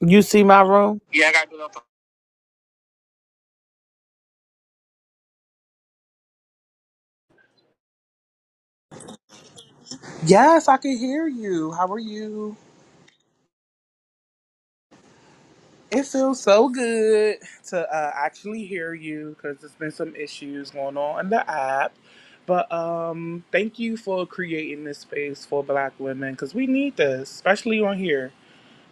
You see my room? Yes, I can hear you. How are you? It feels so good to uh, actually hear you because there's been some issues going on in the app. But um, thank you for creating this space for Black women because we need this, especially on here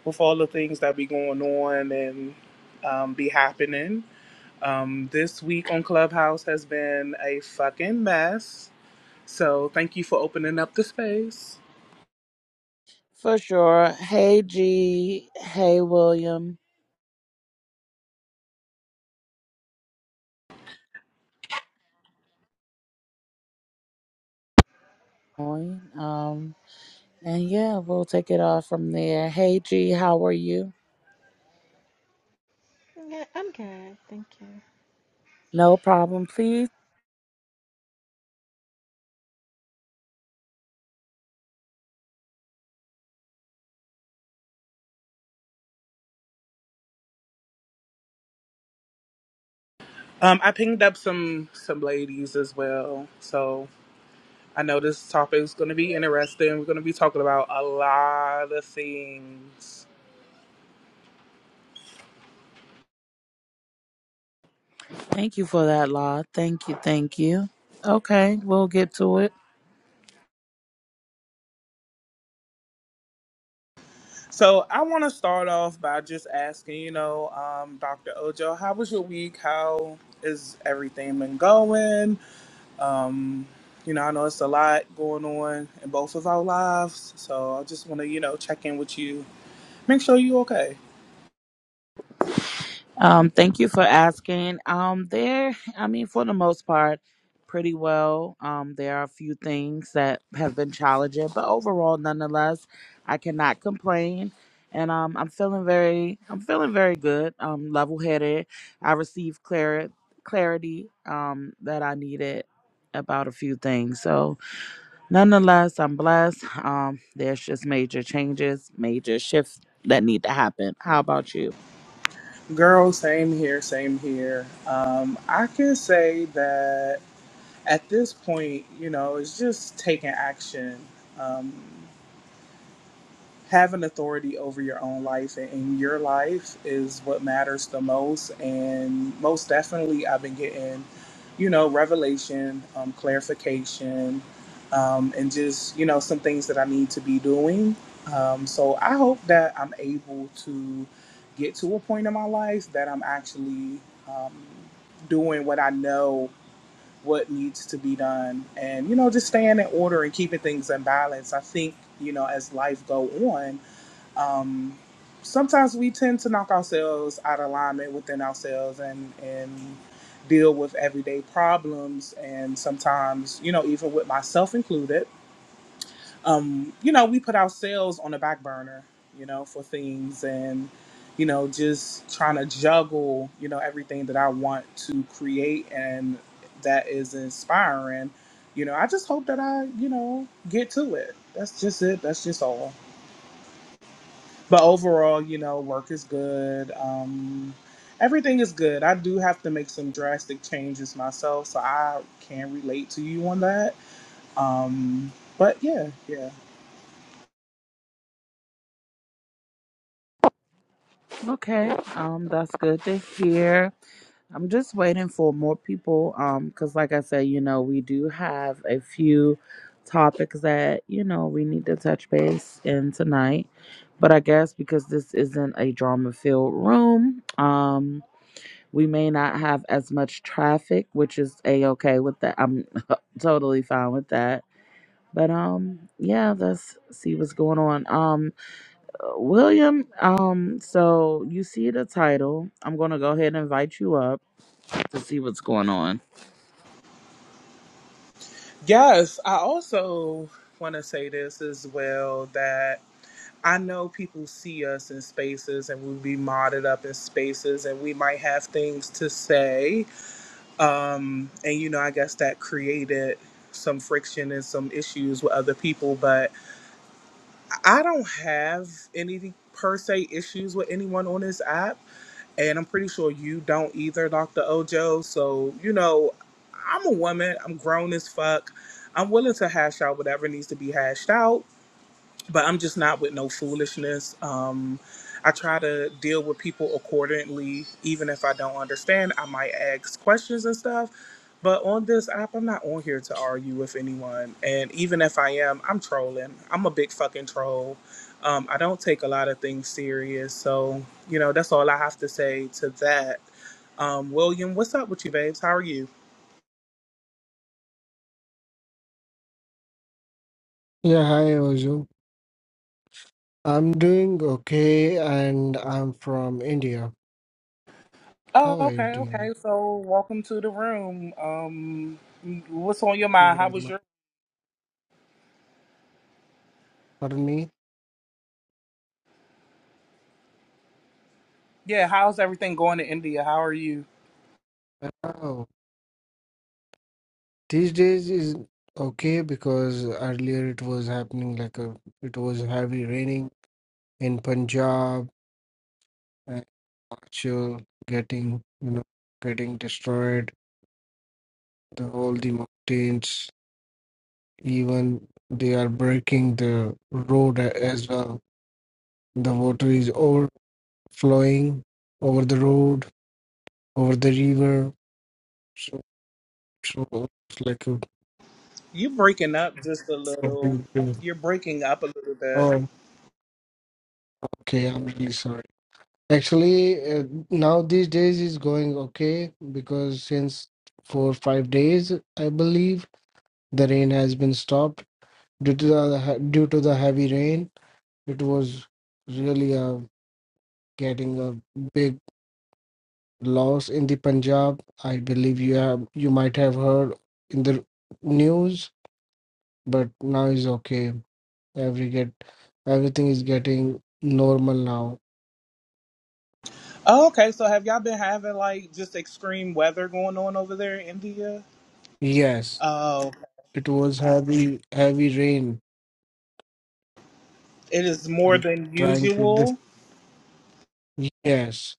with all the things that be going on and um, be happening. Um, this week on Clubhouse has been a fucking mess. So thank you for opening up the space. For sure. Hey G. Hey William. Um and yeah, we'll take it off from there. Hey G, how are you? Yeah, I'm good, thank you. No problem, please. Um, I pinged up some some ladies as well, so I know this topic is going to be interesting. We're going to be talking about a lot of things. Thank you for that, Law. Thank you, thank you. Okay, we'll get to it. So I want to start off by just asking, you know, um, Dr. Ojo, how was your week? How is everything been going? Um, you know, I know it's a lot going on in both of our lives, so I just want to, you know, check in with you, make sure you okay. Um, thank you for asking. Um, there, I mean, for the most part, pretty well. Um, there are a few things that have been challenging, but overall, nonetheless, I cannot complain. And um, I'm feeling very, I'm feeling very good. Um, level headed. I received clar- clarity um, that I needed about a few things. So, nonetheless, I'm blessed. Um, there's just major changes, major shifts that need to happen. How about you? Girl, same here, same here. Um, I can say that at this point, you know, it's just taking action. Um, having authority over your own life and in your life is what matters the most. And most definitely, I've been getting, you know, revelation, um, clarification, um, and just, you know, some things that I need to be doing. Um, so I hope that I'm able to get to a point in my life that I'm actually um, doing what I know what needs to be done and you know just staying in order and keeping things in balance i think you know as life go on um sometimes we tend to knock ourselves out of alignment within ourselves and and deal with everyday problems and sometimes you know even with myself included um, you know, we put ourselves on the back burner, you know, for things and, you know, just trying to juggle, you know, everything that I want to create and that is inspiring. You know, I just hope that I, you know, get to it. That's just it. That's just all. But overall, you know, work is good. Um, everything is good. I do have to make some drastic changes myself, so I can relate to you on that. Um, but yeah, yeah. Okay, um, that's good to hear. I'm just waiting for more people, um, because like I said, you know, we do have a few topics that you know we need to touch base in tonight, but I guess because this isn't a drama-filled room, um, we may not have as much traffic, which is a-okay with that. I'm totally fine with that. But um, yeah, let's see what's going on. Um, uh, William, um, so you see the title. I'm gonna go ahead and invite you up to see what's going on. Yes, I also want to say this as well that I know people see us in spaces and we'll be modded up in spaces and we might have things to say. Um, and, you know, I guess that created some friction and some issues with other people, but I don't have any per se issues with anyone on this app and I'm pretty sure you don't either, Dr. Ojo. So, you know, I'm a woman, I'm grown as fuck. I'm willing to hash out whatever needs to be hashed out but I'm just not with no foolishness. Um, I try to deal with people accordingly, even if I don't understand. I might ask questions and stuff. But on this app, I'm not on here to argue with anyone. And even if I am, I'm trolling. I'm a big fucking troll. Um, I don't take a lot of things serious. So, you know, that's all I have to say to that. Um, William, what's up with you, babes? How are you? Yeah, hi Ozu. I'm doing okay and I'm from India. Oh, How are you okay, doing? okay. So, welcome to the room. Um, what's on your Thank you mind? How very was much. your Pardon me? Yeah, how's everything going in India? How are you? Oh, these days is okay because earlier it was happening like a it was heavy raining in Punjab and actual getting you know getting destroyed. The all the mountains even they are breaking the road a- as well. The water is overflowing over the road over the river. So, so it's like a You breaking up just a little. something. to- You're breaking up a little bit. Oh, okay. I'm really sorry. Actually, uh, now these days is going okay because since four five days, I believe the rain has been stopped due to the he- due to the heavy rain. It was really uh, getting a big loss in the Punjab. I believe you have you might have heard in the news, but now is okay. Every get everything is getting normal now. Oh, okay. So have y'all been having like just extreme weather going on over there in India? Yes, Oh, it was heavy heavy rain it is more and than trying to dis- usual. yes.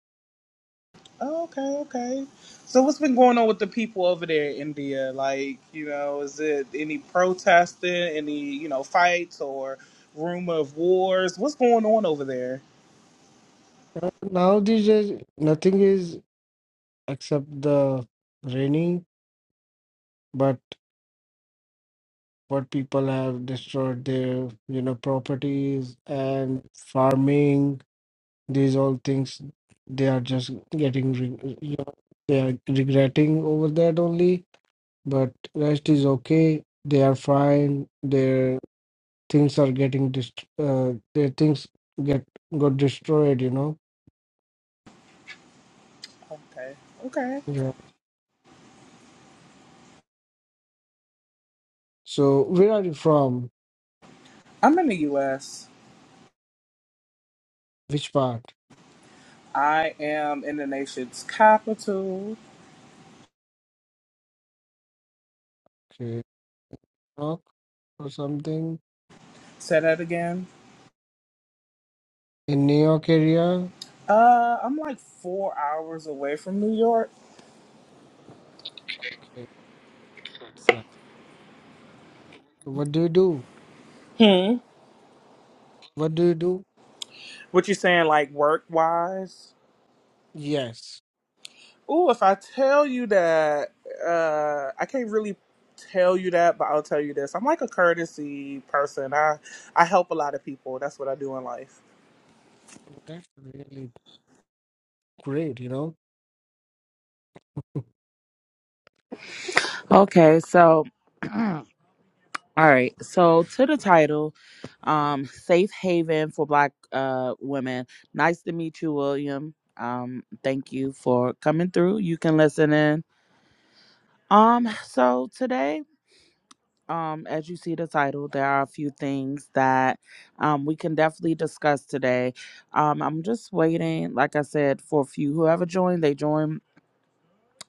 Oh, okay, okay. So what's been going on with the people over there in India? Like, you know, is it any protesting, any, you know, fights or rumor of wars? What's going on over there? Uh, Now these days nothing is except the raining, but what people have destroyed their you know properties and farming these all things they are just getting re- you know, they are regretting over that only But rest is okay. They are fine. Their things are getting dist- uh, their things get got destroyed. You know. Okay. Okay. Yeah. So where are you from? I'm in the US. Which part? I am in the nation's capital. Okay. New York or something Say that again. in New York area. Uh, I'm like four hours away from New York. Okay. That's nice. What do you do? Hmm. What do you do? What you saying, like work wise? Yes. Ooh, if I tell you that, uh, I can't really tell you that, but I'll tell you this. I'm like a courtesy person. I I help a lot of people. That's what I do in life. That's really great. You know. Okay, so all right, so to the title, um, Safe Haven for Black uh women. Nice to meet you, William. Um, thank you for coming through. You can listen in. Um, so today um, as you see the title, there are a few things that um, we can definitely discuss today. Um, I'm just waiting, like I said, for a few. Whoever joined, they join.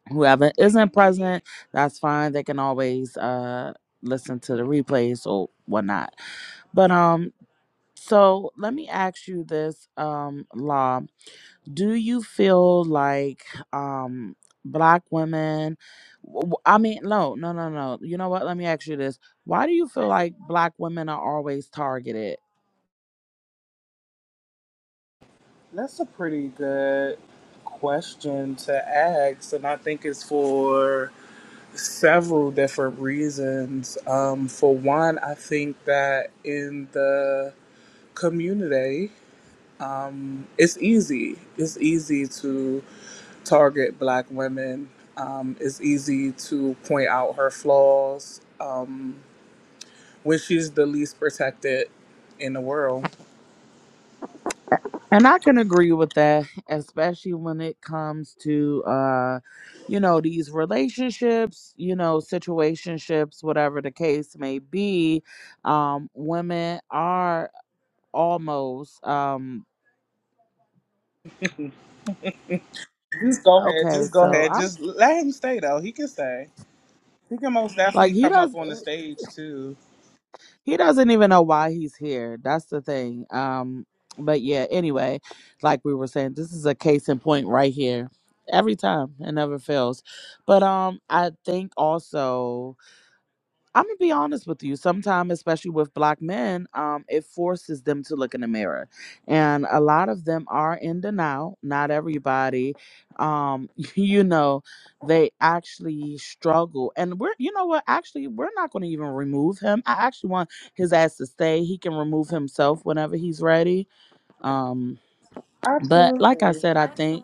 Whoever isn't present, that's fine. They can always uh, listen to the replays or whatnot. But um, so let me ask you this, um, Law do you feel like um black women w- w- i mean no no no no you know what let me ask you this why do you feel like black women are always targeted That's a pretty good question to ask, and I think it's for several different reasons. Um, for one, I think that in the community, it's easy. It's easy to target Black women. Um, it's easy to point out her flaws when she's the least protected in the world. And I can agree with that, especially when it comes to uh, you know, these relationships, you know, situationships, whatever the case may be. Um, women are almost um Just go ahead. okay, Just go so ahead. I'm Just let him stay, though. He can stay. He can most like definitely he come up does on the stage, too. he doesn't even know why he's here. That's the thing. Um, but yeah, anyway, like we were saying, this is a case in point right here. Every time it never fails. But um I think also I'm gonna be honest with you. Sometimes, especially with black men, um, it forces them to look in the mirror, and a lot of them are in denial. Not everybody, um, you know, they actually struggle. And we're, you know what? Actually, we're not going to even remove him. I actually want his ass to stay. He can remove himself whenever he's ready. Um, but like I Absolutely. said, I think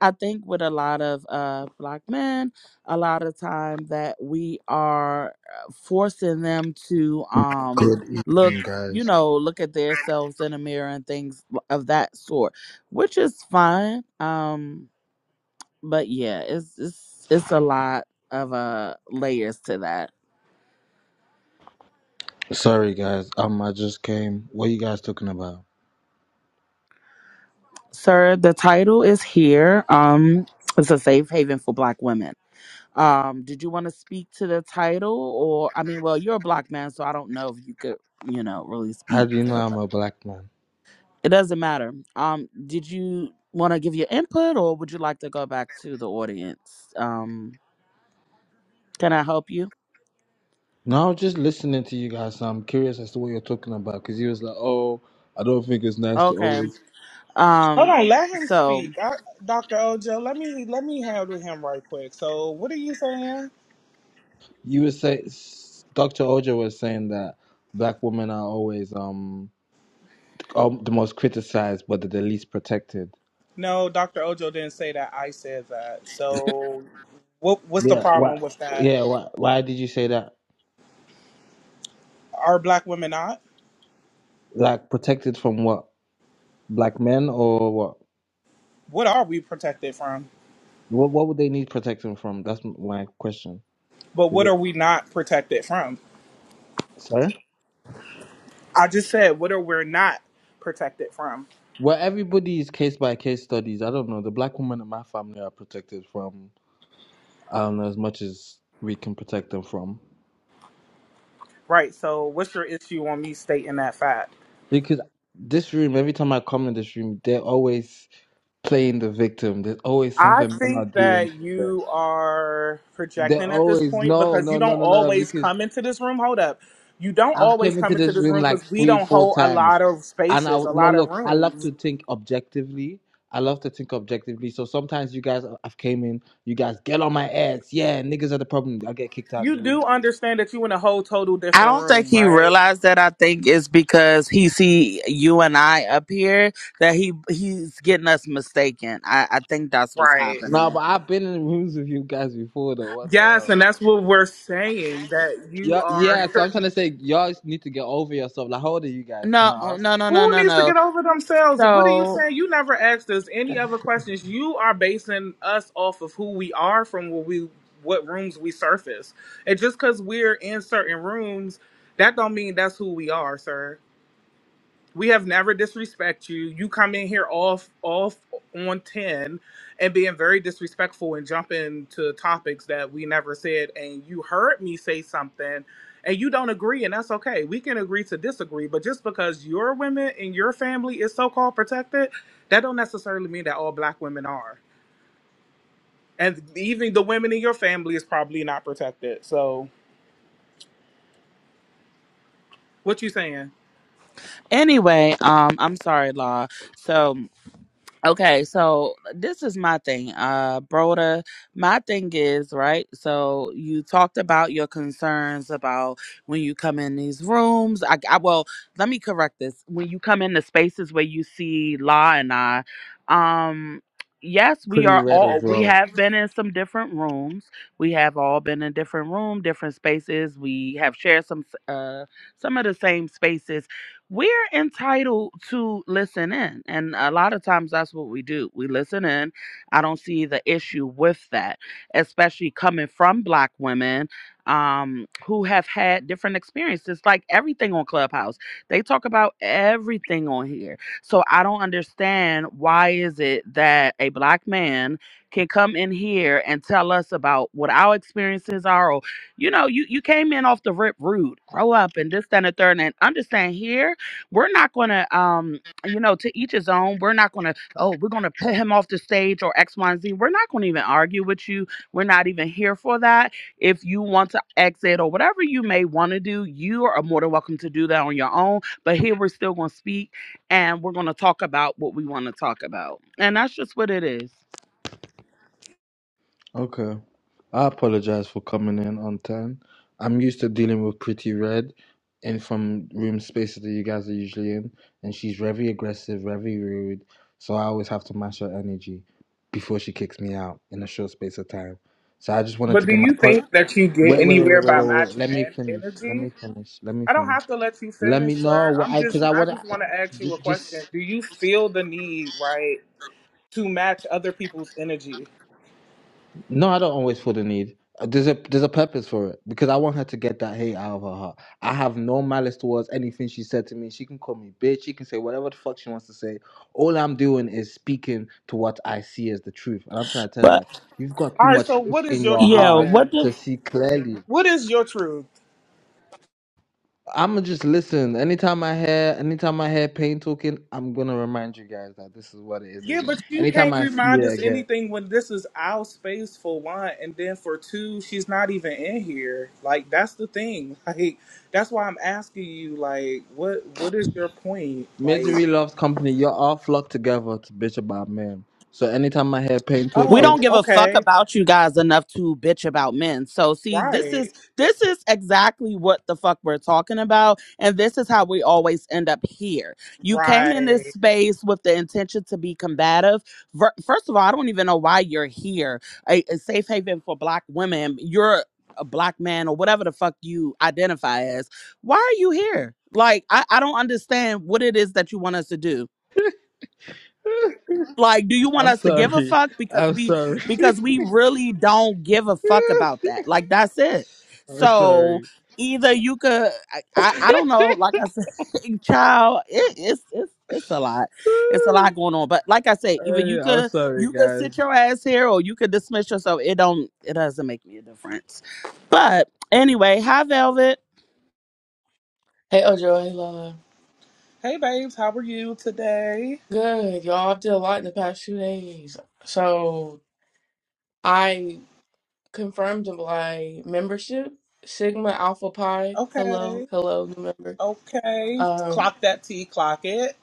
I think with a lot of uh, black men, a lot of time that we are uh, forcing them to um, Good evening, look, you guys. know, look at themselves in a mirror and things l- of that sort, which is fine. Um, but yeah, it's it's it's a lot of uh, layers to that. Sorry, guys. Um, I just came. What are you guys talking about? Sir, the title is here. Um, it's a safe haven for black women. Um, did you want to speak to the title, or I mean, well, you're a black man, so I don't know if you could, you know, really How speak. do you to know I'm the- a black man? It doesn't matter. Um, did you want to give your input, or would you like to go back to the audience? Um, can I help you? No, I was just listening to you guys. So I'm curious as to what you're talking about because you was like, "Oh, I don't think it's nice to Okay. always." Hold Um, on, let him so speak. I, Dr. Ojo, let me let me handle him right quick. So, what are you saying? You were saying, Doctor Ojo was saying that black women are always um, um the most criticized, but they're the least protected. No, Dr. Ojo didn't say that. I said that. So, what what's the Yeah. Why? problem with that? Yeah. Why? Why did you say that? Are black women not? Like protected from what? Black men or what? What are we protected from? What? What would they need protecting from? That's my question. But Is what are it? we not protected from? Sorry? I just said what are we not protected from? Well, everybody is case by case studies. I don't know. The black women in my family are protected from, I don't know, as much as we can protect them from. Right. So, what's your issue on me stating that fact? Because this room, every time I come in this room, they're always playing the victim. There's always I something men are think doing that to them. you are They're projecting at this always, point no, because you no, no, don't no, no. always because. come into this room. Hold up. You don't I've always came into come into this this room room like because we three, don't four hold a times, lot of and I spaces, a would- no lot of look. I love to rooms. think objectively. I love to think objectively. So sometimes you guys, I've came in. You guys get on my ass. Yeah, niggas are the problem. I get kicked out the You room. do understand that you in a whole total I different don't think room, he right? realized that. I think it's because he see you and I up here that he he's getting us mistaken. I I think that's what's Right. No, but happening. I've been in rooms with you guys before, though. What the Yes, hell? and that's what we're saying that you Yeah, are. yeah. So I'm trying to say, y'all just need to get over yourself. Like, how old are you guys? Can No, I oh, ask? no, no, no, Who no, needs to no. get over themselves? What are you So saying? You never asked us any other questions. You are basing us off of who we are from what we what rooms we surface. And just because we're in certain rooms, that don't mean that's who we are, sir. We have never disrespect you. You come in here off off on ten and being very disrespectful and jumping to topics that we never said and you heard me say something and you don't agree and that's okay. We can agree to disagree, but just because your women and your family is so called protected, that don't necessarily mean that all black women are. And even the women in your family is probably not protected. So what you saying? Anyway, um, I'm sorry, Law. So okay, so this is my thing, uh, Broda. My thing is right. So you talked about your concerns about when you come in these rooms. I, I well, let me correct this. When you come in the spaces where you see Law and I, um. Yes, we Pretty are red as all we well. have been in some different rooms. We have all been in different room, different spaces. We have shared some s- uh some of the same spaces we're entitled to listen in. And a lot of times that's what we do. We listen in. I don't see the issue with that, especially coming from Black women um, who have had different experiences, like everything on Clubhouse. They talk about everything on here. So I don't understand why is it that a Black man can come in here and tell us about what our experiences are or you know, you, you came in off the rip rude, grow up and this, that, and the third, and understand here we're not going to um you know to each his own we're not going to oh we're going to put him off the stage or x y and z we're not going to even argue with you we're not even here for that if you want to exit or whatever you may want to do you are more than welcome to do that on your own but here we're still going to speak and we're going to talk about what we want to talk about and that's just what it is Okay. I apologize for coming in on time. I'm used to dealing with Pretty Red and from room spaces that you guys are usually in, and she's very aggressive, very rude. So I always have to match her energy before she kicks me out in a short space of time. So I just wanted But to do get my you part. think that you get Wait, wait, wait, anywhere wait, wait, by wait, wait. matching Let me en- finish. Let energy? me finish. Let me I don't finish. have to let you Let me finish, sir. know. I'm Because just I, I want just to. want to ask you a just. question. Do you feel the need, right, to match other people's energy? No, I don't always feel the need. Uh, There's a there's a purpose for it because I want her to get that hate out of her heart. I have no malice towards anything she said to me. She can call me bitch. She can say whatever the fuck she wants to say. All I'm doing is speaking to what I see as the truth, and I'm trying to tell her but that you've got All too right, much so hate what is in your your yeah truth heart what then? the to see clearly. What is your truth? I'ma just listen. Anytime I hear anytime I hear pain talking, I'm gonna remind you guys that this is what it is Yeah, again. but you Anytime can't I see remind us it again. anything when this is our space for one, and then for two, she's not even in here. Like that's the thing. Like that's why I'm asking you. Like, what what is your point? Like, Misery loves company. You're all flocked together to bitch about men. So anytime I hear pain we oh, talking, don't give a fuck okay, about you guys enough to bitch about men. So see, this right, is this is exactly what the fuck we're talking about and this is how we always end up here. You came in this right. space with the intention to be combative. Ver- First of all, I don't even know why you're here. A, a safe haven for black women. You're a black man or whatever the fuck you identify as. Why are you here? Like I, I don't understand what it is that you want us to do. Like, do you want I'm us to give a sorry. fuck? Because I'm we sorry. because we really don't give a fuck about that. Like that's it. I'm So sorry. either you could I, I, I don't know, like I said, child, it, it's it's it's a lot. It's a lot Hey, going on. But like I said, either you I'm could sorry, you could guys. sit your ass here or you could dismiss yourself. It don't it doesn't make me a difference. But anyway, hi Velvet. Hey, Ojo, hey, Lola. Hey babes, how are you today? Good. Y'all, I did a lot in the past two days. So I confirmed my membership, Sigma Alpha Pi. Hello, Okay. hello, new member. Okay. Um, Clock that T, clock it.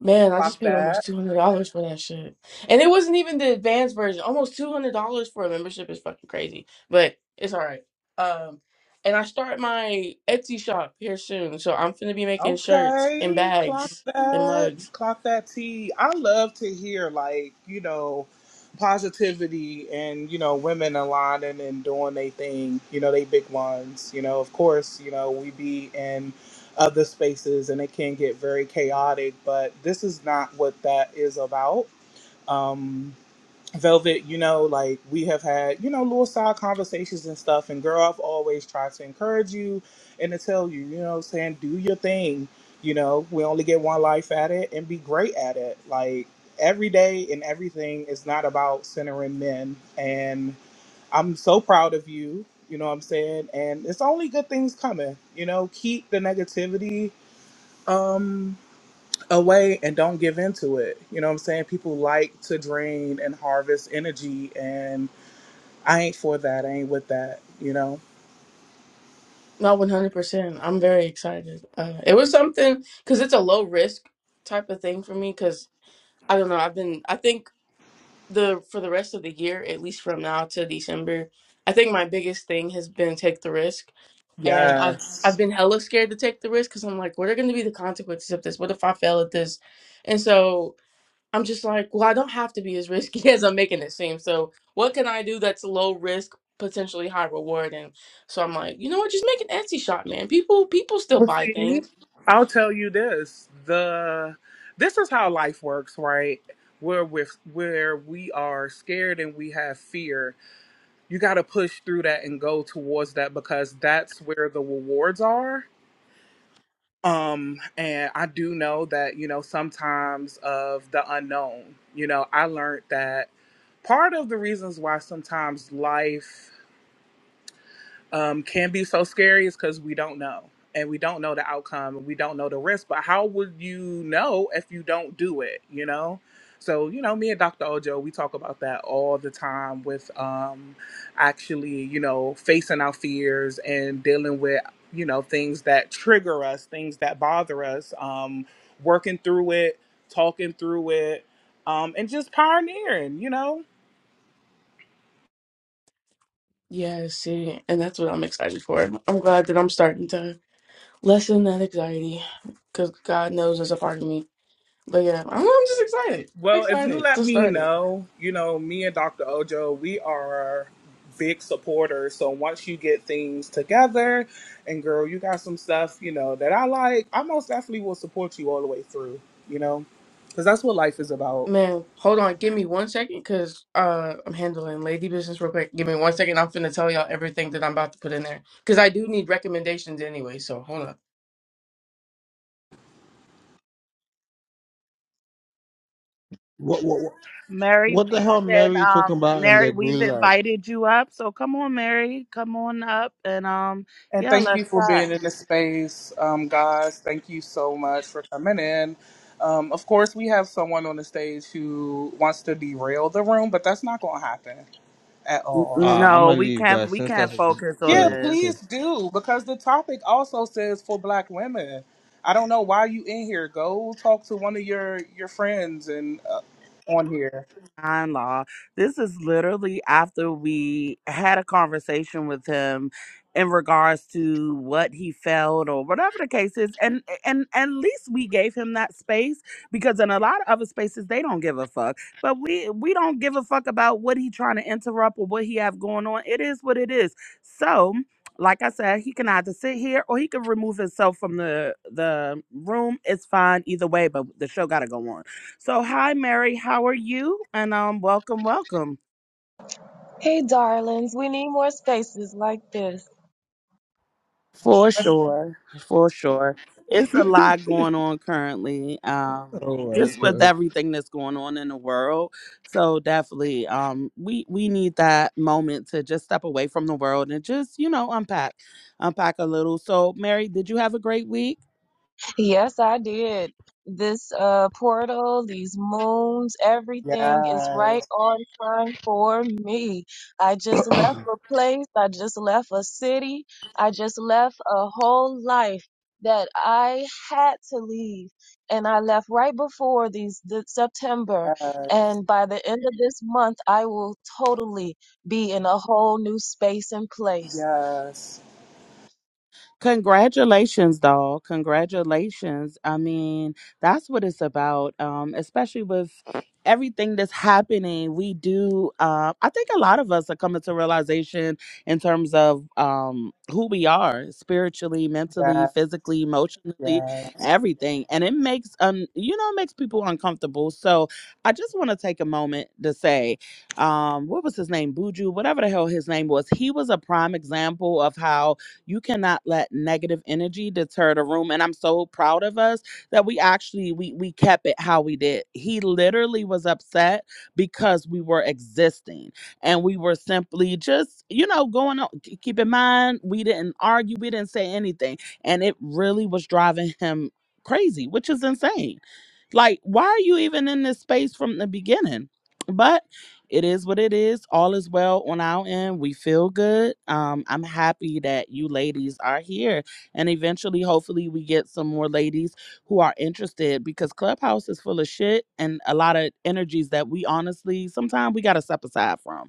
man, I just Clock paid almost that. two hundred dollars for that shit, and it wasn't even the advanced version. Almost two hundred dollars for a membership is fucking crazy, but it's all right. Um, and I start my Etsy shop here soon, so I'm gonna be making shirts and Okay. Clock bags and that. mugs. Clock that T. I love to hear like, you know, positivity and, you know, women aligning and doing their thing, you know, they big ones. You know, of course, you know, we be in other spaces and it can get very chaotic, but this is not what that is about. Um. Velvet, you know, like we have had, you know, little side conversations and stuff. And girl, I've always tried to encourage you and to tell you, you know, what I'm saying do your thing. You know, we only get one life at it and be great at it. Like every day and everything is not about centering men. And I'm so proud of you. You know what I'm saying? And it's only good things coming. You know, keep the negativity. Um, away and don't give into it. You know what I'm saying? People like to drain and harvest energy, and I ain't for that. I ain't with that. You know? Not 100%. I'm very excited. Uh, it was something because it's a low risk type of thing for me because I don't know. I've been, I think the for the rest of the year, at least from now to December, I think my biggest thing has been take the risk. And I've, Yes. I've been hella scared to take the risk because I'm like, what are going to be the consequences of this? What if I fail at this? And so I'm just like, well, I don't have to be as risky as I'm making it seem. So what can I do that's low risk, potentially high reward? And so I'm like, you know what, just make an Etsy shop, man. People people still Well, buy see, things. I'll tell you this: the this is how life works, right? Where we where we are scared and we have fear, you got to push through that and go towards that because that's where the rewards are um and i do know that you know sometimes of the unknown you know i learned that part of the reasons why sometimes life um, can be so scary is because we don't know and we don't know the outcome and we don't know the risk but how would you know if you don't do it you know so you know me and dr ojo we talk about that all the time with um actually you know facing our fears and dealing with you know things that trigger us things that bother us um working through it talking through it um and just pioneering you know Yeah, see, and that's what I'm excited for. I'm glad that I'm starting to lessen that anxiety because God knows it's a part of me. But yeah, I'm, I'm just excited. I'm Well, if you excited let to me start it. know, you know, me and Dr. Ojo, we are big supporters. So once you get things together, and girl, you got some stuff, you know, that I like, I most definitely will support you all the way through, you know, because that's what life is about. Man, hold on. Give me one second because uh, I'm handling lady business real quick. Give me one second. I'm finna tell y'all everything that I'm about to put in there because I do need recommendations anyway. So hold up. What what what Mary, what the we hell have been Mary talking um about in Mary, the we've group? like? invited you up. So come on, Mary, come on up and um And yeah, thank you let's for chat. being in this space, um, guys. Thank you so much for coming in. Um, of course, we have someone on the stage who wants to derail the room, but that's not going to happen at N- all. so. Uh, I'm No, gonna we leave, can't guys. we Since can't that's focus on Yeah, sorry. this. please do because the topic also says for black women. I don't know why you in here. Go talk to one of your your friends and uh, on here. Shine Law. This is literally after we had a conversation with him in regards to what he felt or whatever the case is. And and at least we gave him that space because in a lot of other spaces they don't give a fuck. But we we don't give a fuck about what he trying to interrupt or what he have going on. It is what it is. So like I said, he can either sit here or he can remove himself from the the room. It's fine either way, but the show gotta go on. So, hi, Mary. How are you? And um, welcome, welcome. Hey, darlings, we need more spaces like this. For sure, for sure. It's a lot going on currently, um, Oh my just with god. everything that's going on in the world. So definitely, um, we we need that moment to just step away from the world and just you know unpack, unpack a little. So, Mary, did you have a great week? Yes, I did. This uh, portal, these moons, everything is right Yes, on time for me. I just left a place, I just left a city, I just left a whole life that I had to leave. And I left right before these the September. And by the end of this month, I will totally be in a whole new space and yes, place. yes, Congratulations, doll. Congratulations. I mean, that's what it's about, um, especially with everything that's happening. We do, uh, I think a lot of us are coming to realization in terms of um, who we are spiritually, mentally, yes, physically, emotionally, yes, everything. And it makes, um, you know, it makes people uncomfortable. So I just want to take a moment to say, um, what was his name? Buju, whatever the hell his name was. He was a prime example of how you cannot let negative energy deter the room and i'm so proud of us that we actually we we kept it how we did he literally was upset because we were existing and we were simply just you know going on k- keep in mind we didn't argue we didn't say anything and it really was driving him crazy which is insane like why are you even in this space from the beginning But it is what it is. All is well on our end. We feel good. Um, I'm happy that you ladies are here. And eventually, hopefully, we get some more ladies who are interested because Clubhouse is full of shit and a lot of energies that we honestly sometimes we gotta step aside from.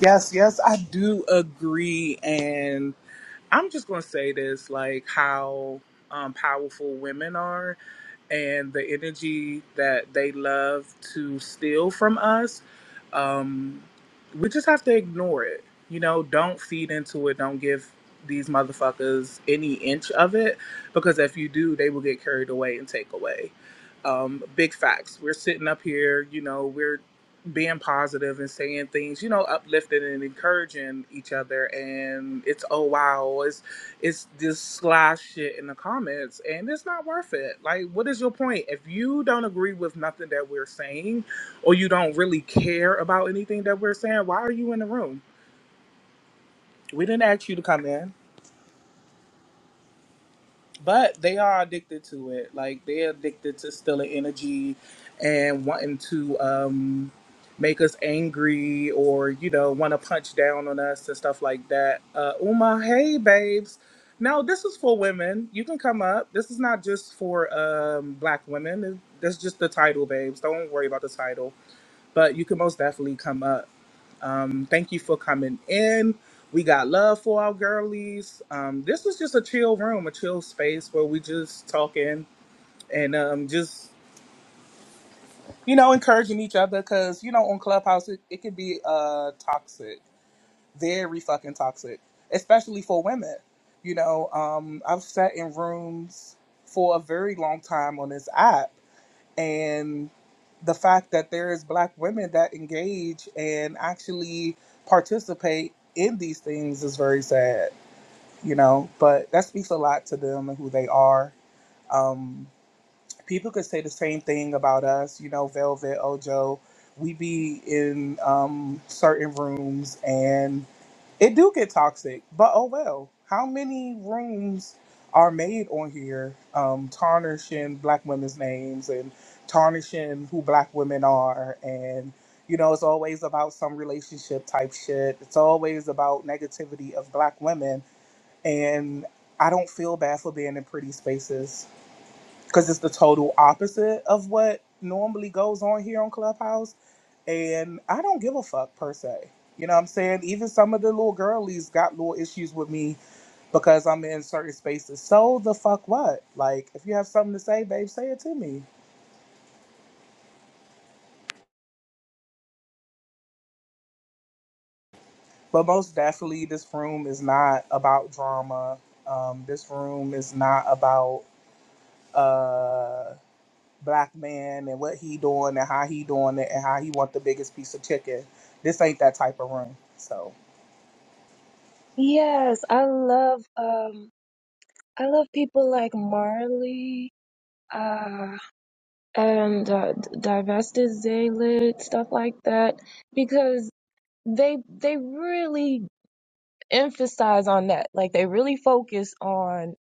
yes, yes. I do agree, and I'm just gonna say this: like how um, powerful women are, and the energy that they love to steal from us. Um, we just have to ignore it. You know, don't feed into it. Don't give these motherfuckers any inch of it because if you do, they will get carried away and take away. Um, big facts. We're sitting up here, you know, we're being positive and saying things, you know, uplifting and encouraging each other and it's oh wow, it's it's this sly shit in the comments and it's not worth it. Like what is your point? If you don't agree with nothing that we're saying, or you don't really care about anything that we're saying, why are you in the room? We didn't ask you to come in, but they are addicted to it. Like they're addicted to stealing energy and wanting to um, make us angry or you know want to punch down on us and stuff like that. Uh, Uma, hey babes. Now this is for women. You can come up. This is not just for um, black women. That's just the title, babes. Don't worry about the title, but you can most definitely come up Um, thank you for coming in. We got love for our girlies. Um, this was just a chill room, a chill space where we just talking and um, just you know encouraging each other because you know on Clubhouse it, it can be uh toxic, very fucking toxic, especially for women. You know, um, I've sat in rooms for a very long time on this app and the fact that there is black women that engage and actually participate in these things is very sad you know but that speaks a lot to them and who they are um, people could say the same thing about us you know velvet ojo we be in um, certain rooms and. It do get toxic, but oh well. How many rooms are made on here um, tarnishing black women's names and tarnishing who black women are? And, you know, it's always about some relationship type shit. It's always about negativity of black women. And I don't feel bad for being in pretty spaces because it's the total opposite of what normally goes on here on Clubhouse and I don't give a fuck per se. You know what I'm saying? Even some of the little girlies got little issues with me because I'm in certain spaces. So the fuck what? Like, if you have something to say, babe, say it to me. But most definitely, this room is not about drama. Um, this room is not about uh black man and what he doing and how he doing it and how he want the biggest piece of chicken. This ain't that type of room. So. Yes, I love um I love people like Marley, uh and uh D- Divested Zaylid, stuff like that, because they they really emphasize on that. Like they really focus on,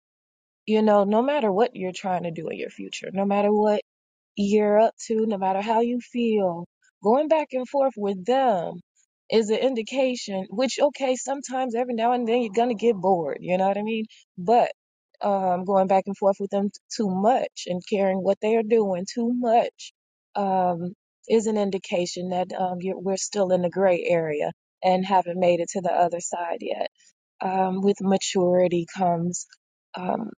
you know, no matter what you're trying to do in your future, no matter what you're up to, no matter how you feel, going back and forth with them is an indication, which, okay, sometimes every now and then you're going to get bored, you know what I mean? But um, going back and forth with them t- too much and caring what they are doing too much um, is an indication that um, you're, we're still in the gray area and haven't made it to the other side yet. Um, with maturity comes. Um,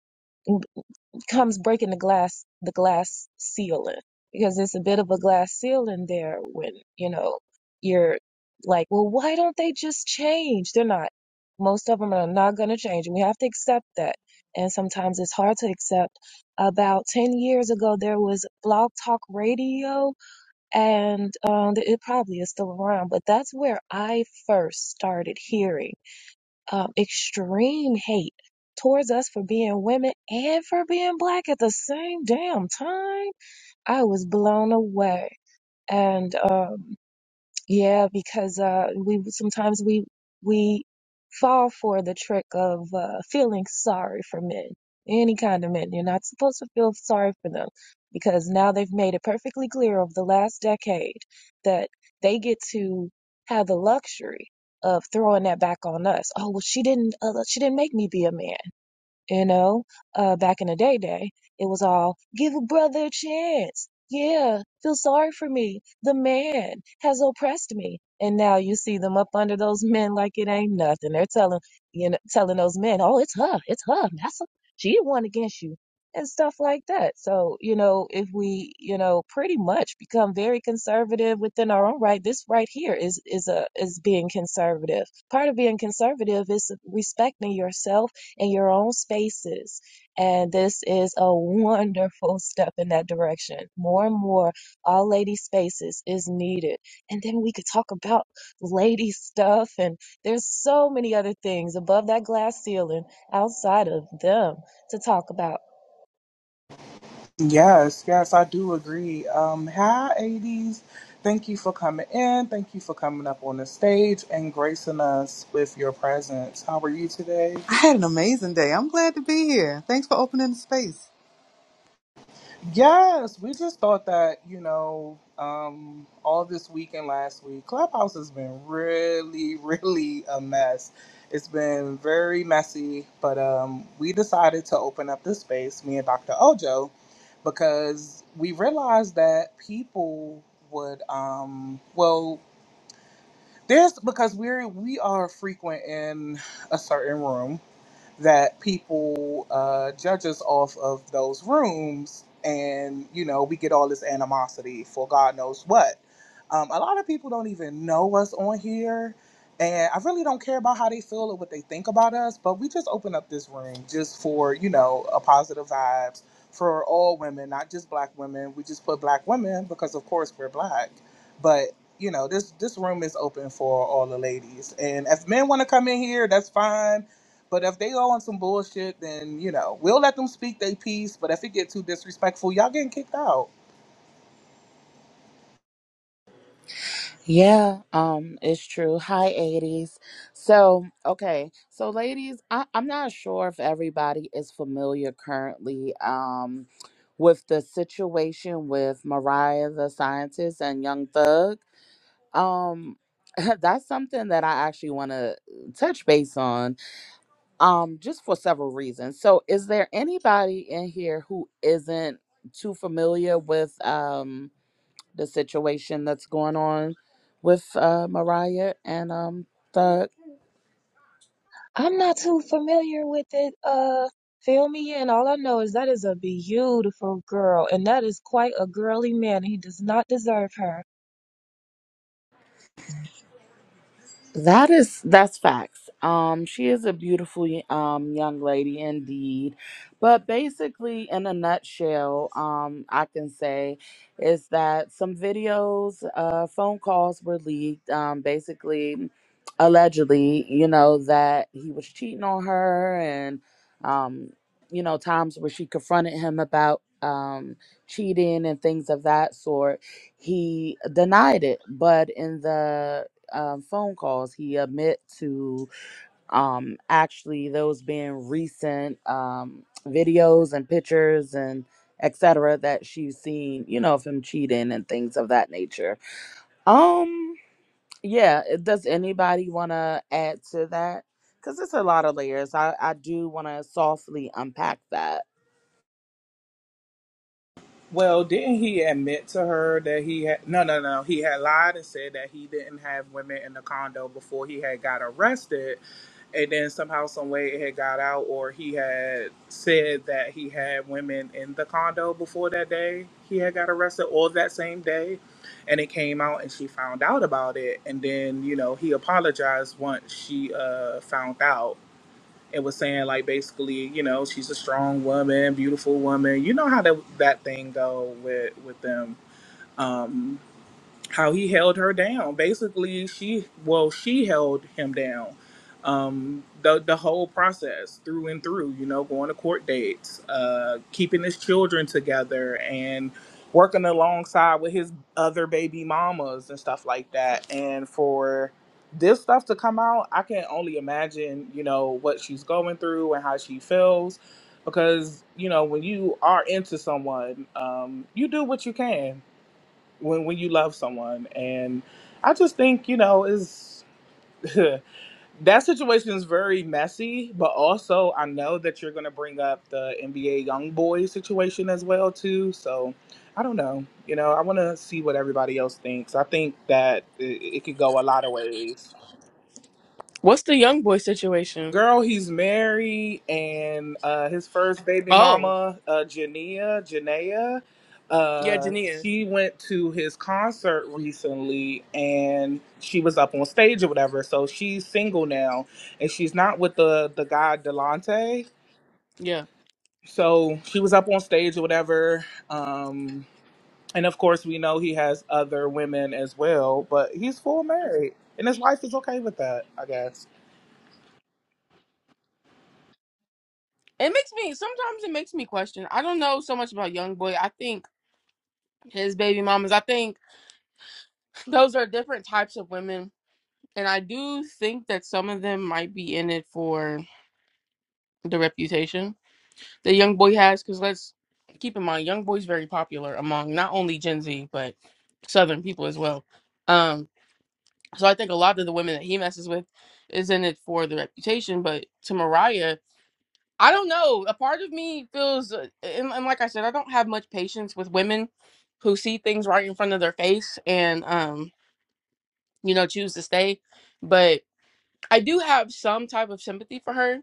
comes breaking the glass the glass ceiling because it's a bit of a glass ceiling there when you know you're like well why don't they just change they're not most of them are not going to change and we have to accept that and sometimes it's hard to accept about 10 years ago there was blog talk radio and um, it probably is still around but that's where i first started hearing um, extreme hate towards us for being women and for being black at the same damn time. I was blown away. And um, yeah, because uh, we sometimes we we fall for the trick of uh, feeling sorry for men, any kind of men. You're not supposed to feel sorry for them because now they've made it perfectly clear over the last decade that they get to have the luxury of throwing that back on us. Oh, well, she didn't uh, she didn't make me be a man. You know, uh, back in the day, day, it was all give a brother a chance. Yeah, feel sorry for me. The man has oppressed me. And now you see them up under those men like it ain't nothing. They're telling, you know, telling those men, oh, it's her, it's her, massa. She the one against you and stuff like that. So, you know, if we, you know, pretty much become very conservative within our own right, this right here is, is a, is being conservative. Part of being conservative is respecting yourself in your own spaces. And this is a wonderful step in that direction. More and more, all lady spaces is needed. And then we could talk about lady stuff. And there's so many other things above that glass ceiling outside of them to talk about. Yes, yes, I do agree. Um, hi, 80s. Thank you for coming in. Thank you for coming up on the stage and gracing us with your presence. How are you today? I had an amazing day. I'm glad to be here. Thanks for opening the space. Yes, we just thought that, you know, um, all this week and last week, Clubhouse has been really, really a mess. It's been very messy, but um, we decided to open up this space, me and Dr. Ojo, because we realized that people would, um, well, there's because we're we are frequent in a certain room, that people uh, judge us off of those rooms, and you know we get all this animosity for God knows what. Um, a lot of people don't even know us on here, and I really don't care about how they feel or what they think about us. But we just open up this room just for you know a positive vibes for all women, not just black women. We just put black women because of course we're black, but you know this this room is open for all the ladies and if men want to come in here that's fine but if they all on some bullshit, then you know we'll let them speak their piece. But if it get too disrespectful, y'all getting kicked out. Yeah, um, it's true. Hi, 80s. So, okay. So, ladies, I, I'm not sure if everybody is familiar currently um, with the situation with Mariah the Scientist and Young Thug. Um, that's something that I actually want to touch base on um, just for several reasons. So, is there anybody in here who isn't too familiar with? Um, the situation that's going on with uh, Mariah and um, Thug. I'm not too familiar with it. Uh, fill me in. All I know is that is a beautiful girl, and that is quite a girly man. He does not deserve her. That is that's facts. Um, she is a beautiful y- um young lady indeed, but basically, in a nutshell, um, I can say is that some videos, uh, phone calls were leaked. Um, basically, allegedly, you know that he was cheating on her, and um, you know times where she confronted him about um cheating and things of that sort. He denied it, but in the um, phone calls. He admit to um, actually those being recent um, videos and pictures and etc. that she's seen, you know, of him cheating and things of that nature. Um, yeah. Does anybody want to add to that? Because it's a lot of layers. I I do want to softly unpack that. Well, didn't he admit to her that he had no, no, no? He had lied and said that he didn't have women in the condo before he had got arrested, and then somehow, some way, it had got out, or he had said that he had women in the condo before that day he had got arrested, or that same day, and it came out, and she found out about it, and then you know he apologized once she uh found out, and was saying like basically, you know, she's a strong woman, beautiful woman. You know how that that thing go with with them. Um, how he held her down. Basically, she well, she held him down. Um, the the whole process through and through. You know, going to court dates, uh, keeping his children together, and working alongside with his other baby mamas and stuff like that. And for this stuff to come out, I can only imagine. You know what she's going through and how she feels. Because you know when you are into someone, um, you do what you can when when you love someone and i just think you know is that situation is very messy but also i know that you're going to bring up the nba young boy situation as well too so i don't know you know i want to see what everybody else thinks i think that it, it could go a lot of ways What's the young boy situation? Girl, he's married, and uh, his first baby Oh, mama, uh, Jania, Janea, yeah, uh, Jania. she went to his concert recently, and she was up on stage or whatever. So she's single now, and she's not with the the guy Delante. Yeah. So she was up on stage or whatever, um, and of course we know he has other women as well, but he's full married, and his wife is okay with that, I guess. It makes me, sometimes it makes me question. I don't know so much about young boy. I think his baby mamas, I think those are different types of women. And I do think that some of them might be in it for the reputation that young boy has because let's keep in mind young boy's very popular among not only gen z but southern people as well um so i think a lot of the women that he messes with is in it for the reputation but to mariah i don't know a part of me feels uh, and, and like i said i don't have much patience with women who see things right in front of their face and um you know choose to stay but i do have some type of sympathy for her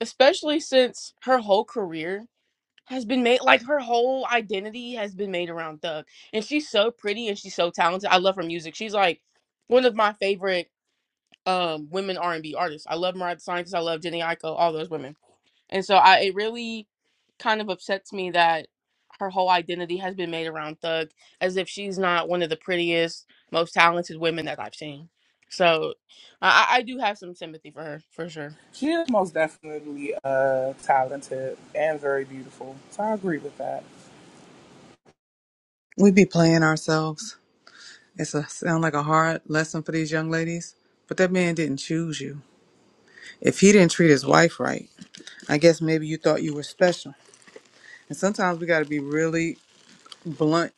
especially since her whole career has been made like her whole identity has been made around Thug. And she's so pretty and she's so talented. I love her music. She's like one of my favorite um women R&B artists. I love Mariah the Scientist, I love Jenny Aiko, all those women. And so I it really kind of upsets me that her whole identity has been made around Thug as if she's not one of the prettiest, most talented women that I've seen. So I, I I do have some sympathy for her for sure. She is most definitely uh, talented and very beautiful. So I agree with that. We be playing ourselves. It's a sound like a hard lesson for these young ladies, but that man didn't choose you. If he didn't treat his wife right, I guess maybe you thought you were special. And sometimes we got to be really blunt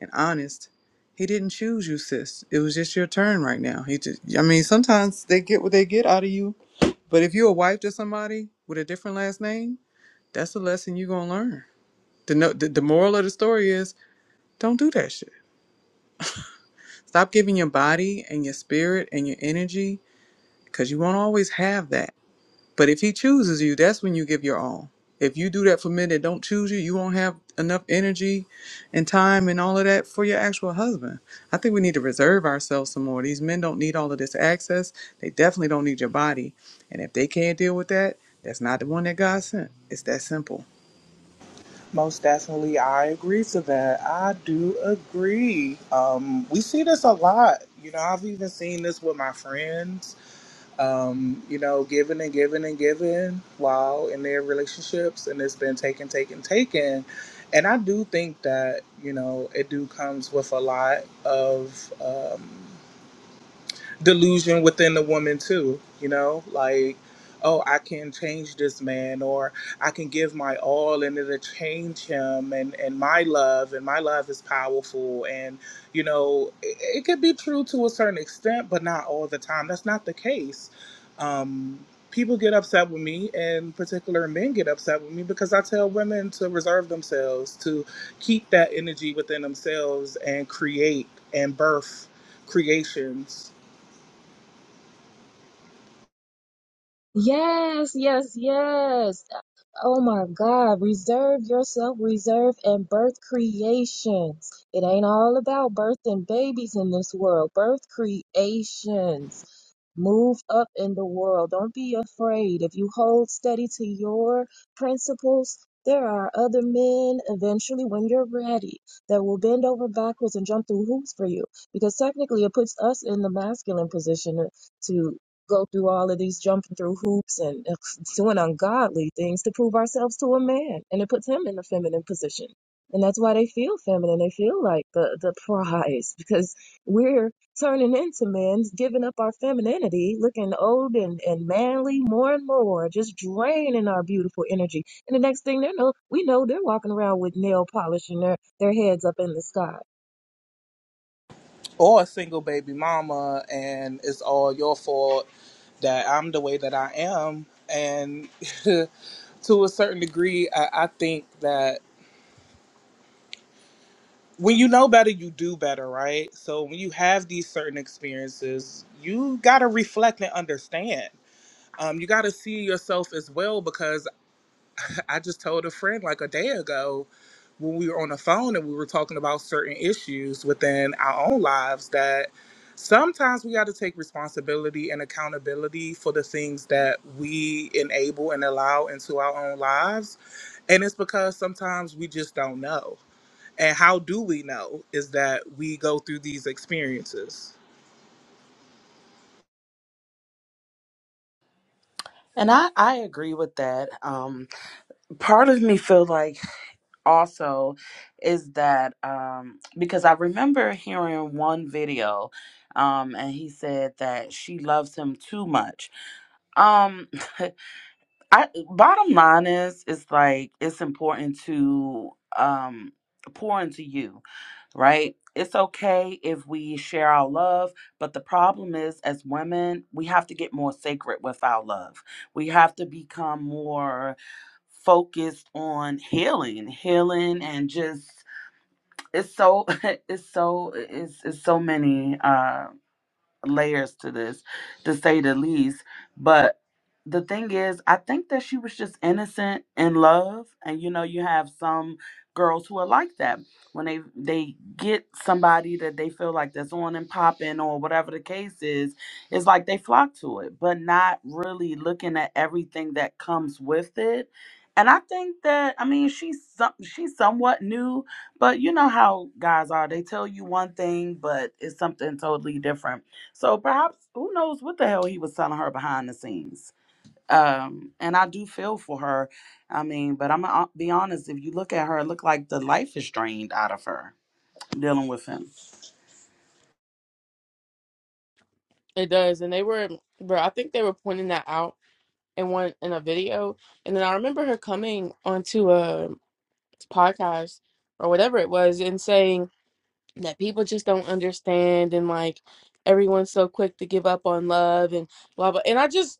and honest. He didn't choose you, sis. It was just your turn right now. He just, I mean, sometimes they get what they get out of you. But if you're a wife to somebody with a different last name, that's a lesson you're gonna learn. The no, the, the moral of the story is Don't do that shit. Stop giving your body and your spirit and your energy because you won't always have that. But if he chooses you, that's when you give your all. If you do that for men that don't choose you, you won't have enough energy and time and all of that for your actual husband. I think we need to reserve ourselves some more. These men don't need all of this access. They definitely don't need your body. And if they can't deal with that, that's not the one that God sent. It's that simple. Most definitely, I agree to that. I do agree. Um, we see this a lot. You know, I've even seen this with my friends. Um, you know, giving and giving and giving while in their relationships, and it's been taken, taken, taken. And I do think that you know it do comes with a lot of. Um, delusion within the woman too you know like oh i can change this man or i can give my all and it'll change him and and my love and my love is powerful and you know it, it could be true to a certain extent but not all the time that's not the case um people get upset with me and particular men get upset with me because i tell women to reserve themselves to keep that energy within themselves and create and birth creations Yes, yes, yes. Oh my God, reserve yourself, reserve and birth creations. It ain't all about birthing babies in this world, birth creations. Move up in the world. Don't be afraid. If you hold steady to your principles, there are other men eventually, when you're ready, that will bend over backwards and jump through hoops for you. Because technically, it puts us in the masculine position to go through all of these jumping through hoops and doing ungodly things to prove ourselves to a man. And it puts him in a feminine position. And that's why they feel feminine. They feel like the, the prize because we're turning into men, giving up our femininity, looking old and, and manly more and more, just draining our beautiful energy. And the next thing they know, we know they're walking around with nail polish and their, their heads up in the sky or a single baby mama and it's all your fault that I'm the way that I am. And to a certain degree, I, I think that when you know better, you do better, right? So when you have these certain experiences, you got to reflect and understand. Um, you got to see yourself as well because I just told a friend like a day ago when we were on the phone and we were talking about certain issues within our own lives that sometimes we got to take responsibility and accountability for the things that we enable and allow into our own lives and it's because sometimes we just don't know and how do we know is that we go through these experiences And I, I agree with that. Um, part of me feel like also is that um, because I remember hearing one video um, and he said that she loves him too much. Um, I bottom line is it's like it's important to um pour into you, right? It's okay if we share our love, but the problem is as women, we have to get more sacred with our love. We have to become more focused on healing, healing and just it's so it's so it's, it's so many uh layers to this, to say the least. But the thing is, I think that she was just innocent in love, and you know, you have some girls who are like that when they they get somebody that they feel like that's on and popping or whatever the case is. It's like they flock to it, but not really looking at everything that comes with it. And I think that I mean she's some, she's somewhat new, but you know how guys are. They tell you one thing, but it's something totally different. So perhaps who knows what the hell he was telling her behind the scenes. Um, and I do feel for her. I mean, but I'm gonna be honest. If you look at her, it look like the life is drained out of her dealing with him. It does. And they were bro, I think they were pointing that out in one in a video, and then I remember her coming onto a podcast or whatever it was and saying that people just don't understand and like everyone's so quick to give up on love and blah blah. And I just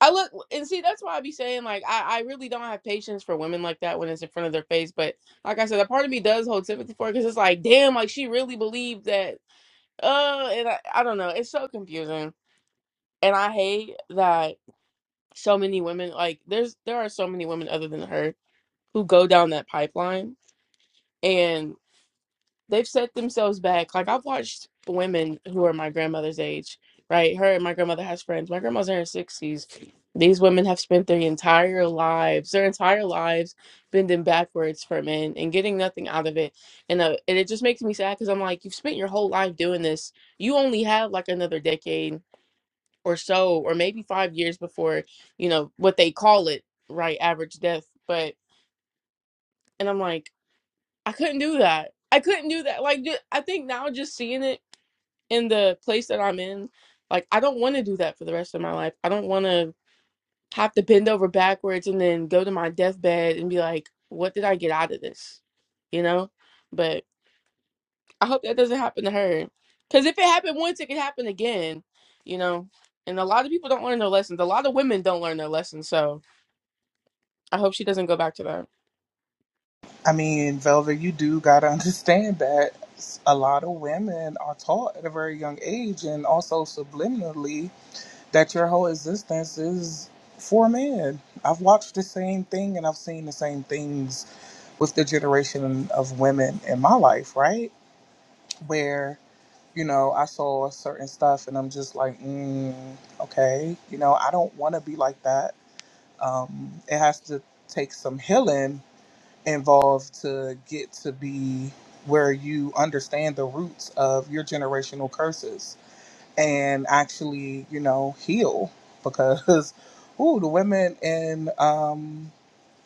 I look and see that's why I be saying like I I really don't have patience for women like that when it's in front of their face. But like I said, a part of me does hold sympathy for it because it's like damn, like she really believed that. Uh, and I, I don't know. It's so confusing, and I hate that so many women like there's there are so many women other than her who go down that pipeline and they've set themselves back like i've watched women who are my grandmother's age right her and my grandmother has friends my grandma's in her 60s these women have spent their entire lives their entire lives bending backwards for men and getting nothing out of it and uh, and it just makes me sad because i'm like you've spent your whole life doing this you only have like another decade or so or maybe five years before you know what they call it right average death but and i'm like i couldn't do that i couldn't do that like ju- i think now just seeing it in the place that i'm in like i don't want to do that for the rest of my life i don't want to have to bend over backwards and then go to my deathbed and be like what did i get out of this you know but i hope that doesn't happen to her because if it happened once it could happen again you know and a lot of people don't learn their lessons a lot of women don't learn their lessons so I hope she doesn't go back to that. i mean velvet you do got to understand that a lot of women are taught at a very young age and also subliminally that your whole existence is for men. I've watched the same thing and I've seen the same things with the generation of women in my life, right? Where, you know, I saw certain stuff and I'm just like, mm, okay, you know, I don't want to be like that. Um, it has to take some healing involved to get to be where you understand the roots of your generational curses and actually, you know, heal because ooh, the women in um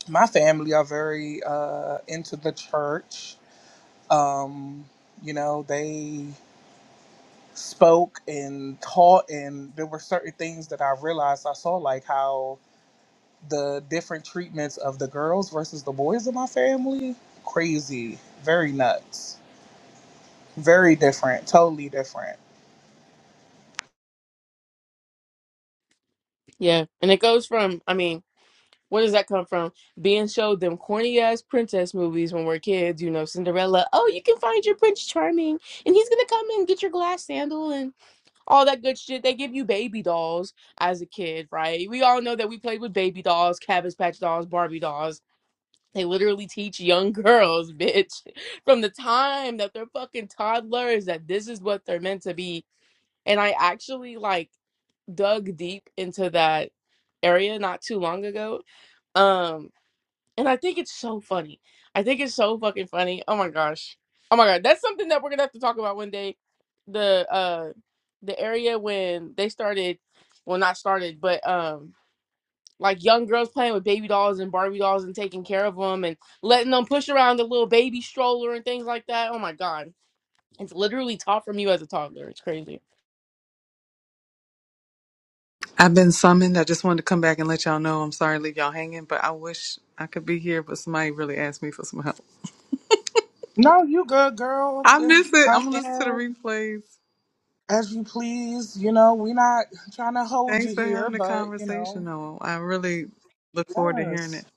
my family are very uh into the church. Um, you know, they spoke and taught and there were certain things that I realized I saw like how the different treatments of the girls versus the boys in my family, crazy, very nuts. Very different, totally different. Yeah. And it goes from, I mean, where does that come from? Being showed them corny ass princess movies when we're kids, you know, Cinderella. Oh, you can find your Prince Charming and he's going to come and get your glass sandal and all that good shit. They give you baby dolls as a kid, right? We all know that we played with baby dolls, Cabbage Patch dolls, Barbie dolls. They literally teach young girls, bitch, from the time that they're fucking toddlers that this is what they're meant to be. And I actually like dug deep into that area not too long ago. Um, and I think it's so funny. I think it's so fucking funny. Oh my gosh. Oh my god, that's something that we're gonna have to talk about one day. The uh the area when they started well not started, but um like young girls playing with baby dolls and Barbie dolls and taking care of them and letting them push around the little baby stroller and things like that. Oh my god, it's literally taught from you as a toddler. It's crazy. I've been summoned. I just wanted to come back and let y'all know. I'm sorry to leave y'all hanging, but I wish I could be here, but somebody really asked me for some help. No, you good girl. I miss Just it. I'm come going to listen to the in. replays. As you please, you know, we're not trying to hold Thanks you for here, having the but you know, conversation, though. I really look forward to hearing yes. it.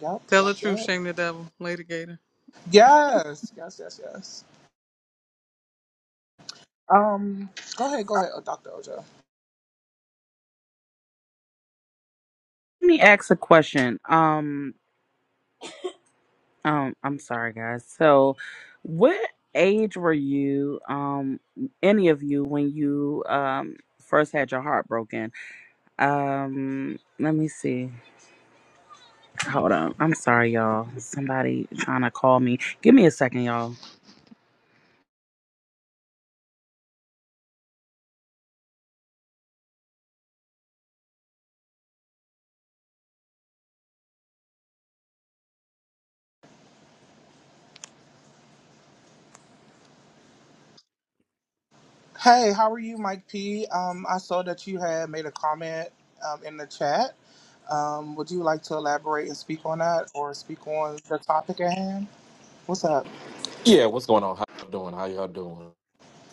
Yep, Tell yep, the truth, yep. shame the devil. Lady Gator. Yes, yes, yes, yes. Um, go ahead, go ahead, oh, Dr. Ojo. Let me ask a question. Um, um, I'm sorry, guys. So, what age were you, um, any of you, when you um first had your heart broken? Um, let me see. Hold on. I'm sorry, y'all. Somebody trying to call me. Give me a second, y'all. Hey, how are you, Mike P? Um, I saw that you had made a comment um, in the chat. Um, would you like to elaborate and speak on that or speak on the topic at hand? What's up? Yeah, what's going on? How y'all doing? How y'all doing?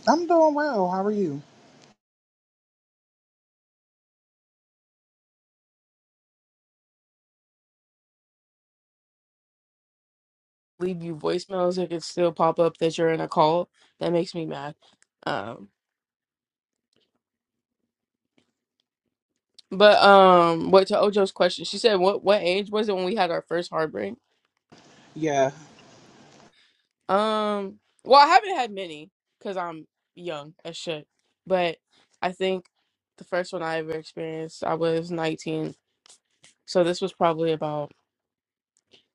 I'm doing well. How are you? Leave you voicemails, it could still pop up that you're in a call. That makes me mad. Um, but um, what to Ojo's question? She said, "What what age was it when we had our first heartbreak?" Yeah. Um, well, I haven't had many because I'm young as shit, but I think the first one I ever experienced, I was 19 So this was probably about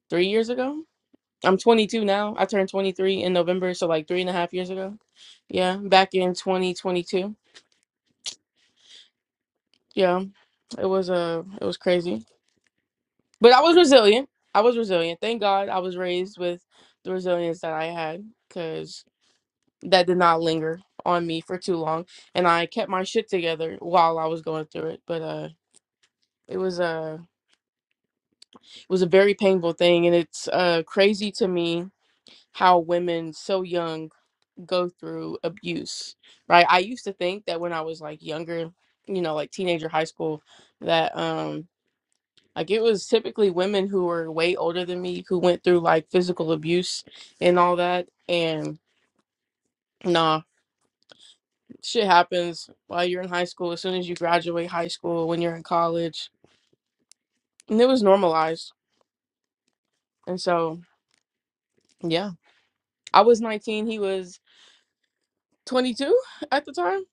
three years ago. I'm 22 now. I turned 23 in November, so like three and a half years ago. Yeah, back in 2022. Yeah, it was uh, it was crazy, but I was resilient. I was resilient. Thank God I was raised with the resilience that I had, because that did not linger on me for too long, and I kept my shit together while I was going through it. But uh, it was a it was a very painful thing, and it's uh crazy to me how women so young go through abuse, right? I used to think that when I was like younger, you know, like teenager, high school, that um like it was typically women who were way older than me who went through like physical abuse and all that. And nah, shit happens while you're in high school, as soon as you graduate high school, when you're in college. And it was normalized. And so, yeah. I was 19, he was 22 at the time.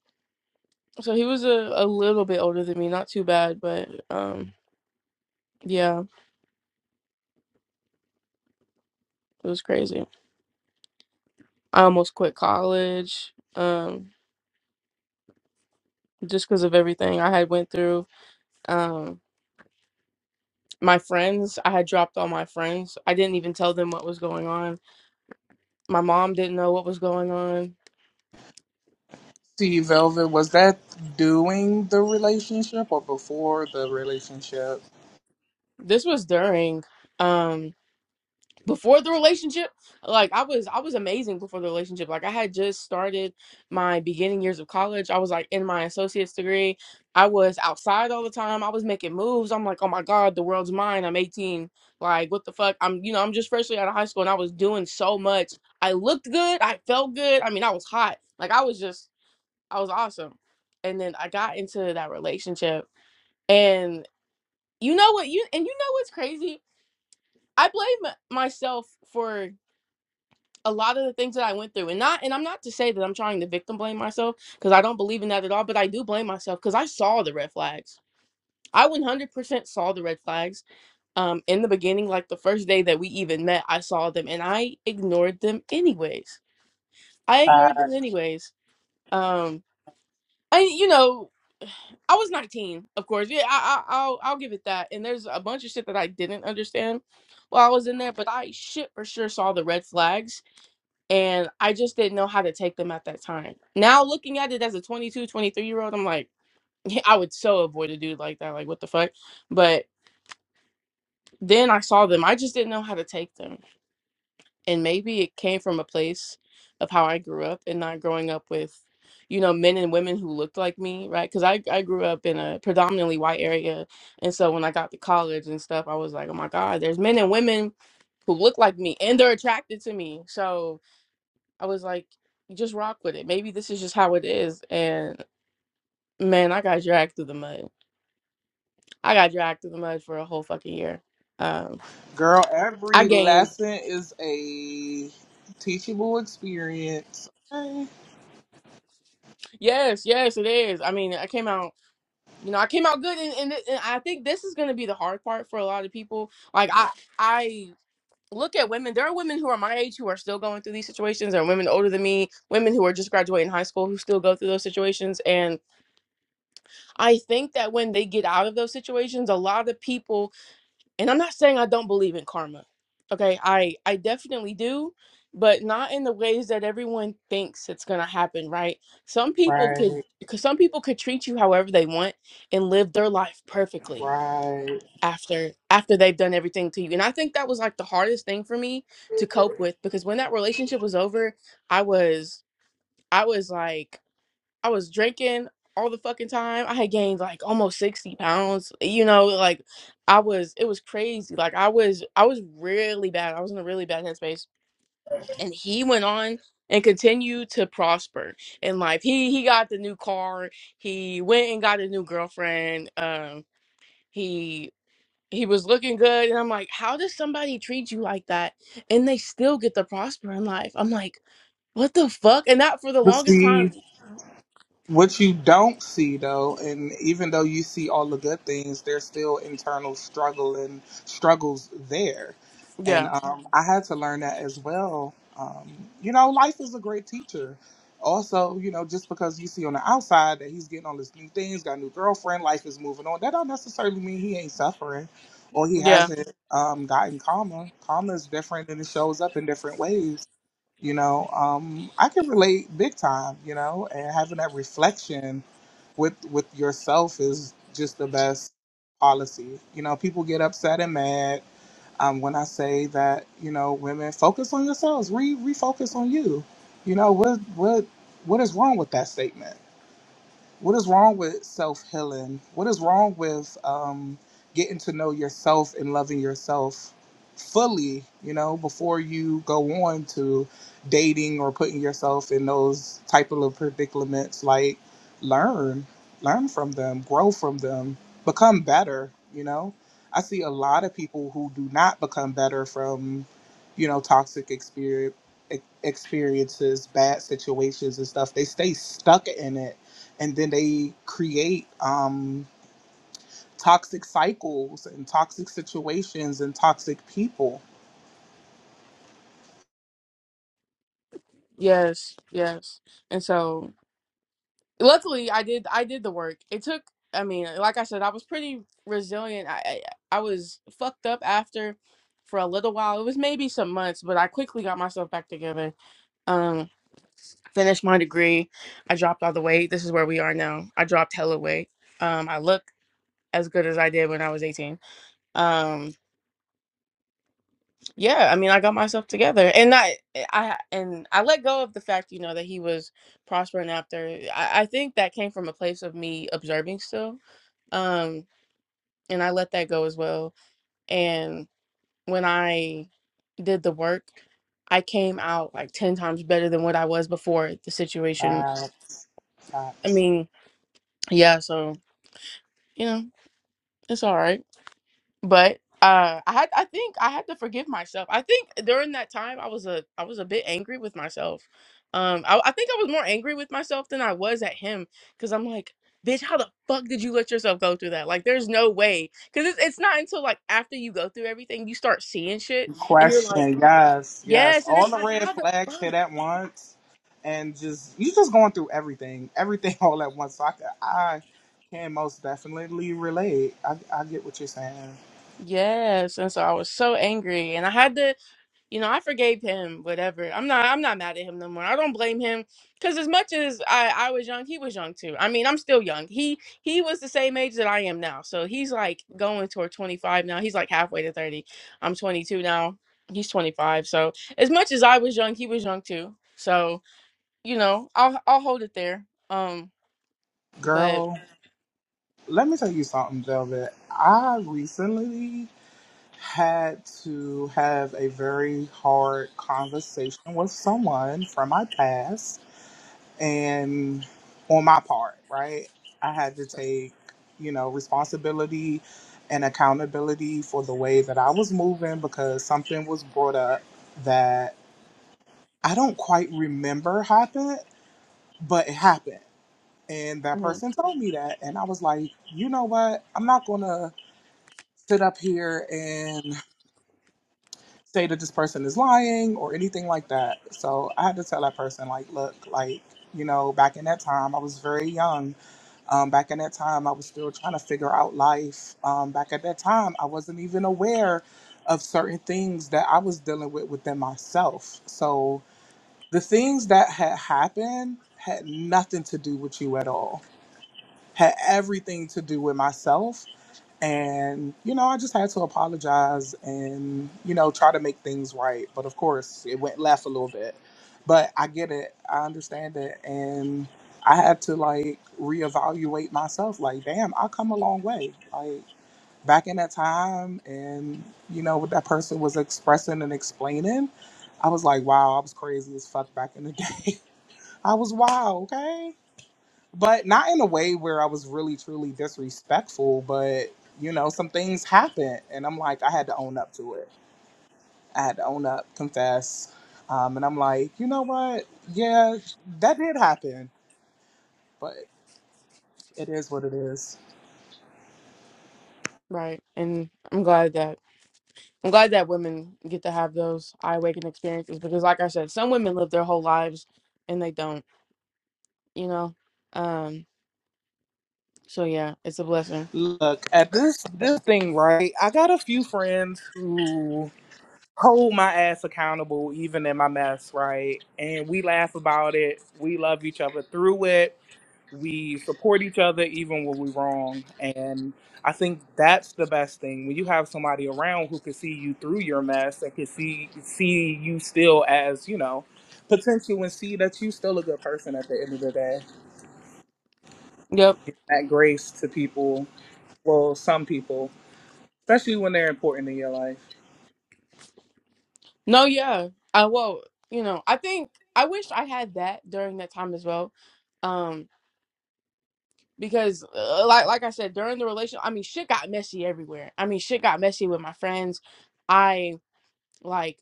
So he was a, a little bit older than me, not too bad, but um yeah It was crazy. I almost quit college um, just because of everything I had went through. Um, my friends, I had dropped all my friends. I didn't even tell them what was going on. My mom didn't know what was going on. See, Velvet, was that doing the relationship or before the relationship? This was during. Um, before the relationship like i was i was amazing before the relationship like i had just started my beginning years of college i was like in my associate's degree i was outside all the time i was making moves i'm like oh my god the world's mine i'm 18 like what the fuck i'm you know i'm just freshly out of high school and i was doing so much i looked good i felt good i mean i was hot like i was just i was awesome and then i got into that relationship and you know what you and you know what's crazy i blame myself for a lot of the things that I went through and not and I'm not to say that I'm trying to victim blame myself because I don't believe in that at all, but I do blame myself because I saw the red flags. I 100% saw the red flags um in the beginning like the first day that we even met, I saw them and I ignored them anyways. I ignored Uh, them anyways. Um I you know, I was 19, of course. Yeah, I, I I'll I'll give it that. And there's a bunch of shit that I didn't understand while I was in there, but I shit for sure saw the red flags and I just didn't know how to take them at that time. Now looking at it as a 22, 23 year old, I'm like, I would so avoid a dude like that. Like, what the fuck? But then I saw them. I just didn't know how to take them. And maybe it came from a place of how I grew up and not growing up with, you know, men and women who looked like me, right? Because I, I grew up in a predominantly white area. And so when I got to college and stuff, I was like, oh my God, there's men and women who look like me and they're attracted to me. So. I was like, just rock with it. Maybe this is just how it is. And man, I got dragged through the mud. I got dragged through the mud for a whole fucking year. Um, girl, I every gained. lesson is a teachable experience. Right, Yes, yes, it is. I mean, I came out. You know, I came out good, and, and, th- and I think this is going to be the hard part for a lot of people. Like I, I look at women. There are women who are my age who are still going through these situations. There are women older than me, women who are just graduating high school who still go through those situations. And I think that when they get out of those situations, a lot of people and i'm not saying i don't believe in karma okay i i definitely do but not in the ways that everyone thinks it's going to happen right some people could because some people could treat you however they want and live their life perfectly right. after after they've done everything to you and i think that was like the hardest thing for me to cope with because when that relationship was over i was i was like I was drinking all the fucking time. I had gained like almost 60 pounds. You know, like I was it was crazy. Like I was I was really bad. I was in a really bad headspace. And he went on and continued to prosper in life. He he got the new car. He went and got a new girlfriend. Um he he was looking good and I'm like, how does somebody treat you like that and they still get to prosper in life? I'm like, what the fuck? And that for the But longest see, time. What you don't see though, and even though you see all the good things, there's still internal struggle and struggles there. And Yeah. um, I had to learn that as well. Um, you know, life is a great teacher. Also, you know, just because you see on the outside that he's getting all his new things, got a new girlfriend, life is moving on, that don't necessarily mean he ain't suffering or he Yeah. hasn't um, gotten calmer. Karma is different and it shows up in different ways you know, um, I can relate big time. You know, and having that reflection with with yourself is just the best policy. You know, people get upset and mad um, when I say that. You know, women focus on yourselves, re refocus on you. You know, what what what is wrong with that statement? What is wrong with self healing? What is wrong with um, getting to know yourself and loving yourself fully, you know, before you go on to dating or putting yourself in those type of predicaments? Like, learn, learn from them, grow from them, become better, you know? I see a lot of people who do not become better from, you know, toxic experience, experiences, bad situations, and stuff. They stay stuck in it and then they create um, toxic cycles and toxic situations and toxic people. Yes, yes. And so luckily I did I did the work. It took I mean, like I said, I was pretty resilient. I I, I was fucked up after for a little while. It was maybe some months, but I quickly got myself back together. Um finished my degree. I dropped all the weight. This is where we are now. I dropped hella weight. Um I look as good as I did when I was 18. Um yeah i mean i got myself together and i eh, i and i let go of the fact you know that he was prospering after i, I think that came from a place of me observing still um and i let that go as well and when i did the work i came out like 10 times better than what i was before the situation Facts, i facts. mean yeah so you know it's all right but uh i had i think i had to forgive myself i think during that time i was a i was a bit angry with myself um i, I think i was more angry with myself than i was at him because i'm like bitch how the fuck did you let yourself go through that like there's no way because it's, it's not until like after you go through everything you start seeing shit Good and you're like Question. Yes, yes. yes and All it's the like red how the flags hit fuck at once, and just you just going through everything, everything all at once. So I, ca- I can most definitely relate. I, I get what you're saying, yes and so i was so angry and i had to you know, I forgave him, whatever. I'm not I'm not mad at him no more. I don't blame him cuz as much as I I was young, he was young too. I mean, I'm still young. He he was the same age that I am now. So he's like going toward 25 now. He's like halfway to 30. I'm 22 now. He's 25. So as much as I was young, he was young too. So, you know, I'll I'll hold it there. Um but girl. Let me tell you something, Velvet. I recently had to have a very hard conversation with someone from my past and on my part, right? I had to take, you know, responsibility and accountability for the way that I was moving because something was brought up that I don't quite remember happened, but it happened. And that mhm, person told me that. And I was like, you know what? I'm not going to sit up here and. say that this person is lying or anything like that. So I had to tell that person, like, look, like, you know, back in that time, I was very young. Um, back in that time, I was still trying to figure out life. Um, back at that time, I wasn't even aware of certain things that I was dealing with within myself. So the things that had happened had nothing to do with you at all, had everything to do with myself and, you know, I just had to apologize and, you know, try to make things right. But of course, it went left a little bit. But I get it. I understand it. And I had to, like, reevaluate myself. Like, damn, I come a long way. Like, back in that time and, you know, what that person was expressing and explaining, I was like, wow, I was crazy as fuck back in the day. I was wild, okay? but not in a way where I was really truly disrespectful, but you know, some things happened and I'm like, I had to own up to it. I had to own up, confess. Um, and I'm like, you know what? Yeah, that did happen, but it is what it is. right. And I'm glad that I'm glad that women get to have those eye waking experiences because, like I said, some women live their whole lives and they don't, you know. Um, so yeah, it's a blessing. Look, at this this But thing, right? I got a few friends who hold my ass accountable even in my mess, right? And we laugh about it. We love each other through it we support each other even when we're wrong and i think that's the best thing when you have somebody around who can see you through your mess and can see see you still as you know potential and see that you still a good person at the end of the day yep, that grace to people well some people especially when they're important in your life no, yeah, I well, you know, I think I wish I had that during that time as well, um, because uh, like like I said, during the relation, I mean, shit got messy everywhere. I mean, shit got messy with my friends. I like.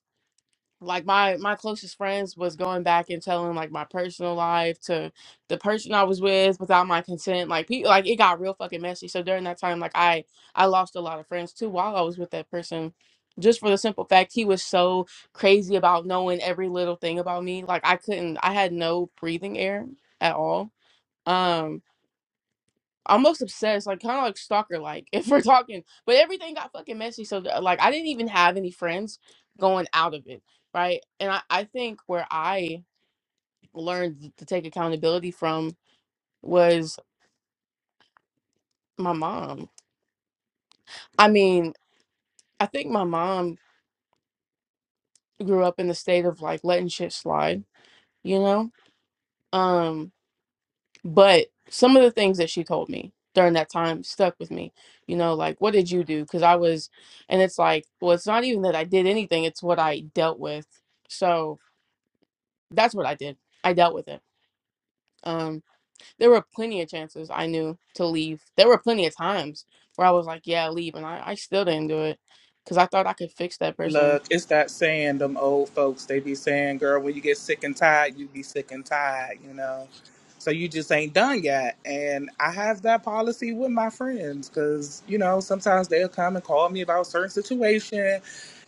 like my my closest friends was going back and telling like my personal life to the person I was with without my consent. Like people, like it got real fucking messy. So during that time, like I I lost a lot of friends too while I was with that person, just for the simple fact he was so crazy about knowing every little thing about me. Like I couldn't, I had no breathing air at all. Um, almost obsessed, like kind of like stalker like if we're talking. But everything got fucking messy. So like I didn't even have any friends going out of it. Right. And I, I think where I learned to take accountability from was my mom. I mean, I think my mom grew up in the state of like letting shit slide, you know? Um But some of the things that she told me during that time stuck with me. You know, like, what did you do? Because I was, and it's like, well, it's not even that I did anything, it's what I dealt with. So that's what I did. I dealt with it. Um, there were plenty of chances I knew to leave. There were plenty of times where I was like, yeah, leave. And I, I still didn't do it because I thought I could fix that person. Look, it's that saying them old folks, they be saying, girl, when you get sick and tired, you be sick and tired, you know? So you just ain't done yet. And I have that policy with my friends because, you know, sometimes they'll come and call me about a certain situation.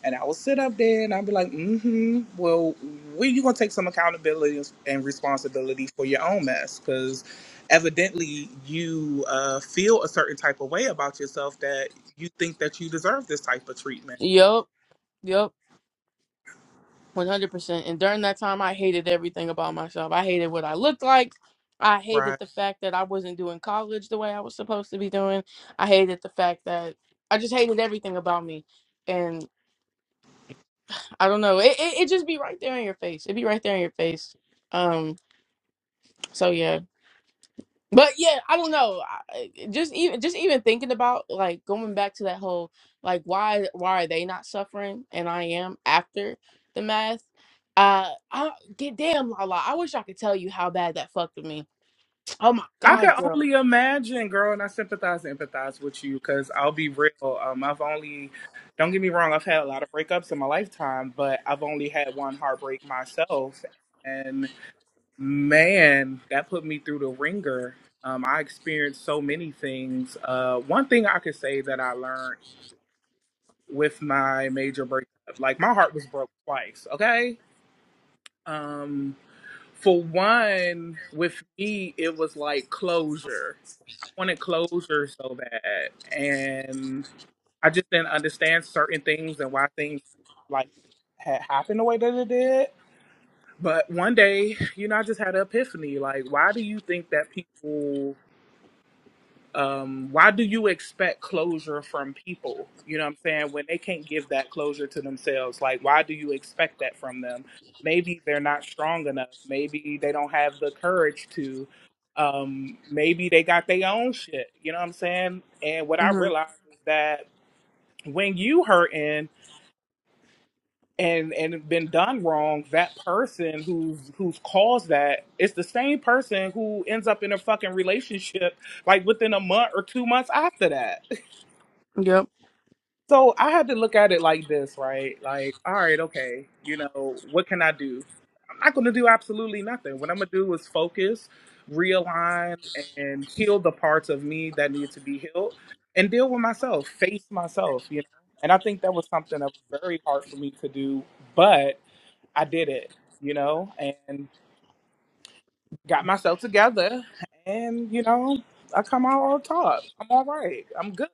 And I will sit up there and I'll be like, mm-hmm, well, when you going to take some accountability and responsibility for your own mess? Because evidently you uh, feel a certain type of way about yourself that you think that you deserve this type of treatment, Yup. Yup. 100%. And during that time, I hated everything about myself. I hated what I looked like. I right? hated the fact that I wasn't doing college the way I was supposed to be doing. I hated the fact that I just hated everything about me. And I don't know. It, it, it just be right there in your face. It'd be right there in your face. Um, so yeah. But yeah, I don't know. I- Just even just even thinking about like going back to that whole like why why are they not suffering and I am after the math. Uh, I get damn Lala. I wish I could tell you how bad that fucked with me. Oh my I can god, girl. only imagine, girl, and I sympathize and empathize with you because I'll be real. Um, I've only, don't get me wrong, I've had a lot of breakups in my lifetime, but I've only had one heartbreak myself. And man, that put me through the ringer. Um, I experienced so many things. Uh, one thing I could say that I learned with my major breakup, like my heart was broke twice, okay? Um, for one, with me, it was like closure. I wanted closure so bad. And I just didn't understand certain things and why things like had happened the way that it did. But one day, you know, I just had an epiphany. Like, why do you think that people um, why do you expect closure from people? You know what I'm saying? When they can't give that closure to themselves, like, why do you expect that from them? Maybe they're not strong enough. Maybe they don't have the courage to. Um, maybe they got their own shit. You know what I'm saying? And what I Mhm. realized is that when you hurting and and been done wrong, that person who's who's caused that, it's the same person who ends up in a fucking relationship like within a month or two months after that. Yep. So I had to look at it like this, right? Like, all right, okay, you know, what can I do? I'm not going to do absolutely nothing. What I'm going to do is focus, realign, and heal the parts of me that need to be healed and deal with myself, face myself, you know? And I think that was something that was very hard for me to do, but I did it, you know? And got myself together and you know i come out on top i'm all right i'm good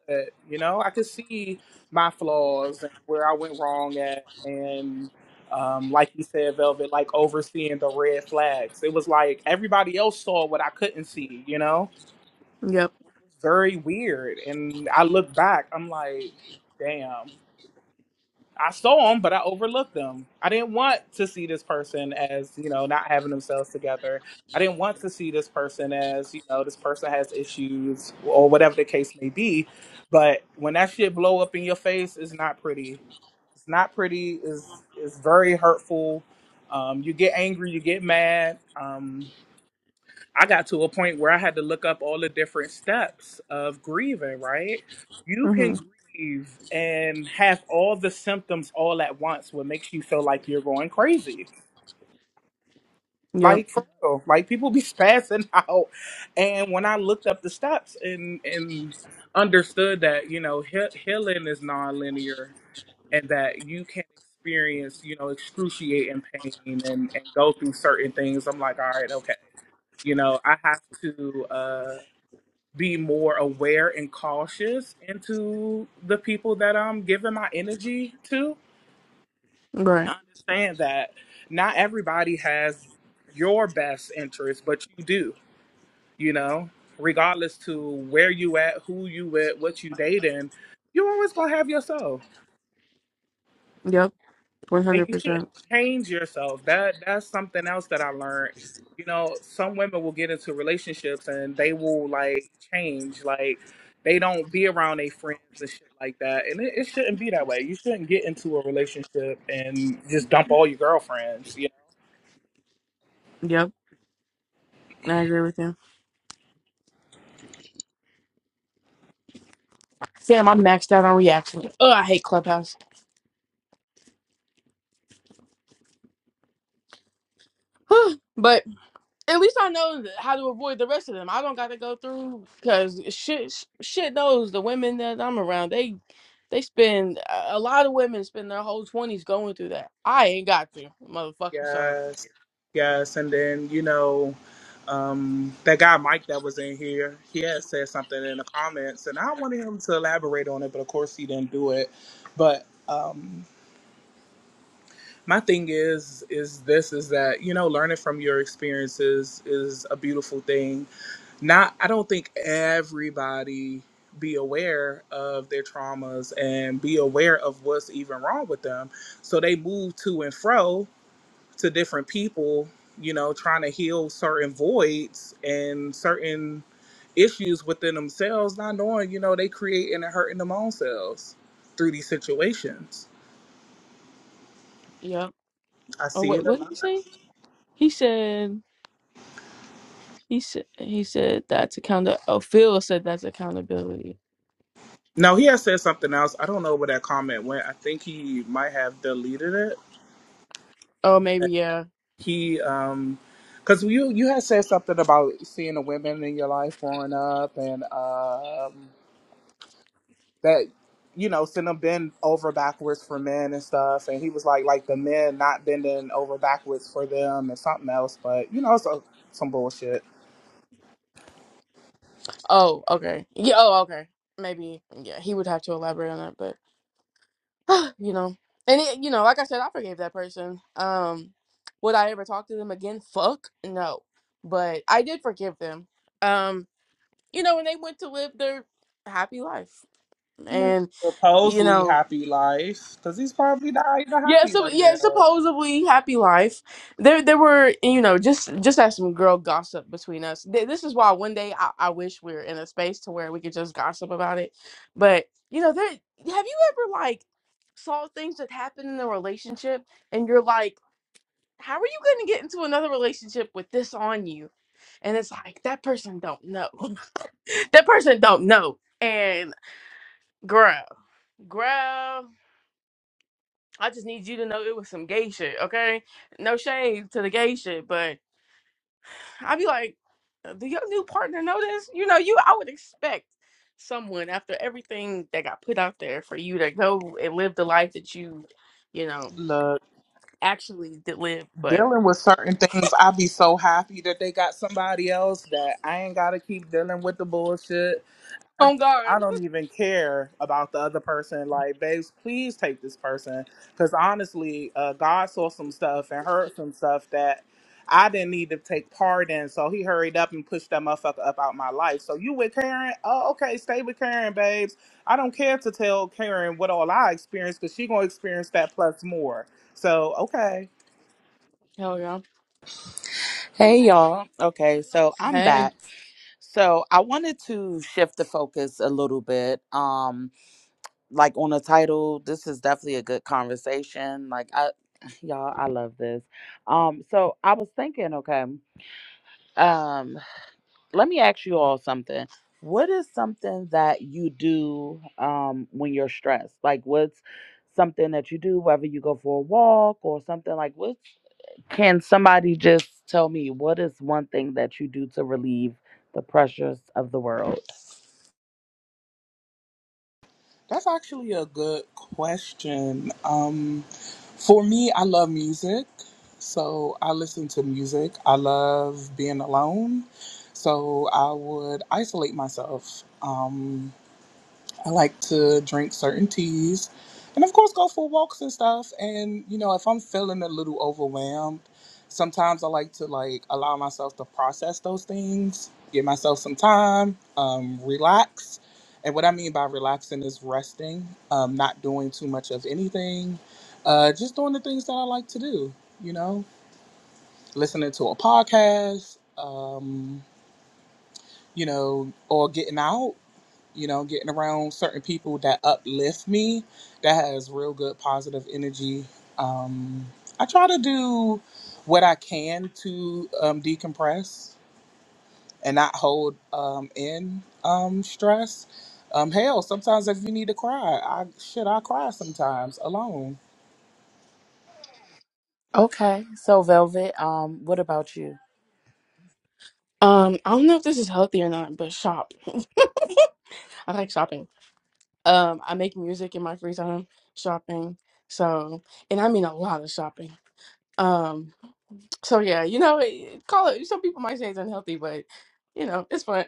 you know i could see my flaws and where i went wrong at and um, like you said velvet like overseeing the red flags it was like everybody else saw what i couldn't see you know Yep. very weird and i look back i'm like damn I saw them, but I overlooked them. I didn't want to see this person as, you know, not having themselves together. I didn't want to see this person as, you know, this person has issues or whatever the case may be. But when that shit blow up in your face, it's not pretty. It's not pretty. It's, it's very hurtful. Um, you get angry, you get mad. Um, I got to a point where I had to look up all the different steps of grieving, right? You can Mhm. grieve and have all the symptoms all at once, what makes you feel like you're going crazy. Yep. Like for real. Like people be spazzing out. And when I looked up the steps and and understood that, you know, he- healing is nonlinear and that you can experience, you know, excruciating pain and, and go through certain things, I'm like, all right, okay you know i have to uh, be more aware and cautious into the people that I'm giving my energy to Right. and understand that not everybody has your best interest, but you do, you know, regardless to where you at, who you with, what you dating, you always gonna have yourself. Yep. One and hundred you shouldn't percent. change yourself. That that's something else that I learned. You know, some women will get into relationships and they will like change, like they don't be around their friends and shit like that. And it, it shouldn't be that way. You shouldn't get into a relationship and just dump all your girlfriends. You know? Yep. I agree with you. Sam, I'm maxed out on reaction. Oh, I hate Clubhouse. but At least I know how to avoid the rest of them. I don't got to go through because shit, shit knows the women that I'm around. They, they spend a a lot of women spend their whole twenties going through that. I ain't got to, motherfucker. So Yes, yes. And then you know, um, that guy Mike that was in here, he had said something in the comments, and I wanted him to elaborate on it, but of course he didn't do it. But um, my thing is is this is that you know learning from your experiences is a beautiful thing not i don't think everybody be aware of their traumas and be aware of what's even wrong with them so they move to and fro to different people you know trying to heal certain voids and certain issues within themselves not knowing you know they creating and hurting them own selves through these situations yeah. i Oh see it wait, a what did he lot say? He said he said he said that's account. Oh, Phil said that's accountability. Now he has said something else. I don't know where that comment went. I think he might have deleted it. Oh, maybe yeah. He um because you you had said something about seeing the women in your life growing up and um that you know seeing them bend over backwards for men and stuff and he was like like the men not bending over backwards for them and something else but you know it's a, some bullshit Oh, okay. Yeah. Oh, okay. Maybe yeah. He would have to elaborate on that, you know. And it, you know, like I said, I forgave that person. Um, would I ever talk to them again? Fuck no. But I did forgive them. Um, you know, and they went to live their happy life, and you supposedly know, happy life because he's probably not even yeah, happy so right yeah, now supposedly happy life. There, there were you know just just had some girl gossip between us. Th- This is why one day I, I wish we were in a space to where we could just gossip about it. But you know, there have you ever like saw things that happen in a relationship and you're like, how are you going to get into another relationship with this on you? And it's like that person don't know. that person don't know. And girl, girl. I just need you to know it was some gay shit, okay? No shade to the gay shit, but I'd be like, "Uh, do your new partner know this? You know, you I would expect someone after everything that got put out there for you to go and live the life that you, you know, look actually did live, but dealing with certain things, i be so happy that they got somebody else that I ain't gotta keep dealing with the bullshit. I, on guard. I don't even care about the other person. Like, babes, please take this person. Because honestly, uh, God saw some stuff and heard some stuff that I didn't need to take part in. So he hurried up and pushed that motherfucker up out my life. So you with Karen? Oh, okay, stay with Karen, babes. I don't care to tell Karen what all I experienced because she gonna experience that plus more. So okay. Hell yeah. Hey y'all. Okay, so I'm Hey. back. So I wanted to shift the focus a little bit. Um like on the title, this is definitely a good conversation. Like I y'all, I love this. Um so I was thinking, okay, um let me ask you all something. What is something that you do um when you're stressed? Like what's something that you do whether you go for a walk or something like what? Can somebody just tell me what is one thing that you do to relieve the pressures of the world? That's actually a good question. Um, for me, I love music. So I listen to music. I love being alone. So I would isolate myself. Um, I like to drink certain teas and, of course, go for walks and stuff. And, you know, if I'm feeling a little overwhelmed, sometimes I like to like allow myself to process those things, give myself some time, um, relax. And what I mean by relaxing is resting, um, not doing too much of anything, uh, just doing the things that I like to do, you know, listening to a podcast, um, you know, or getting out you know, getting around certain people that uplift me, that has real good positive energy. Um, I try to do what I can to um, decompress and not hold um, in um, stress. Um, hell, sometimes if you need to cry, I shit, I cry sometimes alone. Okay, so Velvet, um, what about you? Um, I don't know if this is healthy or not, but shop. I like shopping. Um, I make music in my free time, shopping. So, and I mean a lot of shopping. Um, So yeah, you know, it- call it. Some people might say it's unhealthy, but you know, it's fun.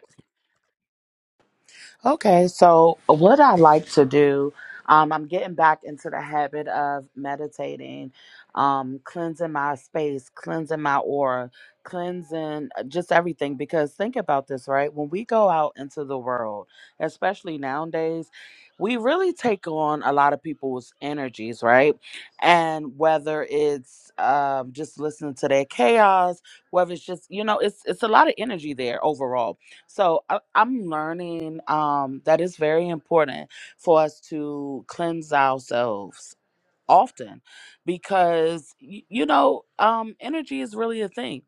Okay, so what I like to do, um, I'm getting back into the habit of meditating, um, cleansing my space, cleansing my aura, cleansing uh, just everything. Because think about this, right? When we go out into the world, especially nowadays, we really take on a lot of people's energies, right? And whether it's um, just listening to their chaos, whether it's just you know, it's it's a lot of energy there overall so I, I'm learning um, that it's very important for us to cleanse ourselves often because y- you know um, energy is really a thing.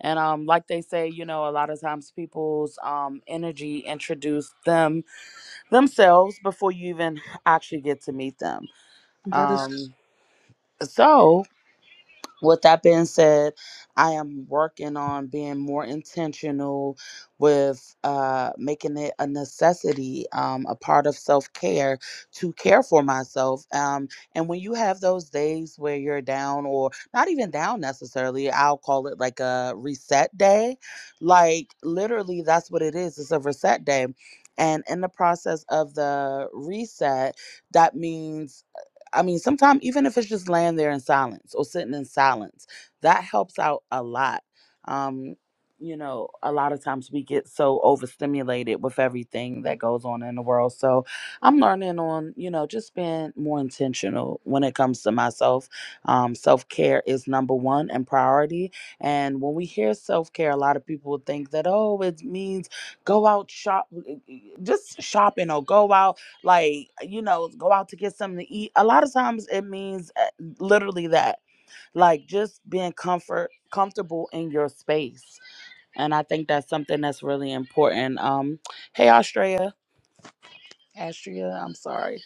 And um, like they say, you know, a lot of times people's um, energy introduce them themselves before you even actually get to meet them. That is, Um, so with that being said, I am working on being more intentional with uh, making it a necessity, um, a part of self care to care for myself. Um, and when you have those days where you're down, or not even down necessarily, I'll call it like a reset day. Like literally, that's what it is. It's a reset day. And in the process of the reset, that means I mean, sometimes even if it's just laying there in silence or sitting in silence, that helps out a lot. Um, you know, a lot of times we get so overstimulated with everything that goes on in the world. So I'm learning on, you know, just being more intentional when it comes to myself. Um, self care is number one and priority. And when we hear self care, a lot of people think that, oh, it means go out shop, eh, eh, just shopping or go out like you know go out to get something to eat a lot of times it means uh, literally that like just being comfort comfortable in your space and i think that's something that's really important um hey Australia, Astria, I'm sorry.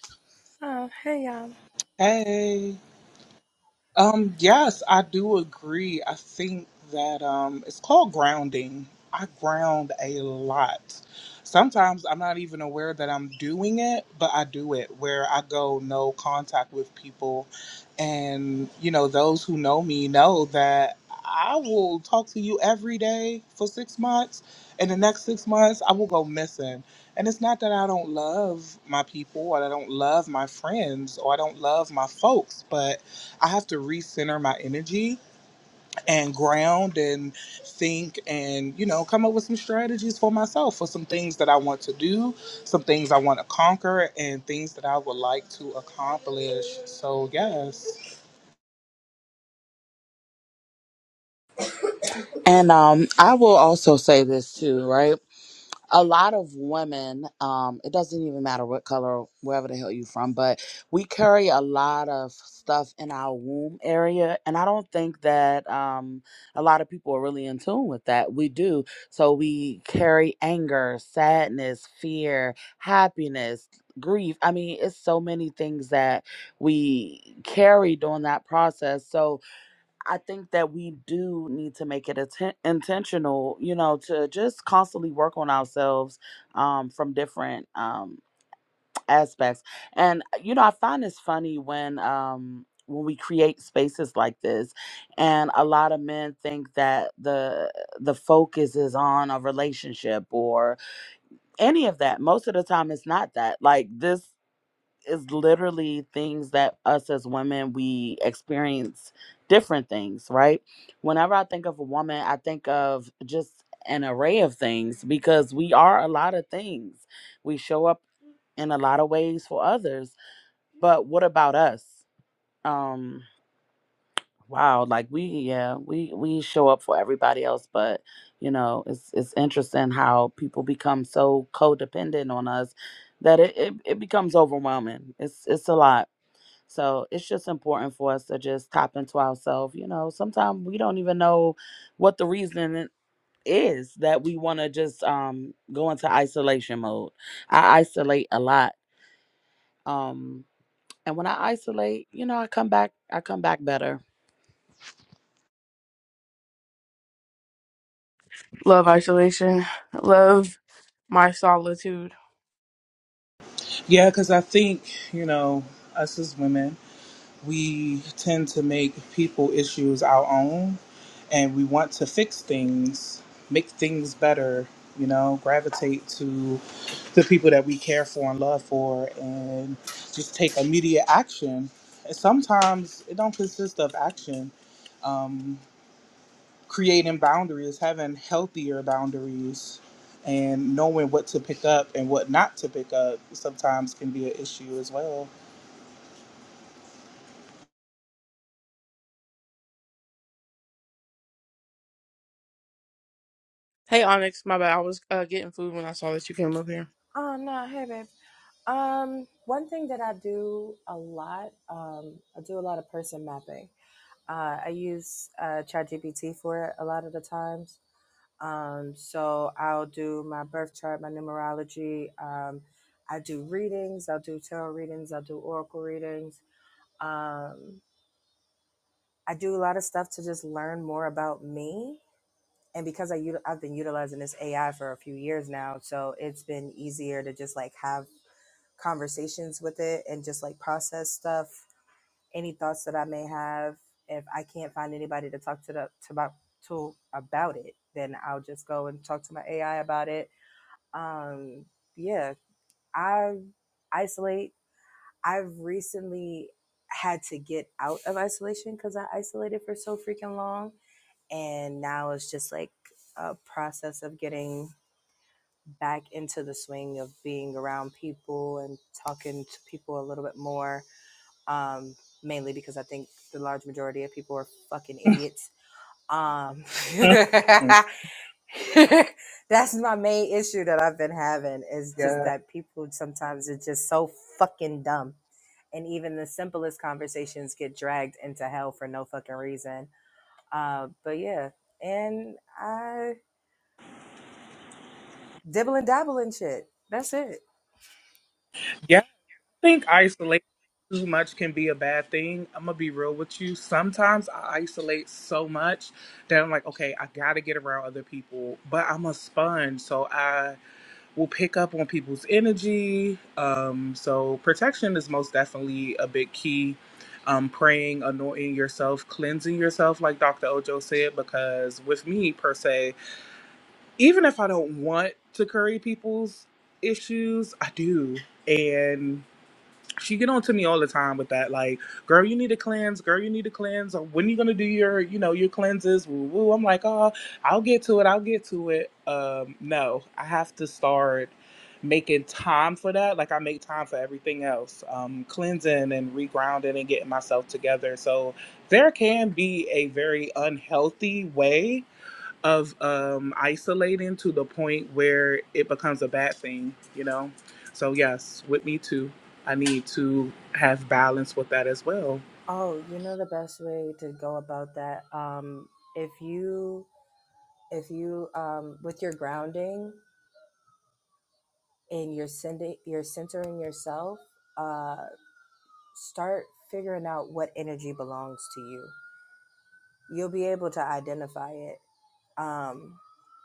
Oh, hey, um, hey. Um, yes, I do agree. I think that um, it's called grounding. I ground a lot. Sometimes I'm not even aware that I'm doing it, but I do it where I go no contact with people. And, you know, those who know me know that I will talk to you every day for six months. And the next six months, I will go missing. And it's not that I don't love my people or I don't love my friends or I don't love my folks, but I have to recenter my energy and ground and think and, you know, come up with some strategies for myself for some things that I want to do, some things I want to conquer, and things that I would like to accomplish. So, yes. And um I will also say this too, right? a lot of women um it doesn't even matter what color wherever the hell you from but we carry a lot of stuff in our womb area and i don't think that um a lot of people are really in tune with that we do so we carry anger sadness fear happiness grief i mean it's so many things that we carry during that process so I think that we do need to make it atten- intentional, you know, to just constantly work on ourselves um, from different um, aspects. And uh, you know, I find this funny when um, when we create spaces like this, and a lot of men think that the the focus is on a relationship or any of that. Most of the time, it's not that. Like this is literally things that us as women we experience different things, right? Whenever I think of a woman, I think of just an array of things because we are a lot of things. We show up in a lot of ways for others, but what about us? Um wow, like we yeah, we we show up for everybody else, but you know, it's it's interesting how people become so codependent on us that it, it, it becomes overwhelming. It's it's a lot. So it's just important for us to just tap into ourselves. You know, sometimes we don't even know what the reason is that we want to just um, go into isolation mode. I isolate a lot. Um, and when I isolate, you know, I come back, I come back better. Love isolation. Love my solitude. Yeah, because I think, you know, us as women, we tend to make people issues our own and we want to fix things make things better you know gravitate to the people that we care for and love for and just take immediate action and sometimes it don't consist of action um, creating boundaries having healthier boundaries and knowing what to pick up and what not to pick up sometimes can be an issue as well Hey Onyx, my bad. I was uh, getting food when I saw that you came up here. oh no, hey, babe. Um, one thing that I do a lot, um, I do a lot of person mapping. Uh, I use uh, ChatGPT for it a lot of the times. Um, so I'll do my birth chart, my numerology. Um, I do readings. I'll do tarot readings. I'll do oracle readings. Um, I do a lot of stuff to just learn more about me. And because I, util- I've been utilizing this AI for a few years now, so it's been easier to just like have conversations with it and just like process stuff, any thoughts that I may have. If I can't find anybody to talk to the to about to about it, then I'll just go and talk to my AI about it. Um, yeah, I isolate. I've recently had to get out of isolation because I isolated for so freaking long, and now it's just like a process of getting back into the swing of being around people and talking to people a little bit more um, mainly because I think the large majority of people are fucking idiots. Um, Mhm. that's my main issue that I've been having is just yeah that people sometimes are just so fucking dumb. And even the simplest conversations get dragged into hell for no fucking reason. Uh, but yeah, and I dibble and dabble in shit. That's it. Yeah. I think isolation too much can be a bad thing. I'm gonna be real with you. Sometimes I isolate so much that I'm like, okay, I gotta get around other people, but I'm a sponge, so I will pick up on people's energy. Um, so protection is most definitely a big key. Um, praying, anointing yourself, cleansing yourself, like Dr. Ojo said, because with me per se, even if I don't want to curry people's issues, I do. And she get on to me all the time with that like girl you need to cleanse girl you need to cleanse or when you gonna do your you know your cleanses woo woo i'm like oh i'll get to it i'll get to it um no i have to start making time for that like i make time for everything else um cleansing and regrounding and getting myself together so there can be a very unhealthy way of um, isolating to the point where it becomes a bad thing, you know? So, yes, with me too, I need to have balance with that as well. Oh, you know the best way to go about that. Um, if you if you um, with your grounding and you're sending you're centering yourself, uh, start figuring out what energy belongs to you. You'll be able to identify it. Um,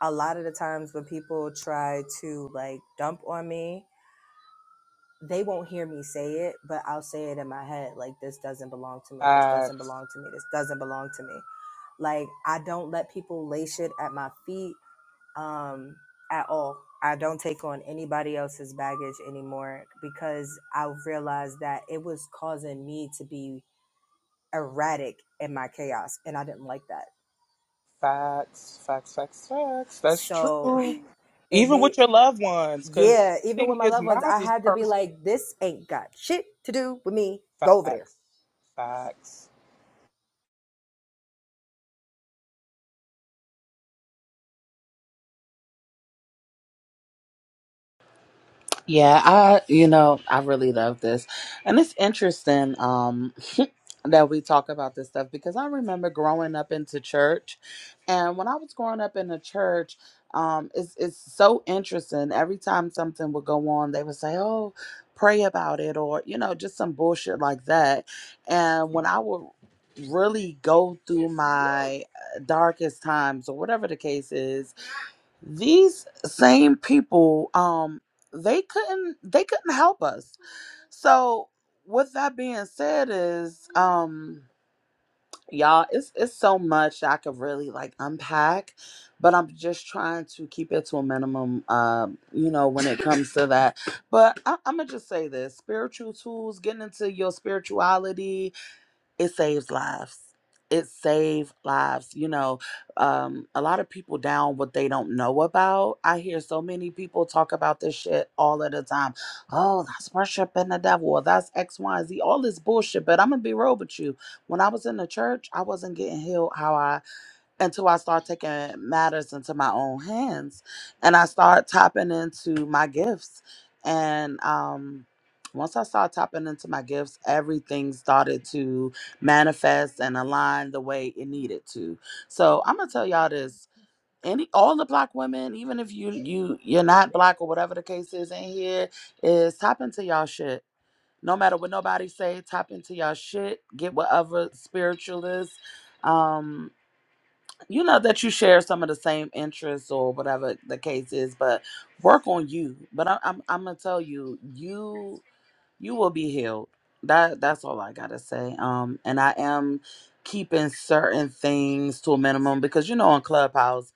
a lot of the times when people try to like dump on me they won't hear me say it, but I'll say it in my head like this doesn't belong to me. This doesn't Facts, belong to me. This doesn't belong to me. Like I don't let people lay shit at my feet um at all. I don't take on anybody else's baggage anymore because I realized that it was causing me to be erratic in my chaos and I didn't like that. facts, facts, facts, facts. That's So true. it Even made with your loved ones, because my yeah, even with thing my is, loved mine ones, I is had to be personal. like, this ain't got shit to do with me. Go over there Facts, facts. Yeah, I, you know, I really love this. And it's interesting. Um, that we talk about this stuff because I remember growing up into church, and when I was growing up in the church, um, it's it's so interesting. Every time something would go on, they would say, "Oh, pray about it," or you know, just some bullshit like that. And when I would really go through my uh, darkest times or whatever the case is, these same people, um, they couldn't they couldn't help us. So with that being said, is um y'all it's it's so much that i could really like unpack but i'm just trying to keep it to a minimum um you know when it comes to that but I, i'm gonna just say this spiritual tools getting into your spirituality it saves lives it saved lives you know um a lot of people down what they don't know about i hear so many people talk about this shit all of the time oh that's worshiping the devil or that's X, Y, Z. all this bullshit but i'm gonna be real with you when i was in the church i wasn't getting healed how i until I start taking matters into my own hands and I start tapping into my gifts. And um, once I started tapping into my gifts, everything started to manifest and align the way it needed to. So I'm gonna tell y'all this. Any all the black women, even if you you you're not black or whatever the case is in here, is tap into y'all shit. No matter what nobody say, tap into y'all shit. Get with other spiritualists. Um, you know that you share some of the same interests or whatever the case is but work on you but I, i'm i'm gonna tell you you you will be healed. That that's all I gotta say. Um, and I am keeping certain things to a minimum because you know on Clubhouse,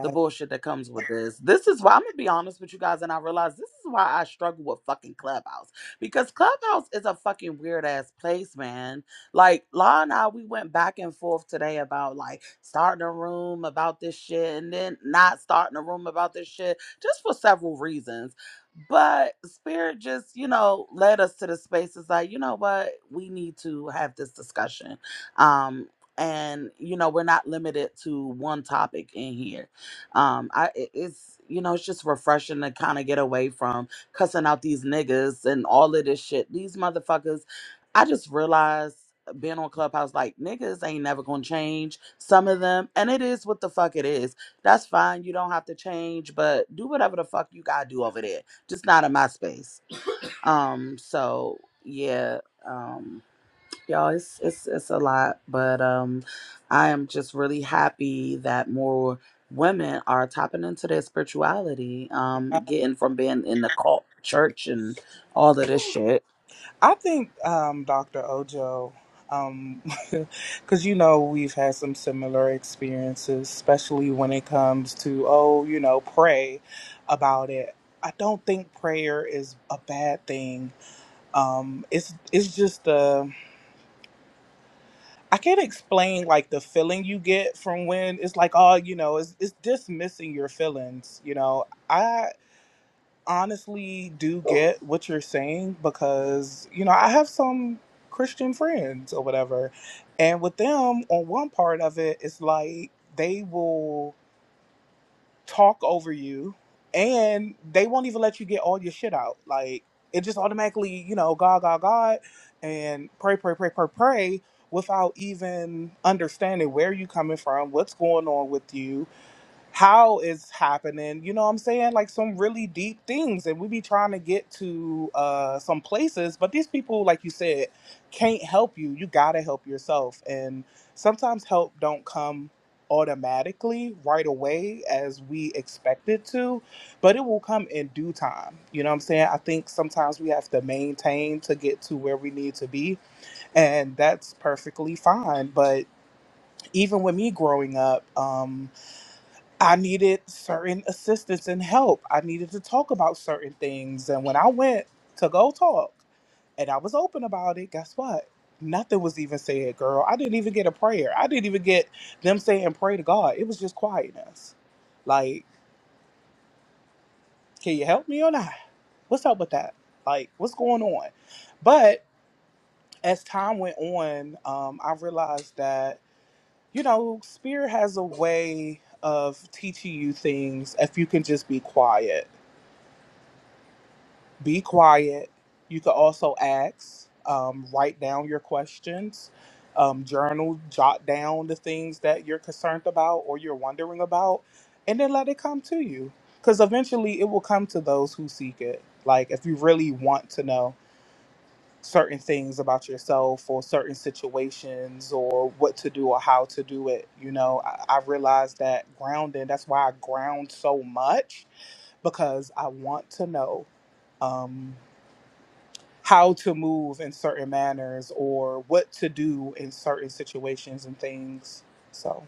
the bullshit that comes with this. This is why I'm gonna be honest with you guys, and I realize this is why I struggle with fucking Clubhouse because Clubhouse is a fucking weird ass place, man. Like La and I, we went back and forth today about like starting a room about this shit and then not starting a room about this shit just for several reasons but spirit just, you know, led us to the space. It's like, you know what, we need to have this discussion. Um, and you know, we're not limited to one topic in here. Um, I it- it's you know, it's just refreshing to kind of get away from cussing out these niggas and all of this shit. These motherfuckers, I just realized uh, being on Clubhouse, like niggas ain't never gonna change some of them, and it is what the fuck it is. That's fine, you don't have to change, but do whatever the fuck you gotta do over there just not in my space. Um, so yeah, um, y'all, it's it's it's a lot, but um, I am just really happy that more women are tapping into their spirituality, um, getting from being in the cult church and all of this shit. I think um, Dr. Ojo, because you know we've had some similar experiences, especially when it comes to oh, you know, pray about it. I don't think prayer is a bad thing. Um, it's it's just uh, I can't explain like the feeling you get from when it's like oh, you know, it's it's dismissing your feelings. You know, I honestly do get what you're saying because you know I have some Christian friends or whatever, and with them on one part of it, it's like they will talk over you, and they won't even let you get all your shit out. Like it just automatically, you know, God, God, God, and pray, pray, pray, pray, pray, without even understanding where you coming from, what's going on with you, how it's happening. You know what I'm saying? Like some really deep things. And we be trying to get to uh some places, but these people, like you said, can't help you. You gotta help yourself. And sometimes help don't come automatically right away as we expect it to, but it will come in due time. You know what I'm saying? I think sometimes we have to maintain to get to where we need to be. And that's perfectly fine. But even with me growing up, um I needed certain assistance and help. I needed to talk about certain things. And when I went to go talk and I was open about it, guess what? Nothing was even said, girl. I didn't even get a prayer. I didn't even get them saying pray to God. It was just quietness. Like, can you help me or not? What's up with that? Like, what's going on? But as time went on, um, I realized that, you know, Spirit has a way of teaching you things if you can just be quiet be quiet. You could also ask, um, write down your questions, um, journal, jot down the things that you're concerned about or you're wondering about, and then let it come to you. Because eventually it will come to those who seek it. Like, if you really want to know certain things about yourself or certain situations or what to do or how to do it, you know, I, I realized that grounding, that's why I ground so much because I want to know. Um, how to move in certain manners or what to do in certain situations and things. So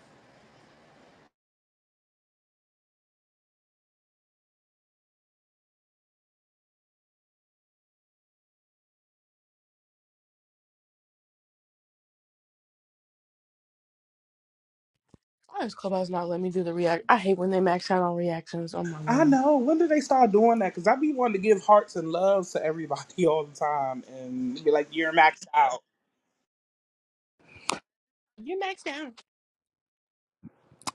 Why is Clubhouse not let me do the react? I hate when they max out on reactions. Oh my I god. know when did they start doing that? Because I be wanting to give hearts and loves to everybody all the time and be like, "You're maxed out." You maxed out.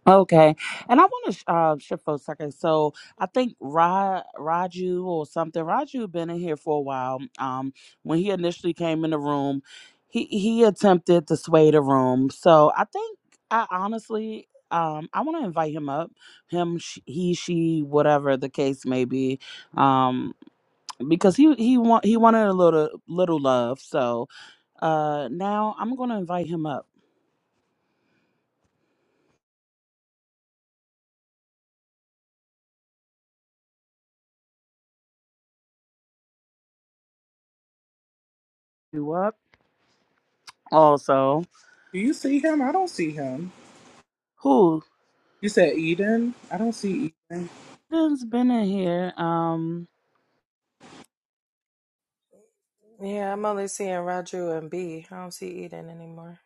Okay, and I want to uh, shift for a second. So I think Ra Raju or something. Raju been in here for a while. Um, when he initially came in the room, he he attempted to sway the room. So I think I honestly, um, I want to invite him up. Him, sh- he, she, whatever the case may be. Um, because he he want he wanted a little little love. So uh, now I'm gonna invite him up. You up also? Do you see him? I don't see him. Who? You said Eden. I don't see Eden. It's been in here. Um, Yeah, I'm only seeing Raju and B. I don't see Eden anymore.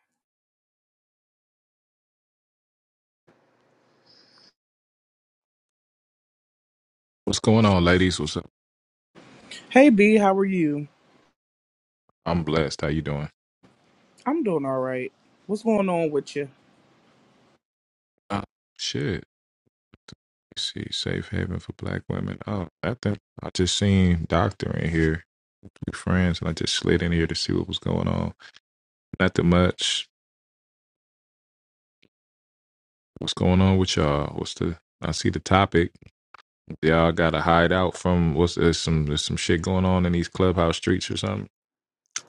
What's going on, ladies? What's up? Hey B, how are you? I'm blessed. How you doing? I'm doing all right. What's going on with you? Uh, shit. You see, safe haven for black women. Oh, I think I just seen Doctor in here. We friends, and I just slid in here to see what was going on. Nothing much. What's going on with y'all? What's the? I see the topic. Y'all got to hide out from what's there's some there's some shit going on in these clubhouse streets or something.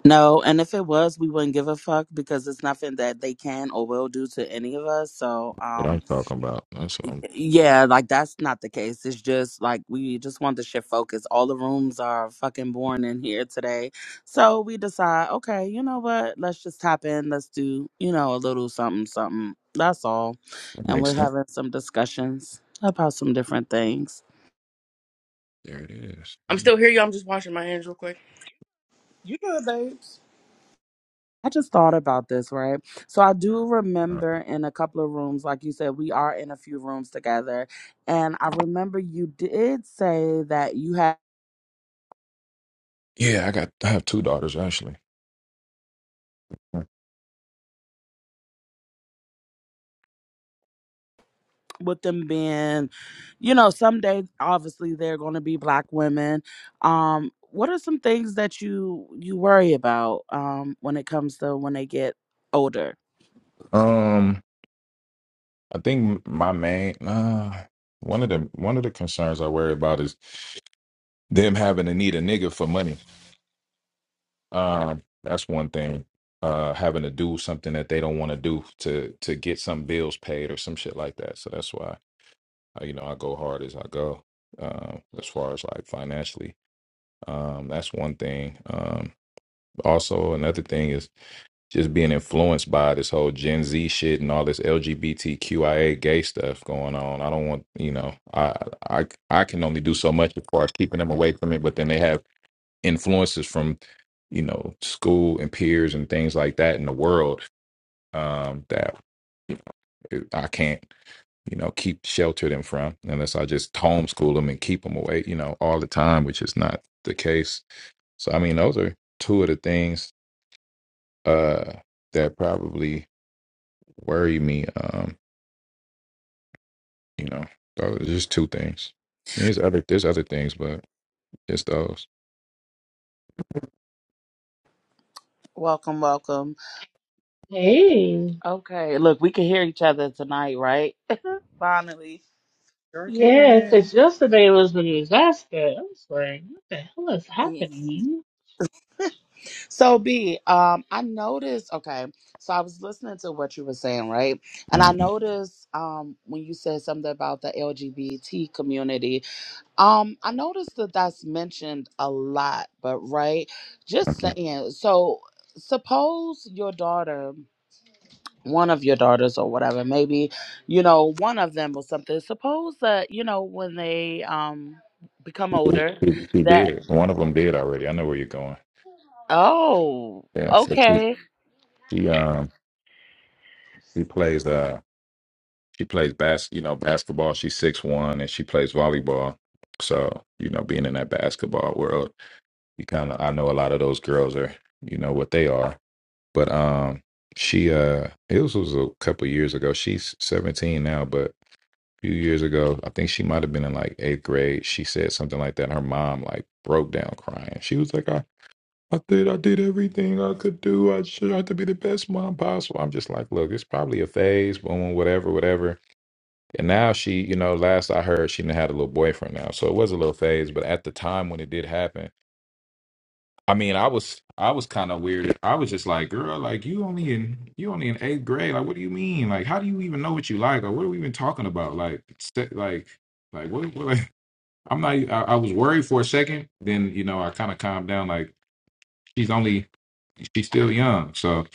no, and if it was, we wouldn't give a fuck because it's nothing that they can or will do to any of us. So, What I'm um, talking about. That's what I'm. yeah, like that's not the case. It's just like we just want the shit focused. All the rooms are fucking born in here today, so we decide, okay, you know what? Let's just tap in. Let's do, you know, a little something, something. That's all, That and we're makes sense. having some discussions about some different things. There it is. That I'm makes- still here, y'all. I'm just washing my hands real quick. You good, babes? I just thought about this, right? So I do uh, remember in a couple of rooms, like you said, we are in a few rooms together. And I remember you did say that you had Yeah, I got. I have two daughters actually. with them being, you know, someday obviously they're gonna be black women. Um, what are some things that you you worry about um when it comes to when they get older? Um. I think my main uh one of the one of the concerns I worry about is them having to need a nigga for money. Um, that's one thing. Uh, having to do something that they don't want to do to to get some bills paid or some shit like that. So that's why uh, you know I go hard as I go. Um, as far as like financially, um, that's one thing. Um, also another thing is just being influenced by this whole Gen Z shit and all this LGBTQIA gay stuff going on. I don't want, you know, I I I can only do so much as far as keeping them away from it. But then they have influences from, you know, school and peers and things like that in the world um, that you know, I can't, you know, keep shelter them from unless I just homeschool them and keep them away, you know, all the time, which is not the case. So I mean, those are two of the things uh, that probably worry me. Um, you know, those are just two things. I mean, there's other there's other things, but it's those. Welcome, welcome. Hey, Okay, look, we can hear each other tonight, right? Finally. Sure yeah, can. because yesterday was a disaster. I was like, what the hell is Yeah. happening? So B, um, I noticed. Okay, so I was listening to what you were saying, right? And I Um, noticed, um, when you said something about the LGBT community, um, I noticed that that's mentioned a lot. But right, just saying. So suppose your daughter. one of your daughters or whatever maybe you know one of them or something suppose that you know when they um become she, older she that did. One of them did already. I know where you're going. oh Yeah. So she, okay she um she plays. Uh, She plays bas you know, basketball. She's six one and she plays volleyball. So, you know, being in that basketball world, you kinda I know a lot of those girls are, you know, what they are. But um she uh it was, was a couple years ago. She's seventeen now, but a few years ago, I think she might have been in like eighth grade. She said something like that and her mom like broke down crying. She was like, I I did I did everything I could do. I tried to be the best mom possible. I'm just like, look, it's probably a phase, boom, whatever, whatever and now she, you know, last I heard, she done had a little boyfriend now. So it was a little phase, but at the time when it did happen, I mean, I was I was kind of weird. I was just like, girl, like you only in you only in eighth grade. Like, what do you mean? Like, how do you even know what you like? Or what are we even talking about? Like, se- like, like what? what like, I'm not. e, I, I was worried for a second. Then you know, I kind of calmed down. Like, she's only she's still young. So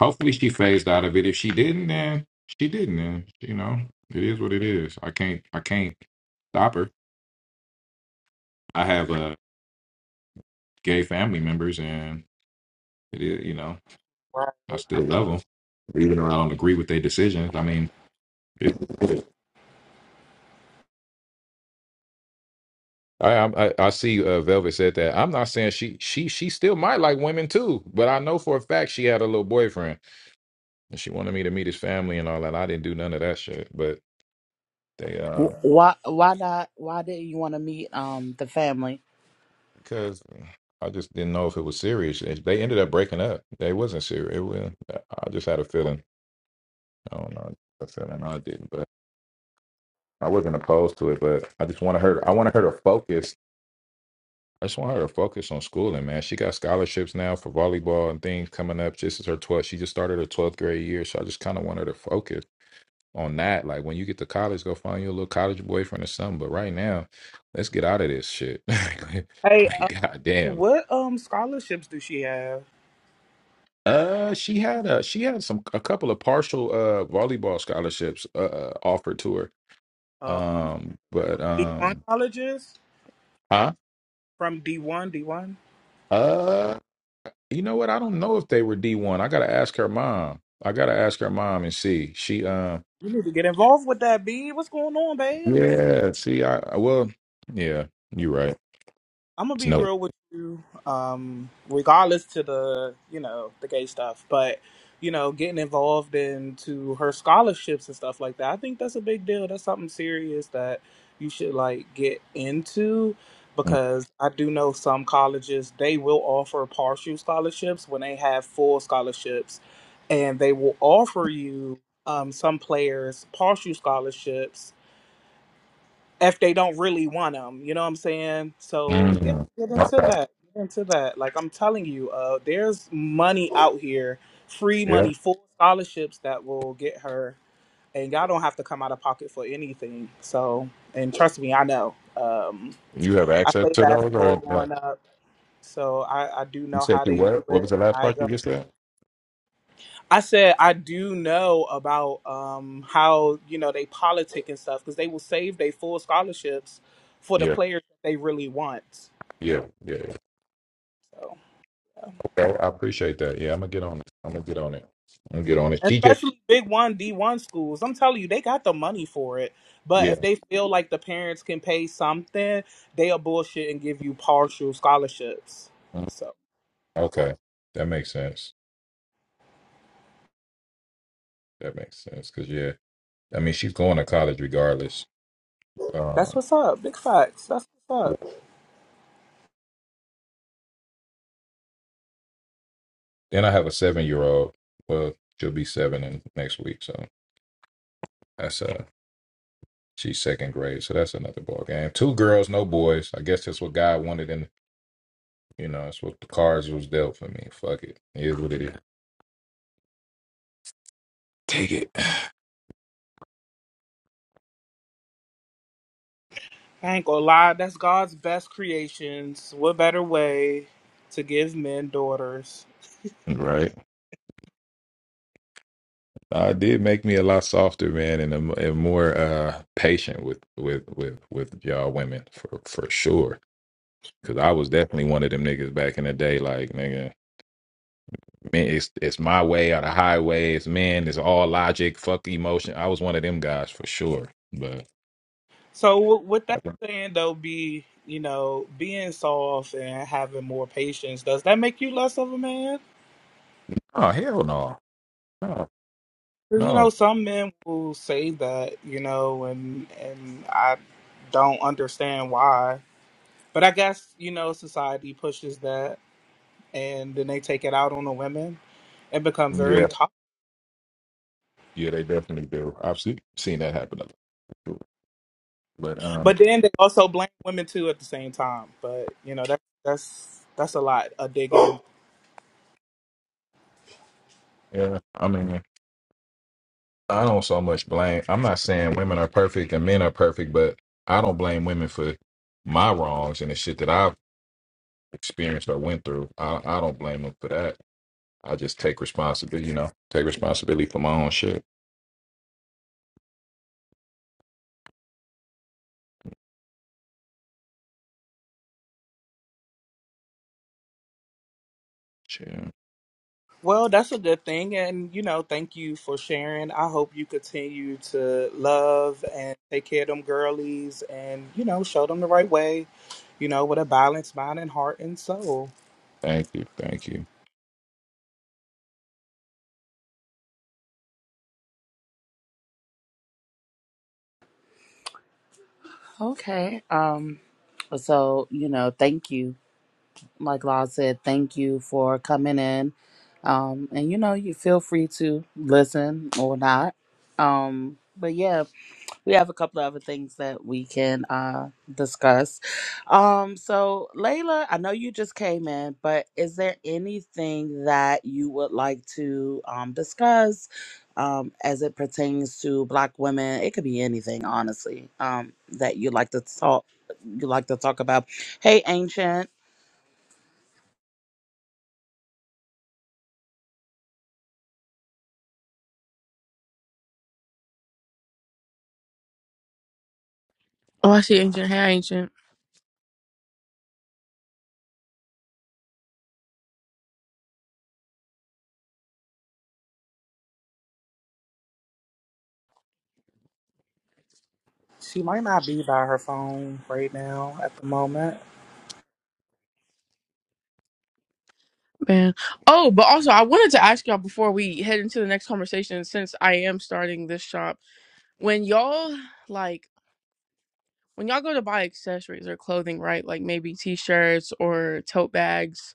hopefully she phased out of it. If she didn't, then she didn't. Then you know, it is what it is. I can't. I can't stop her. I have uh, gay family members, and it, is- you know, Right. I still love them, even though I don't agree with their decisions. I mean, it, I, I I see. Uh, Velvet said that. I'm not saying she she she still might like women too, but I know for a fact she had a little boyfriend, and she wanted me to meet his family and all that. I didn't do none of that shit, but they um Wh- why why not why didn't you want to meet um the family because. I just didn't know if it was serious. It- They ended up breaking up. They wasn't serious. It was, I just had a feeling. I don't know. A feeling I didn't. I wasn't opposed to it, but I just want her. I want her to focus. I just want her to focus on schooling, man. She got scholarships now for volleyball and things coming up. This is her 12th. She just started her 12th grade year, so I just kind of want her to focus on that. Like when you get to college, go find you a little college boyfriend or something. But right now, let's get out of this shit. like Hey, uh, goddamn. what um scholarships do she have? Uh, she had a she had some a couple of partial uh volleyball scholarships uh uh, offered to her. Um, Um, but D one um, colleges. huh? from D1. D1, Uh, You know what? I don't know if they were D one. I gotta ask her mom. I gotta ask her mom and see. She uh you need to get involved with that, B. What's going on, babes? yeah, see I I- well yeah, you're right. I'm gonna It's be no real with you, um, regardless to the you know the gay stuff, but you know getting involved into her scholarships and stuff like that. I think that's a big deal. That's something serious that you should like get into Mm. because I do know some colleges they will offer partial scholarships when they have full scholarships, and they will offer you um, some players partial scholarships if they don't really want them. You know what I'm saying? So yeah, get mm-hmm. into Okay. that. Get into that. Like I'm telling you, uh, there's money out here, free Yeah. money, full scholarships that will get her, and y'all don't have to come out of pocket for anything. So, and trust me, I know. Um, You have I access played to those basketball or like growing up, so I, I do you know said how you they do what? What was it. the last I part go. you just said? I said I do know about um, how you know they politic and stuff because they will save their full scholarships for the Yeah, players that they really want. yeah, yeah. yeah. So Okay. I appreciate that. Yeah, I'm gonna get on it. I'm gonna get on it. I'm gonna get on it. She just especially big one D one schools, I'm telling you, they got the money for it. But yeah. if they feel like the parents can pay something, they'll bullshit and give you partial scholarships. Mm. So Okay. That makes sense. That makes sense. Cause yeah, I mean she's going to college regardless. Um, that's what's up. Big facts. That's what's up. Then I have a seven year old. Well, she'll be seven in next week, so that's uh she's second grade, so that's another ball game. Two girls, no boys. I guess that's what God wanted, and you know that's what the cards was dealt for me. Fuck it, it is what it is. Take it. I ain't gonna lie, that's God's best creations. What better way to give men daughters? Right. Uh, it did make me a lot softer, man, and, a, and more uh patient with with with with y'all women for for sure. Cause I was definitely one of them niggas back in the day, like nigga. Man, it's it's my way or the highway. It's man, it's all logic, fuck emotion. I was one of them guys for sure. But So w- with that saying though, be you know being soft and having more patience, does that make you less of a man? oh hell no, no, 'Cause, you know no. some men will say that, you know, and and I don't understand why. But I guess you know society pushes that, and then they take it out on the women and become very Yeah, tough. yeah, they definitely do. I've seen seen that happen a lot. too. But um, But then they also blame women too at the same time. But you know that's that's that's a lot a digging. yeah, I mean, I don't so much blame. I'm not saying women are perfect and men are perfect, but I don't blame women for my wrongs and the shit that I've experienced or went through. I I don't blame them for that. I just take responsibility. You know, take responsibility for my own shit. Shit. Well, that's a good thing. And, you know, thank you for sharing. I hope you continue to love and take care of them girlies and, you know, show them the right way, you know, with a balanced mind and heart and soul. Thank you. Thank you. okay um so you know thank you like law said thank you for coming in um and you know you feel free to listen or not um but yeah we have a couple of other things that we can uh discuss. Um so Layla, I know you just came in, but is there anything that you would like to um discuss um as it pertains to black women? It could be anything, honestly. Um that you like to talk you like to talk about. Hey Ancient, Oh, I see ancient. Hey, ancient She might not be by her phone right now at the moment. man. Oh, but also I wanted to ask y'all before we head into the next conversation, since I am starting this shop, when y'all like when y'all go to buy accessories or clothing, right? Like maybe t-shirts or tote bags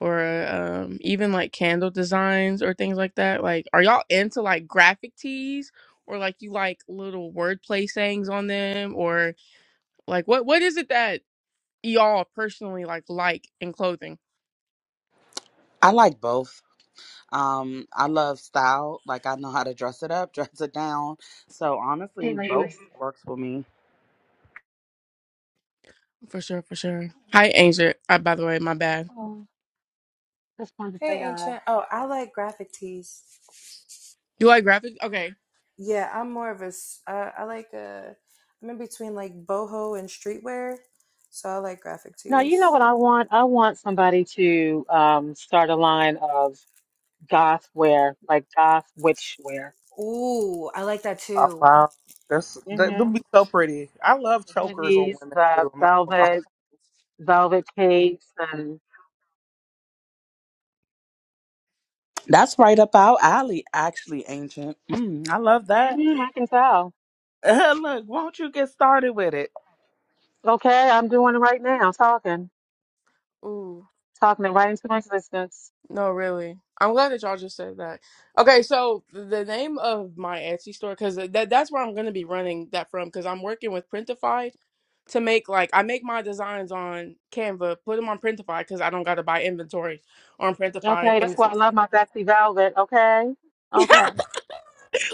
or um, even like candle designs or things like that. Like, are y'all into like graphic tees or like you like little wordplay sayings on them or like what what is it that y'all personally like like in clothing? I like both. Um I love style, like I know how to dress it up, dress it down. So Hey, honestly, both ladies. works for me. For sure, for sure. Hi, Angel. Uh, by the way, my bad. Oh, just wanted to Hey, say hi. Ancient. Oh, I like graphic tees. You like graphic? Okay. Yeah, I'm more of a. s- Uh, I like uh i am in between like boho and streetwear, so I like graphic Now, you know tees. what I want? I want somebody to um, start a line of goth wear, like goth witch wear. Ooh, I like that Oh, too. wow. That's, that, Mm-hmm. them be so pretty. I love Like the chokers on hoodies, women, the too. I'm not gonna velvet, velvet capes, and That's right up our alley, actually, Ancient. Mm, I love that. Mhm, I can tell. Look, won't you get started with it? Okay, I'm doing it right now, talking, Ooh. talking it right into my existence. No, really. I'm glad that y'all just said that. Okay, so the name of my Etsy store, because that that's where I'm gonna be running that from, because I'm working with Printify to make like I make my designs on Canva, put them on Printify, because I don't gotta buy inventory on Printify, Okay, and that's it's why I love my Betsy Velvet. Okay, okay.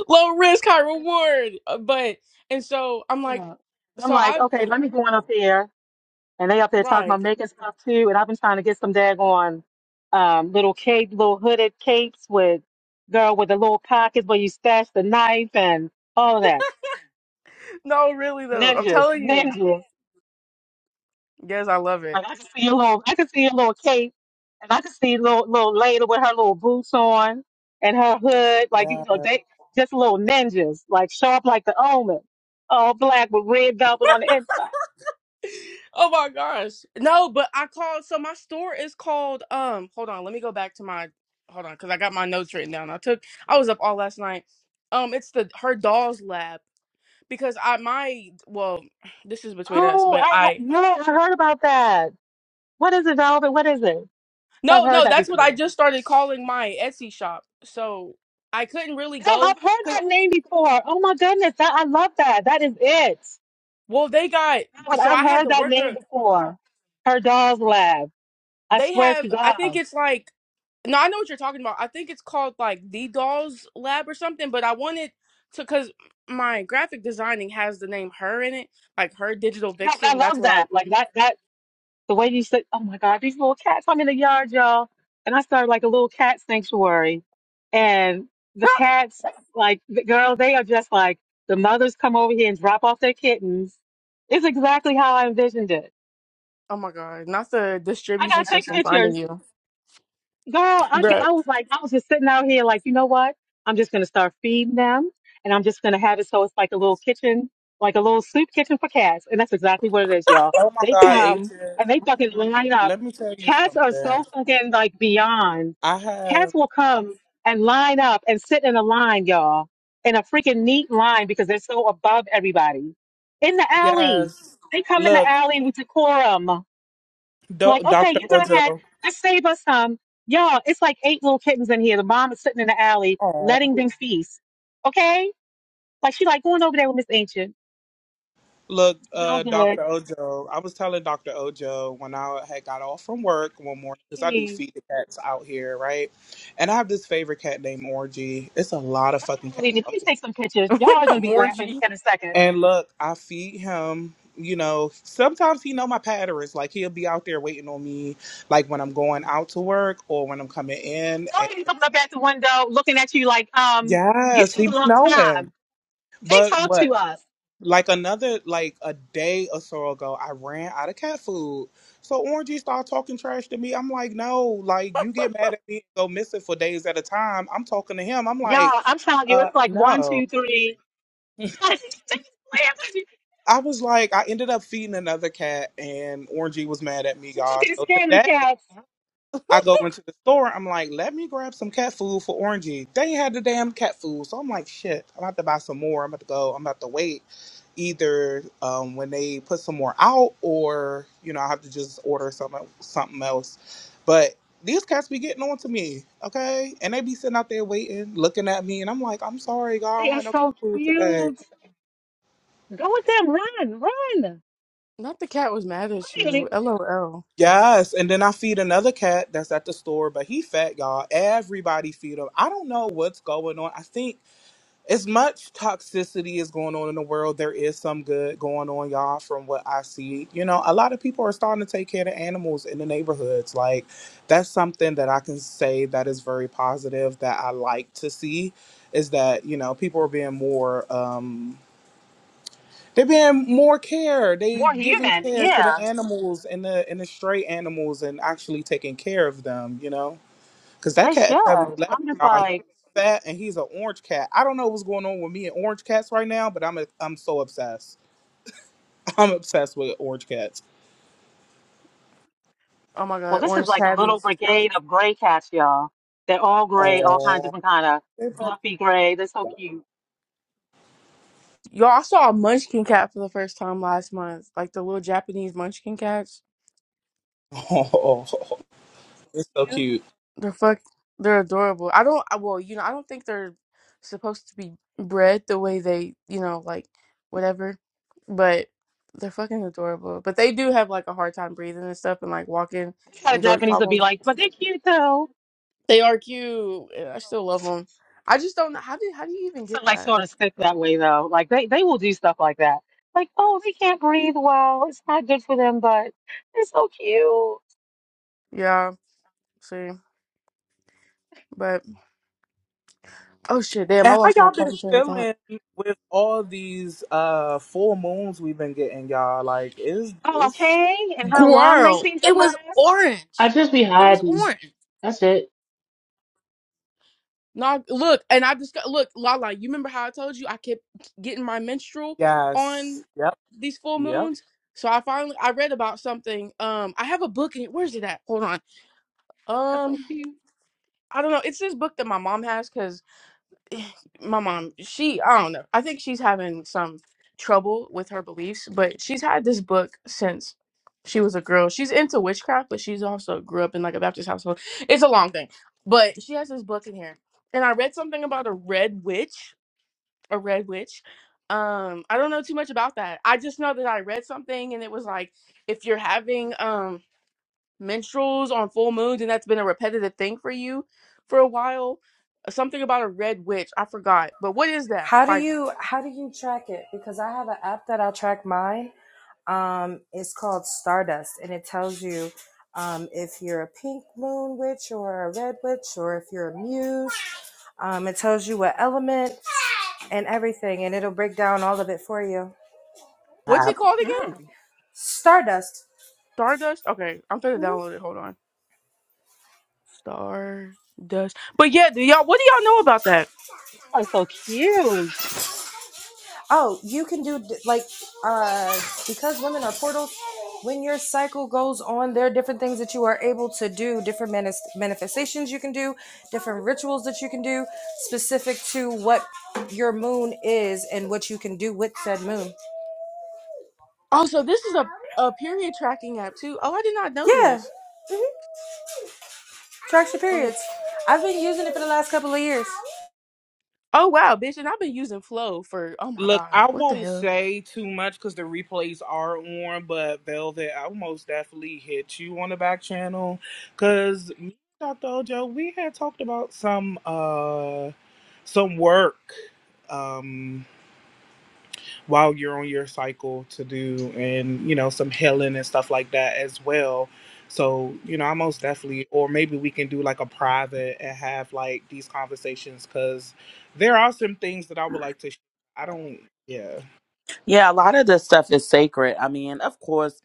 low risk, high reward. Uh, But and so I'm like, Yeah. I'm so like, I okay, let me go on up here. And they up there talking right. about making stuff too. And I've been trying to get some daggone um, little cape, little hooded capes with girl with the little pockets where you stash the knife and all that. No, really though, I'm Ninjas, telling you. ninjas. Yes, I love it. Like I can see a little, I can see a little cape, and I can see a little little lady with her little boots on and her hood. Like you lie. know, Yeah. they just little ninjas, like sharp like the omen, all black with red velvet on the inside. Oh my gosh. No, but I called so my store is called um hold on, let me go back to my hold on cuz I got my notes written down. I took I was up all last night. Um it's the her dolls lab because I my well, this is between us, Oh, but I ha- I yeah, I heard about that. What is it, velvet? What is it? I've No, heard no, that that's what I before. just started calling my Etsy shop. So I couldn't really Yeah, go I've heard cuz that name before. Oh my goodness, that I love that. That is it. well, they got But so I've I had heard the that name worker. before. Her dog's lab. I They swear have, to I think God. it's like, no, I know what you're talking about. I think it's called like the Dolls Lab or something, but I wanted to, because my graphic designing has the name her in it, like her digital No, I vixen. That's love what I, that. Like that that the way you said oh my God, these little cats. I'm in the yard, y'all. And I started like a little cat sanctuary. And the cats, like the girl, they are just like the mothers come over here and drop off their kittens. It's exactly how I envisioned it. oh my God, not the I gotta distribution take system pictures. finding you. Girl, I can, Bruh, I was like, I was just sitting out here, like, you know what? I'm just gonna start feeding them, and I'm just gonna have it so it's like a little kitchen, like a little soup kitchen for cats, and that's exactly what it is, y'all. Oh, my They God, come Agent. and they fucking line up. Let me tell you Cats are something. so fucking like beyond. I have, Cats will come and line up and sit in a line, y'all, in a freaking neat line because they're so above everybody. In the alley, yes. they come in the Look, alley with decorum. Do- Like, okay, Dr. you done had Ojo. just save us some. Y'all, it's like eight little kittens in here. The mom is sitting in the alley Oh, letting them feast. Okay? Like she like going over there with Miss Ancient. look, Y'all uh, good. Dr. Ojo, I was telling Dr. Ojo when I had got off from work one morning because I do Hey, feed the cats out here, right? And I have this favorite cat named Orgy. It's a lot of I'm fucking not cats. believing it. Please take some pictures. Y'all are gonna be laughing Morgie. in a second. And look, I feed him. You know, sometimes he know my patterns. Like he'll be out there waiting on me, like when I'm going out to work or when I'm coming in. And Somebody's looking up at the window, looking at you like, um, you yes, took he a be long knowing. time. They But talk what? to us. like another like a day or so ago i ran out of cat food so orangey started talking trash to me i'm like no like you get mad at me and go missing for days at a time i'm talking to him i'm like Y'all, I'm telling you, uh it's like one, no two, three. they just laugh i was like i ended up feeding another cat and orangey was mad at me Look at guys the so scared of the today cats. I go into the store. I'm like, let me grab some cat food for Orangey. They ain't had the damn cat food, so I'm like, shit. I'm about to buy some more. I'm about to go. I'm about to wait. Either um, when they put some more out, or you know, I have to just order something something else. But these cats be getting on to me, okay? And they be sitting out there waiting, looking at me, and I'm like, I'm sorry, y'all. They I don't are have no cat so food today. cute. Go with them. Run, run. Not the cat was mad at you. Really LOL. Yes, and then I feed another cat that's at the store, but he fat, y'all. Everybody feed him. I don't know what's going on. I think. as much toxicity is going on in the world, there is some good going on, y'all, from what I see. You know, a lot of people are starting to take care of animals in the neighborhoods. Like, that's something that I can say that is very positive that I like to see is that, you know, people are being more, um, they're being more care. They More giving human. care to the Yeah, animals and the and the stray animals and actually taking care of them, you know? Cause that they cat is should. seven eleven, I'm just y'all. He's like, fat and he's an orange cat. I don't know what's going on with me and orange cats right now, but I'm a, I'm so obsessed. I'm obsessed with orange cats. Oh my well, God, this is orange like a little tabbies. brigade of gray cats, y'all. They're all gray, all kinds of Oh, different kind of fluffy gray. They're so cute. Y'all, I saw a munchkin cat for the first time last month, like the little Japanese munchkin cats. oh, it's so Cute. cute. The fuck, they're adorable. I don't. I- Well, you know, I don't think they're supposed to be bred the way they, you know, like whatever. But they're fucking adorable. But they do have like a hard time breathing and stuff, and like walking That's how the and joint Japanese would be problems. like, but they're cute though. They are cute. and I still love them. I just don't know how do how do you even So get like that? sort of stick that way though. Like they, they will do stuff like that. Like, oh, they can't breathe well. It's not good for them, but they're so cute. Yeah, see, but oh shit, damn, I And how lost my y'all been fucking train of thought. feeling with all these uh full moons we've been getting, y'all? Like, is Oh, it's okay. And how long they Girl, seem to it was last. I orange. just be It was hiding. orange. That's it. Not look, and I just got- look, Lala. You remember how I told you I kept getting my menstrual yes, on yep, these full yep, moons? So I finally I read about something. Um, I have a book. And, where's it at? Hold on. That's so Um, cute. I don't know. It's this book that my mom has because my mom, she, I don't know. I think she's having some trouble with her beliefs, but she's had this book since she was a girl. She's into witchcraft, but she's also grew up in like a Baptist household. It's a long thing, but she has this book in here. And I read something about a red witch, a red witch. Um, I don't know too much about that. I just know that I read something and it was like if you're having um menstruals on full moons and that's been a repetitive thing for you for a while. Something about a red witch, I forgot. But what is that? How do Like you how do you track it? Because I have an app that I track mine. Um, it's called Stardust, and it tells you um, if you're a pink moon witch or a red witch, or if you're a muse. Um, it tells you what element. and everything, and it'll break down all of it for you. what's it called again? Mm. Stardust. Stardust? Okay, I'm gonna hmm download it. Hold on. Stardust. But yeah, do y'all what do y'all know about that? Oh, so cute. Oh, you can do like uh because women are portals. When your cycle goes on, there are different things that you are able to do, different manis- manifestations you can do, different rituals that you can do, specific to what your moon is and what you can do with said moon. Also, this is a, a period tracking app too. Oh, I did not know Yeah, this. tracks your Oh. periods. I've been using it for the last couple of years. oh wow, bitch, and I've been using Flow for oh my Look, god, I what the won't hell? say too much because the replays are on, but Velvet, I will most definitely hit you on the back channel because me and Dr. Ojo, we had talked about some uh some work um while you're on your cycle to do and you know some healing and stuff like that as well. So, you know, I most definitely or maybe we can do like a private and have like these conversations because there are some things that I would like to sh- I don't yeah. Yeah, a lot of this stuff is sacred. I mean, of course,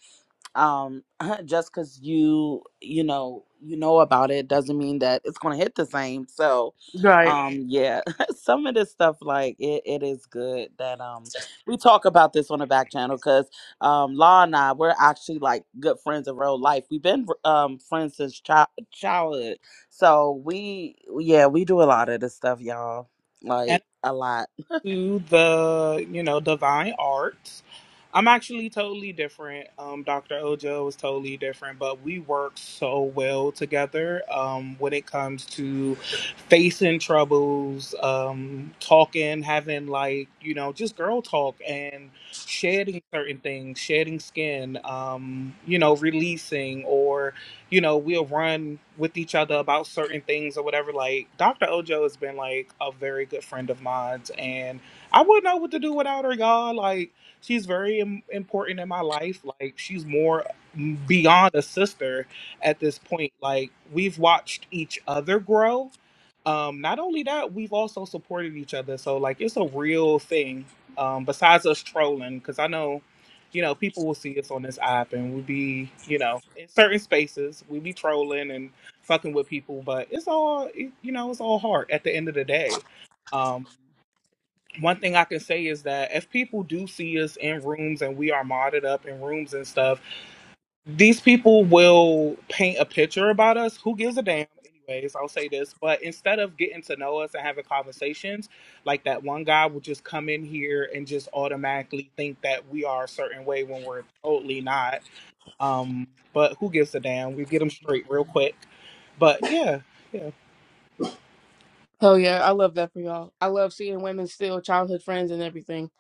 um just because you you know you know about it doesn't mean that it's gonna hit the same so Right. um yeah some of this stuff like it, it is good that um we talk about this on the back channel because um law and i we're actually like good friends in real life we've been um friends since child childhood so we yeah we do a lot of this stuff y'all like a lot to the you know divine arts. I'm actually totally different. Um, Dr. Ojo is totally different, but we work so well together um, when it comes to facing troubles, um, talking, having like you know just girl talk and shedding certain things, shedding skin, um, you know, releasing or you know, we'll run with each other about certain things or whatever. Like Dr. Ojo has been like a very good friend of mine, and I wouldn't know what to do without her, y'all. Like she's very Im- important in my life. Like she's more mm, beyond a sister at this point. Like we've watched each other grow. Um, not only that, we've also supported each other. So like it's a real thing. Um, besides us trolling, because I know you know, people will see us on this app and we'll be, you know, in certain spaces, we be trolling and fucking with people, but it's all, it- you know, it's all hard at the end of the day. Um, one thing I can say is that if people do see us in rooms and we are modded up in rooms and stuff, these people will paint a picture about us. Who gives a damn? Anyways, I'll say this, but instead of getting to know us and having conversations, like that one guy would just come in here and just automatically think that we are a certain way when we're totally not. Um, but who gives a damn? We get them straight real quick. But yeah, yeah. Hell yeah, I love that for y'all. I love seeing women still childhood friends and everything.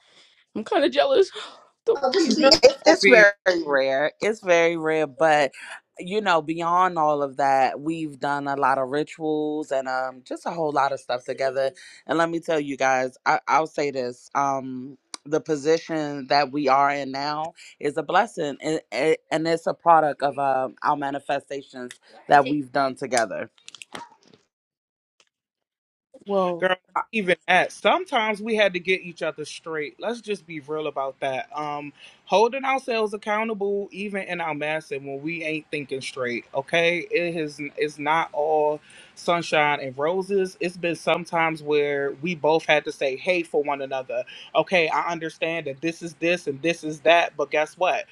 I'm kinda jealous. Don't Oh, this tease is Girl, eight. me. It's, don't it's be. very rare. It's very rare, but you know, beyond all of that, we've done a lot of rituals and um just a whole lot of stuff together. And let me tell you guys, I, I'll say this. Um the position that we are in now is a blessing and, and and it's a product of um our manifestations that we've done together. Well, Girl, I- even that. Sometimes we had to get each other straight. Let's just be real about that. Um, holding ourselves accountable, even in our mess, and when we ain't thinking straight. Okay, it has. It's not all sunshine and roses. It's been sometimes where we both had to say, "Hey," for one another. Okay, I understand that this is this and this is that, but guess what?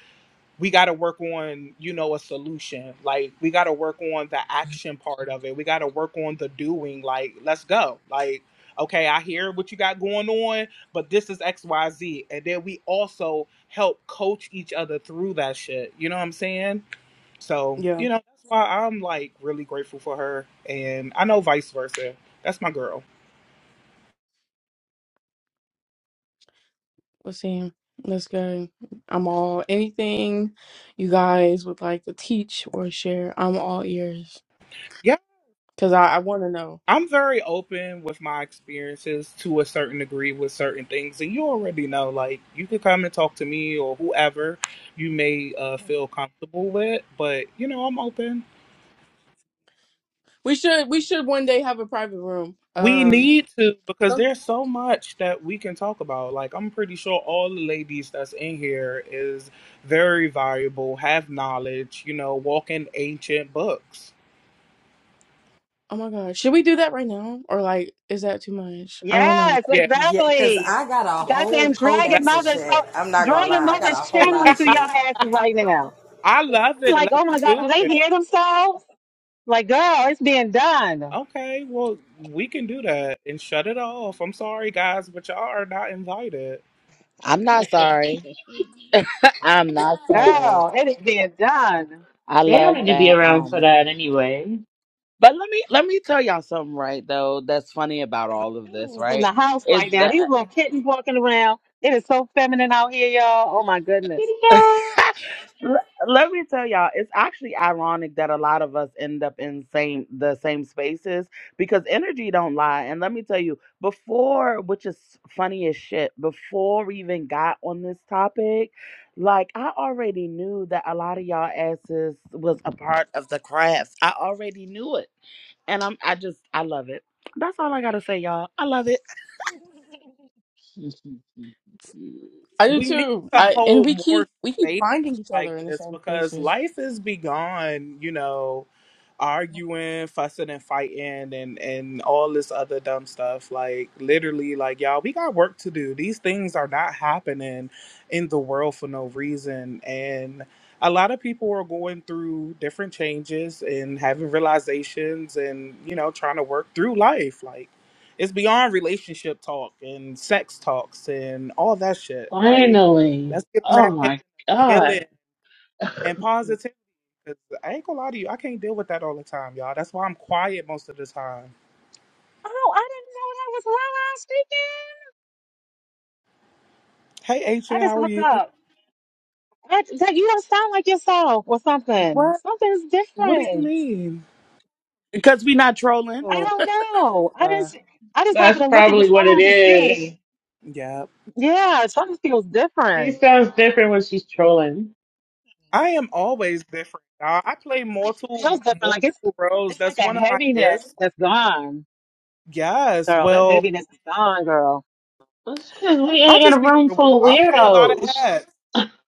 we got to work on you know a solution like we got to work on the action part of it we got to work on the doing like let's go like okay i hear what you got going on but this is xyz and then we also help coach each other through that shit you know what i'm saying so yeah. you know that's why i'm like really grateful for her and i know vice versa that's my girl Let's see. Let's go. I'm all anything you guys would like to teach or share. I'm all ears because I, I want to know. I'm very open with my experiences to a certain degree with certain things, and you already know. Like, you can come and talk to me or whoever you may uh, feel comfortable with, but you know, I'm open. We should we should one day have a private room. We Um. need to because so- there's so much that we can talk about. Like, I'm pretty sure all the ladies that's in here is very valuable, have knowledge, you know, walk in ancient books. oh my God, should we do that right now or like is that too much? I don't know. Yes, Yeah, Yeah, cause exactly. I got a yeah. whole Goddamn dragon Let- codex of mother's so shit. I'm not gonna dragon lie, I got a mother's whole lot channeling of to your shit. asses right now. I love I'm it. like, Let's oh my god, do do it. they hear themselves? Like, girl, it's being done. Okay, well, we can do that and shut it off. I'm sorry, guys, but y'all are not invited. I'm not sorry. I'm not sorry. Girl, it is being done. I They don't love need to be that. around for um, that anyway. But let me let me tell y'all something right though that's funny about all of this, It's in the right? house Is right now. that These little kittens walking around. It is so feminine out here, y'all. Oh my goodness. Kitty cats. L- let me tell y'all, it's actually ironic that a lot of us end up in same the same spaces because energy don't lie. And let me tell you, before which is funny as shit, before we even got on this topic, like I already knew that a lot of y'all asses was a part of the craft. I already knew it. And I'm I just I love it. That's all I gotta say, y'all. I love it. I do we need too. to I and hold we more keep we keep spaces finding each like other in the this same because spaces. life is beyond, you know, arguing, fussing and fighting and and all this other dumb stuff. Like literally like y'all, we got work to do. These things are not happening in the world for no reason and a lot of people are going through different changes and having realizations and you know trying to work through life like it's beyond relationship talk and sex talks and all that shit. Like, Finally. let's get on Oh that healing, my healing God. and positivity. 'Cause I ain't gonna lie to you, I can't deal with that all the time, y'all. That's why I'm quiet most of the time. Oh, I didn't know that was Lala speaking. Hey, Aisha, I just how are looked you? up. That, that you don't sound like yourself or something. What? Something's What do you different. mean? because we not trolling I Oh, don't know. I uh, just I just That's happened to look at the probably what it phone to is. see. yeah. Yeah, something feels She different. sounds different when she's trolling. I am always different, y'all. I play No, It multiple feels different. Like it's multiple roles. it's like That's a one of my heaviness gifts. that's gone, Yes. girl. That Well, heaviness is gone, girl. That's because we I ain't in just a be. room real with full of you. I play a lot of weirdos. hats.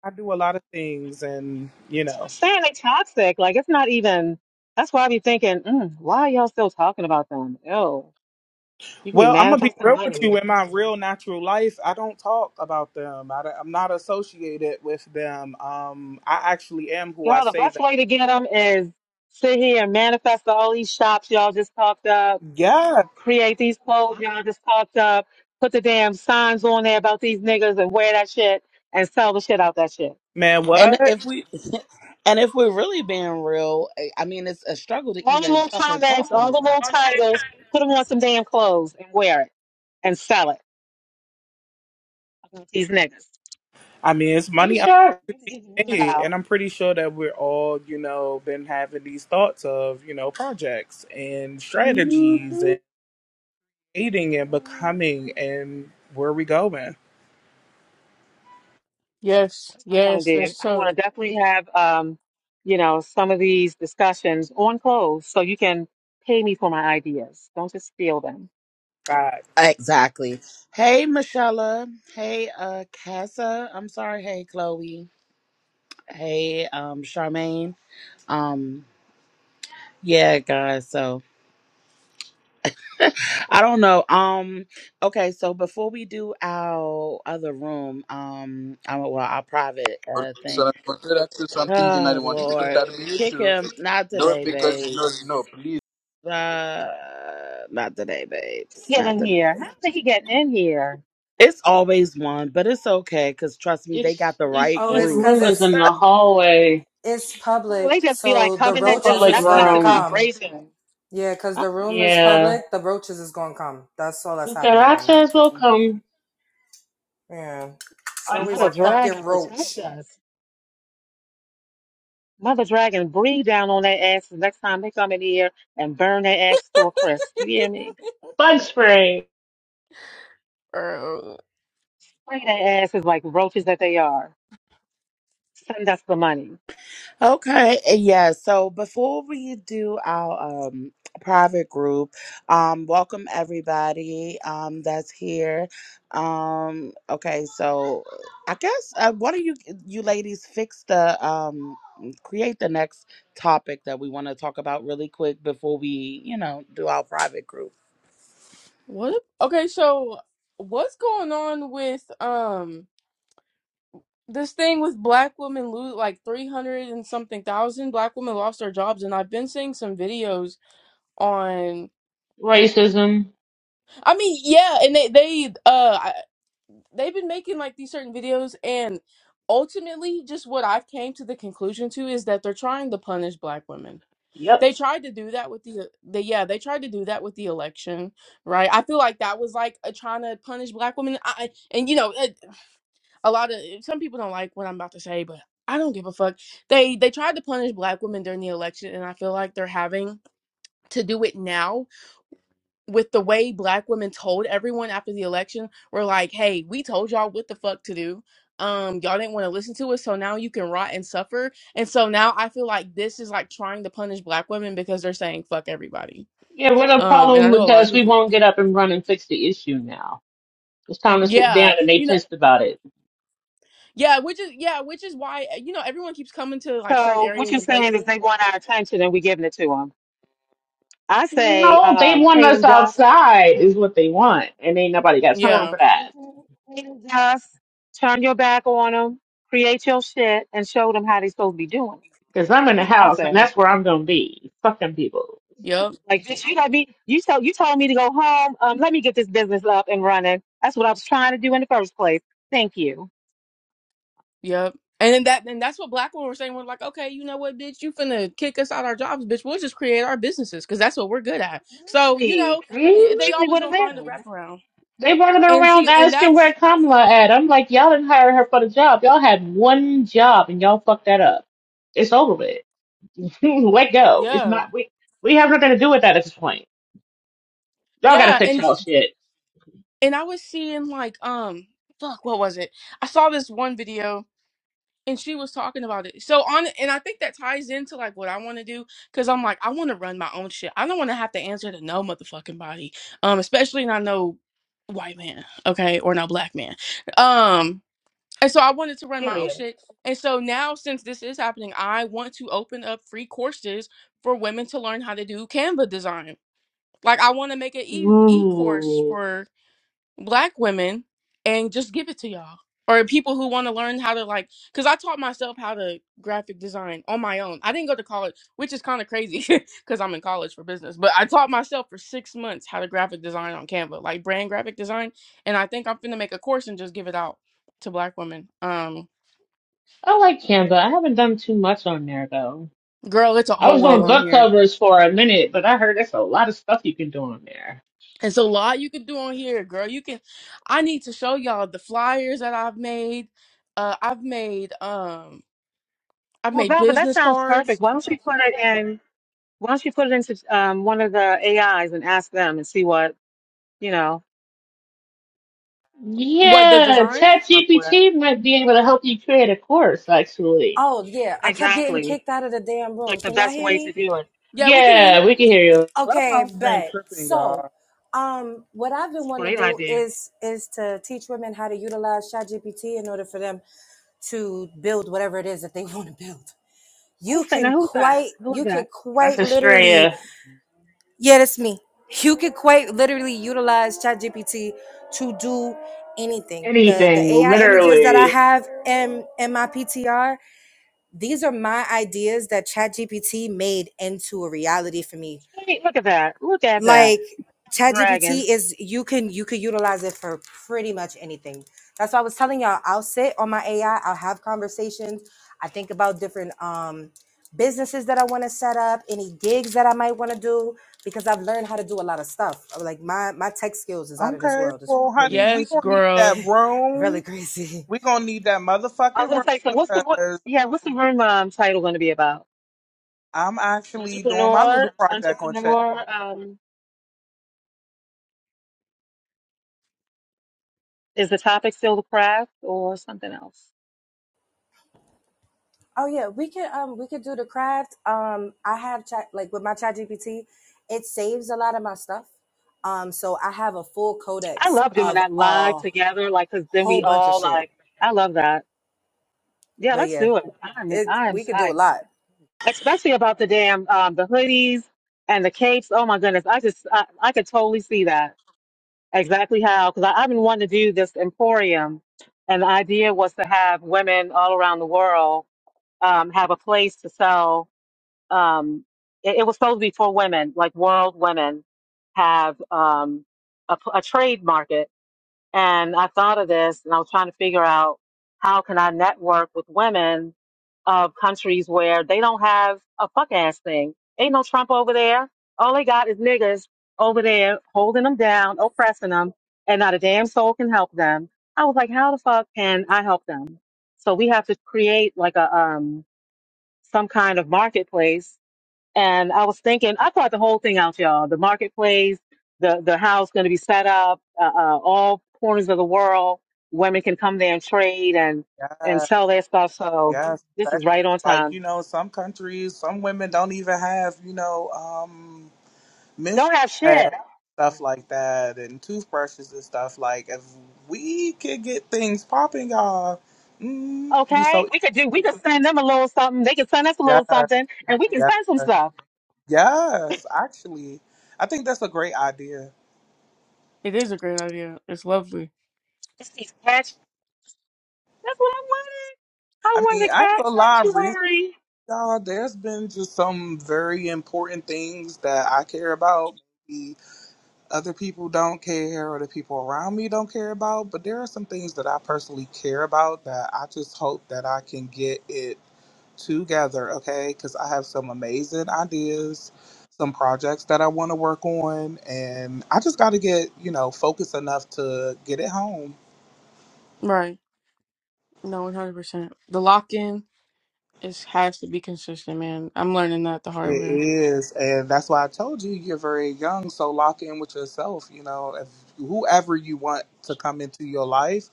I do a lot of things, and you know. That's what I'm saying they toxic. Like it's not even. That's why I be thinking, mm, why are y'all still talking about them? Ew. You can be Well, I'm gonna be manifesting real with you. money, In my real natural life, I don't talk about them. I, am not associated with them. Um, I actually am who I girl. The say best that. way to get them is sit here and manifest all these shops y'all just talked up Yeah, create these quotes y'all just talked up, put the damn signs on there about these niggas and wear that shit and sell the shit out that shit. man. and if What? we and if we're really being real i I mean it's a struggle to All the even little fucking comments, talk on all this the little topic titles, put them on some damn clothes and wear it and sell it about these niggas. I mean, it's money I made, and No. I'm pretty sure that we're all, you know, been having these thoughts of, you know, projects and strategies Mhm. and dating and becoming and where we going. Yes, That's what I want yes. to There's do. I so. want to definitely have, um, you know, some of these discussions on clothes so you can pay me for my ideas. Don't just steal them. Right. exactly hey michelle hey uh casa i'm sorry hey chloe hey um charmaine um yeah guys so i don't know um okay so before we do our other room um I, well our private Okay, uh thing so I consider that to something that I Oh want people Lord, that we kick issue. him! Not No, today, because no, no, babes. please. Uh, not today, babes. Get Not in today. here. How did he get in here? It's always one, but it's okay. Cause trust me, they got It's the it's right Oh, just it's group. cause rumors in it's the hallway. it's Well, public, they just be like so the It's coming a and Just roaches public is that's enough gonna to room. come. vibration. Yeah, cause the room is Yeah. public, the roaches is gonna come. That's all that's happening right now. Cucarachas will Oh, come. Yeah, it's always Mother a Unfortunately. Dragon, fucking protect roach. us. Mother Dragon, breathe down on their asses next time they come in here and burn their ass to a crisp. You hear me? Bug spray. Bro, Burn their asses like roaches that they are. Send us the money. Okay, yeah. So before we do our um private group, um welcome everybody um that's here. Um okay, so I guess uh, what do you you ladies fix the um create the next topic that we want to talk about really quick before we, you know, do our private group. what? Okay, so what's going on with um? this thing with black women lose like 300 and something thousand black women lost their jobs and i've been seeing some videos on Racism. i mean yeah and they they uh I- they've been making like these certain videos and ultimately just what i've came to the conclusion to is that they're trying to punish black women Yep. they tried to do that with the, the yeah they tried to do that with the election right i feel like that was like a, trying to punish black women I, and you know a lot of some people don't like what I'm about to say, but I don't give a fuck. They they tried to punish black women during the election and I feel like they're having to do it now with the way black women told everyone after the election We're like, "Hey, we told y'all what the fuck to do. Um y'all didn't want to listen to us, so now you can rot and suffer." And so now I feel like this is like trying to punish black women because they're saying fuck everybody. Yeah, we're the Um and I know problem a lot of because we people won't get up and run and fix the issue now. It's time to sit down Yeah, and they you know, pissed about it. yeah, which is yeah, which is why eh, you know everyone keeps coming to like certain So what areas you're and saying is places they want our attention and we're giving it to them. I say, No, they um, want pay us them dust. outside is what they want. And ain't nobody got time Yeah. for that. Mhm. Pay them dust. Turn your back on them. Create your shit and show them how they're supposed to be doing. it. Because I'm in the That's what I house and say. that's where I'm going to be. Fuck them people. Yep. Like this, you know, be you told you told me to go home. Um, let me get this business up and running. That's what I was trying to do in the first place. Thank you. Yep. And then that and that's what black women were saying. We're like, okay, you know what, bitch, you finna kick us out our jobs, bitch. We'll just create our businesses because that's what we're good at. So you Please. know, That's i- they Exactly always what it gonna find a is. wraparound. They running And around see, and asking where that's Kamala at. I'm like, y'all didn't hire her for the job. Y'all had one job and y'all fucked that up. It's over with. Let go. It's yeah, not we we have nothing to do with that at this point. Y'all gotta yeah. fix And y'all shit. and I was seeing like, um, fuck, what was it? I saw this one video and she was talking about it. So on and I think that ties into like what I want to do cuz I'm like I want to run my own shit. I don't want to have to answer to no motherfucking body. Um especially not no white man, okay, or no black man. Um and so I wanted to run my own Period. shit. And so now since this is happening, I want to open up free courses for women to learn how to do Canva design. Like I want to make an e e course Ooh. for black women and just give it to y'all or people who want to learn how to like because i taught myself how to graphic design on my own i didn't go to college which is kind of crazy because i'm in college for business but i taught myself for six months how to graphic design on canva like brand graphic design and i think i'm finna make a course and just give it out to black women um I like Canva. I haven't done too much on there though. girl it's a I whole was world doing on book here covers for a minute, but I heard there's a lot of stuff you can do on there. it's a lot you can do on here girl you can i need to show y'all the flyers that i've made uh i've made um i've Well, made Val, but that business sounds cards perfect. Why don't you put it in? Why don't you put it into um, one of the AIs and ask them and see what you know? What the Yeah, design? they come Up with ChatGPT might be able to help you create a course actually. Oh yeah, I kept getting exactly kicked out of the damn room. like the Can y'all best hear way to me? do it. Yeah, we can hear Yeah, you. we can hear Yeah, you. Okay, Clubhouse been bet. tripping, y'all. So, um, what I've been That's a wanting to great do idea. is is to teach women how to utilize ChatGPT in order for them to build whatever it is that they want to build. You Who's that? Now can who's that? quite, Who's you could that? That's quite literally Australia. Yeah, that's me. You could quite literally utilize ChatGPT to do anything. The the Anything, AI images that I literally. have in in my PTR, these are my ideas that ChatGPT made into a reality for me Hey, look at that! Look at that! like Dragon. ChatGPT is you can you can utilize it for pretty much anything. That's why I was telling y'all I'll sit on my AI, I'll have conversations, I think about different um businesses that I want to set up, any gigs that I might want to do because I've learned how to do a lot of stuff. Like my my tech skills is out of this Okay, world. It's well, honey, really we Yes, gonna need girl. that room. really crazy. We gonna need that I was motherfucking gonna room say, so what's the what? because Yeah, what's the room um, title going to be about? I'm actually doing my Entrepreneur, little project on chat. entrepreneur. Um, is the topic still the craft or something else? Oh yeah, we could um we could do the craft. Um I have chat like with my chat GPT, it saves a lot of my stuff. Um so I have a full I codex love doing of that live a together, like because then whole we bunch of all shit. like. I love that. Yeah, But let's yeah, do it. I'm it I am we could do a psyched, lot. especially about the damn um, the hoodies and the capes. Oh my goodness, I just I, I could totally see that exactly how because I've been wanting to do this emporium, and the idea was to have women all around the world um, have a place to sell. Um, it, it was supposed to be for women, like world women have um, a, p- a trade market. And I thought of this and I was trying to figure out how can I network with women of countries where they don't have a fuck ass thing. Ain't no Trump over there. All they got is niggas over there holding them down, oppressing them, and not a damn soul can help them. I was like, how the fuck can I help them? So we have to create like a um some kind of marketplace. And I was thinking, I thought the whole thing out, y'all. The marketplace, the the house going to be set up, uh, uh, all corners of the world. Women can come there and trade and and Yes, sell their stuff. So yes. this That's is right on like time. you know, some countries, some women don't even have you know, um, menstrual Don't have shit. pads, stuff like that, and toothbrushes and stuff. Like, if we could get things popping, y'all, mm, be Okay, so. we could do. We could send them a little something. They could send us a Yes, little something, and we can yes, send some stuff. yes. Actually, I think that's a great idea. It is a great idea. It's lovely. Just these cats. That's what I wanted. I I mean, wanted a I ain't cat gonna lie, recently, sanctuary. y'all, there's been just some very important things that I care about. Maybe other people don't care, or the people around me don't care about, but there are some things that I personally care about that I just hope that I can get it together, okay? Because I have some amazing ideas, some projects that I want to work on, and I just got to get, you know, focused enough to get it home Right. No, one hundred percent. The lock in is has to be consistent, man. I'm learning that the It hard way. is, and that's why I told you you're very young. So lock in with yourself. You know, if whoever you want to come into your life,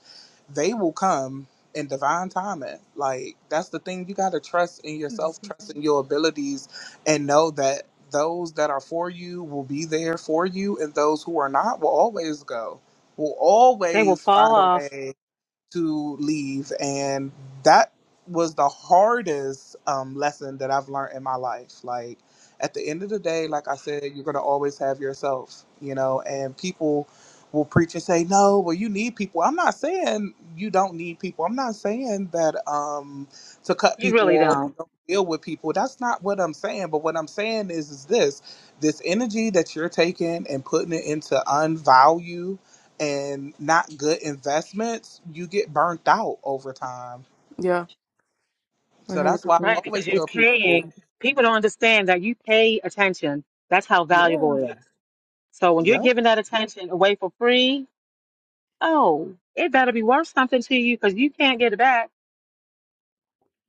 they will come in divine timing. Like that's the thing. You got to trust in yourself, trust in your abilities, and know that those that are for you will be there for you, and those who are not will always go. Will They will always fall find a off. way to leave and that was the hardest um, lesson that i've learned in my life like at the end of the day like i said you're going to always have yourself you know and people will preach and say no well you need people i'm not saying you don't need people i'm not saying that um to cut You people really off or don't. don't deal with people that's not what i'm saying but what i'm saying is is this this energy that you're taking and putting it into unvalue and not good investments, you get burnt out over time. Yeah, one So hundred that's why I percent. Right, because always you're tell people, paying. People don't understand that you pay attention. That's how valuable yeah, it is. So when you're yeah. giving that attention away for free, oh, it better be worth something to you because you can't get it back.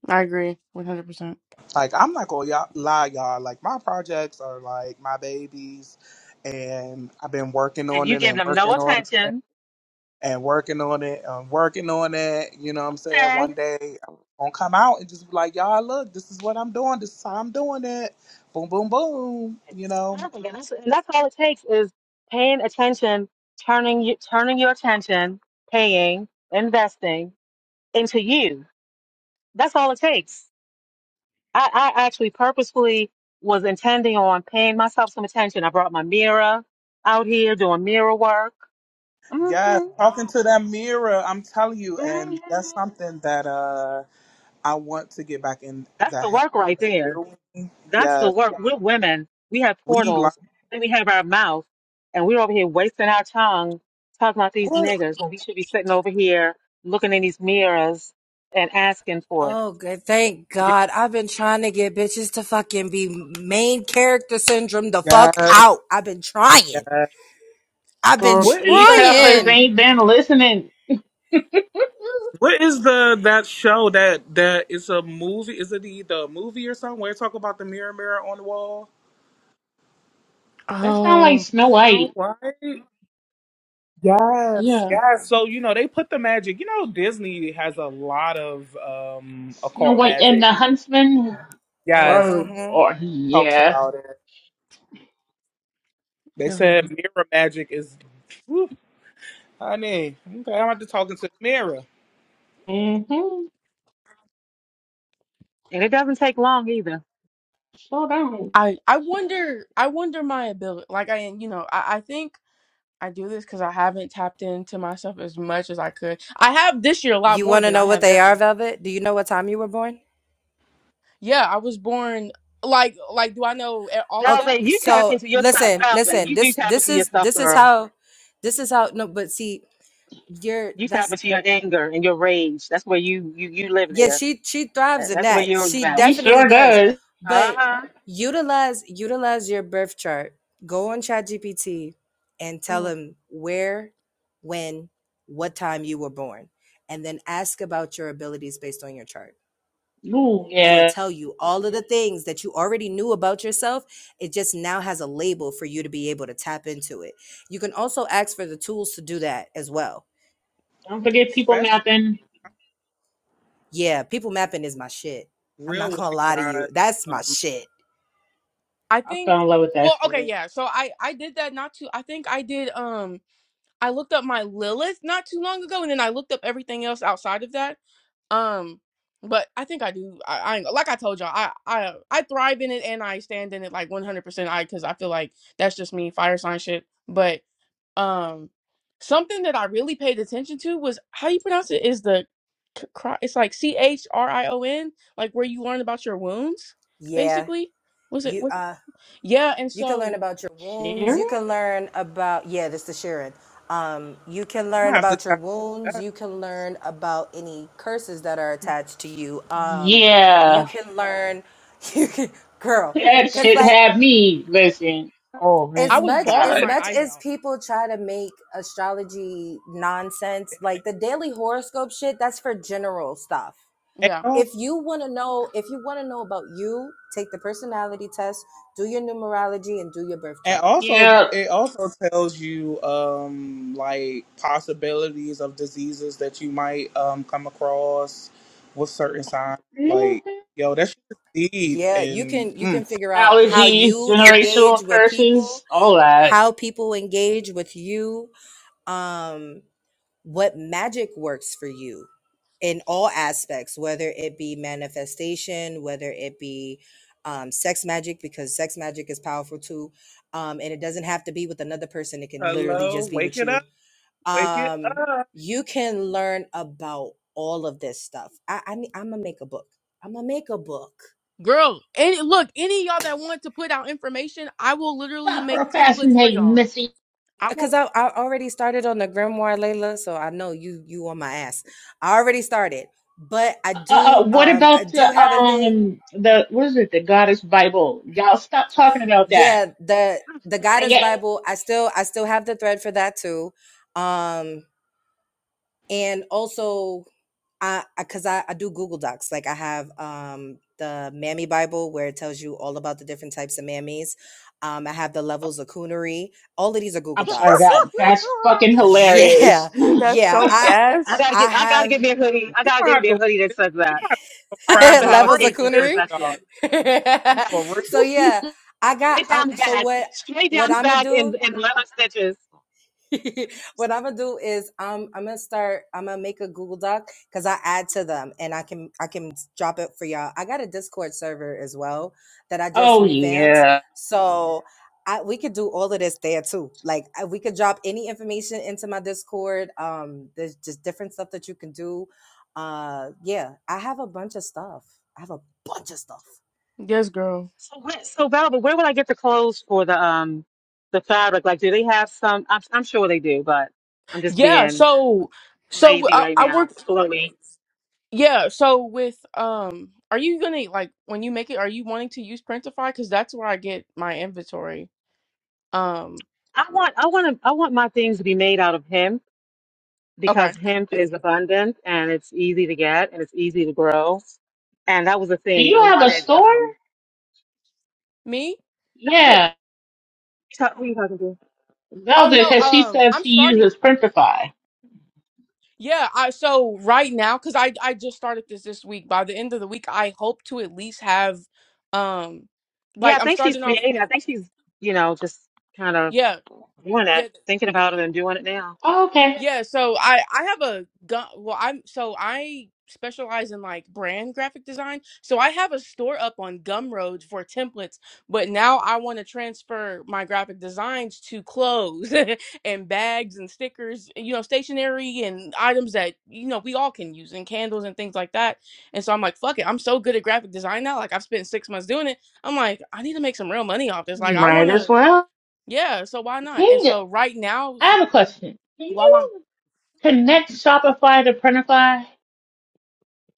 I agree, one hundred percent. Like I'm not gonna y'all, lie, y'all. Like my projects are like my babies, and I've been working And on you it give and them no working on it attention. and working on it and working on it. You know what I'm saying? Okay, One day I'm gonna come out and just be like, y'all, look, this is what I'm doing. This is how I'm doing it. Boom, boom, boom. You know. perfect. And that's, and that's all it takes is paying attention, turning you, turning your attention, paying, investing into you. That's all it takes I, I actually purposefully was intending on paying myself some attention. I brought my mirror out here doing mirror work. hmm Yes, hmm talking to that mirror, I'm telling you, and that's something that uh I want to get back in That's the the habit work right of there. doing. That's the Yes, work. We're women. We have we learn portals. and we have our mouth. And we're over here wasting our tongue talking about these what? niggas when we should be sitting over here looking in these mirrors and asking for it. Oh, good. Thank Yeah, God. I've been trying to get bitches to fucking be main character syndrome the fuck Yes, out. I've been trying. yes. I've been Well, What is these that? heifers trying. ain't Um, been listening. what is the that show that that is a movie? Is it the the movie or something? Where it talk about the mirror, mirror on the wall? That sound like Oh, Snow No, White. right? Yes, yeah. yes. So you know they put the magic. You know Disney has a lot of um Snow occult White and magic. the Huntsman. Yes, Or, Mhm. or talks yeah. about it. They Hell yeah. said mirror magic is, whew, honey. Okay, I'm about to talk into the mirror, Mm-hmm. And it doesn't take long either. Sure does. I I wonder. I wonder my ability. Like I, you know, I I think I do this because I haven't tapped into myself as much as I could. I have this year a lot You more want to than I know what have they are, ever. Velvet? Do you know what time you were born? Yeah, I was born like like do I know a- all of Okay, that? Velvet, you tap so into your stuff, listen, Velvet. listen. You do This tap this into your is stuff, this is girl. how this is how no, but see, you're You tap that's into your anger and your rage. That's where you you you live yeah, there. she she Uh, thrives in That's where that. you're She about. She definitely sure does. does. Uh But huh. utilize utilize your birth chart. Go on ChatGPT and tell Mhm. him where, when, what time you were born, and then ask about your abilities based on your chart. Ooh, It'll yeah. tell you all of the things that you already knew about yourself. It just now has a label for you to be able to tap into it. You can also ask for the tools to do that as well. Don't forget people especially napping. Yeah, people mapping is my shit. I'm real not with gonna you lie to you. guys. That's my Um, shit. I I think fell in love with that well, okay, shit. yeah. So I I did that not too I think I did um I looked up my Lilith not too long ago and then I looked up everything else outside of that. Um but I think I do I, I ain't- like I told y'all I I I thrive in it and I stand in it like 100% I cuz I feel like that's just me fire sign shit. Um, something that I really paid attention to was how you pronounce it is the c- cry, it's like C H R I O N, like where you learn about your wounds, Yeah, basically. Was it you was uh yeah, and You can learn so about your wounds. Sharon? You can learn about yeah, this is Sharon. Um, you can I'm gonna learn have to about your tap into wounds. that. You can learn about any curses that are attached to you. Um, you Yeah. can learn. You can, girl, That because shit like had me. Listen. Oh, man. I as was much bawling as God. my much eyes as out. people try to make astrology nonsense, like the daily horoscope shit, that's for general stuff. And, Yeah. If al- you want to know, if you want to know about you, take the personality test, do your numerology, and do your birth and chart also, Yeah. it also tells you um like possibilities of diseases that you might um come across with certain signs. Like, Mm-hmm. yo, that shit is deep. yeah you And can you can mm. figure out how allergies, you engage generational with people curses, all that. how people engage with you um what magic works for you in all aspects whether it be manifestation whether it be um, sex magic because sex magic is powerful too um, and it doesn't have to be with another person it can literally hello, just be wake with it you up, wake it um up. you can learn about all of this stuff i, I i'm gonna make a book i'm gonna make a book Girl, any look, any of y'all that want to put out information, I will literally Stop make templates for procrastinating, y'all. Missy. I because will I, I already started on the grimoire layla so i know you you on my ass i already started but i Uh, uh, do what um i about the do have a thing um the what is it? The Goddess Bible? Y'all stop talking about that. yeah the the Dang goddess it. bible i still i still have the thread for that too um and also i because I, 'cause I i do google docs like i have um the mammy bible where it tells you all about the different types of mammies um i have the levels of coonery all of these are I'm google sorry docs about that. That's fucking yeah hilarious. That's yeah so i I gas. gotta i get I gotta have get me a hoodie. I You gotta don't get have me to a wake hoodie that this says that. a I have to private have a levels room of for cape that says coonery. that this. shit. Yeah, For real, just so yeah, I got. straight i down the so back, what? straight What down the I'm gonna back, do? and and leather stitches. what I'm gonna do is um I'm gonna start I'm gonna make a Google Doc because I add to them and I can I can drop it for y'all. I got a Discord server as well that I just Oh revamped, yeah. so I we could do all of this there too. Like I- we could drop any information into my Discord. Um, there's just different stuff that you can do. Uh, yeah, I have a bunch of stuff. I have a bunch of stuff. Yes, girl. So where, so Val, but where would I get the clothes for the um the fabric? Like, do they have some? I'm I'm sure they do, but I'm just Yeah, being so so lazy I, right I worked now, Chloe. Yeah, so with um are you gonna like when you make it are you wanting to use Printify? Because that's where I get my inventory. Um I want I want to I want my things to be made out of hemp okay. because hemp is abundant and it's easy to get and it's easy to grow. And that was the Do thing you I have a wanted. store? Um, Me? no, that, Yeah, so- who you talking to? Oh Zelda, no, because she um said I'm she uses starting. Printify. Yeah, I so right now because I I just started this this week. By the end of the week I hope to at least have um Yeah, like I I'm think she's starting off creating. I think she's, you know, just kind of yeah. doing it, Yeah. thinking about it and doing it now. Oh, okay. Yeah, so I I have a gun. Well, I'm so I specialize in like brand graphic design. So I have a store up on Gumroad for templates, but now I want to transfer my graphic designs to clothes and bags and stickers, you know, stationery and items that you know we all can use and candles and things like that. And so I'm like, fuck it, I'm so good at graphic design now. Like I've spent six months doing it. I'm like, I need to make some real money off this. Like I Right want as to, well. yeah. So why not? Can And you, so right now, I have a question. Can while I'm you connect Shopify to Printify?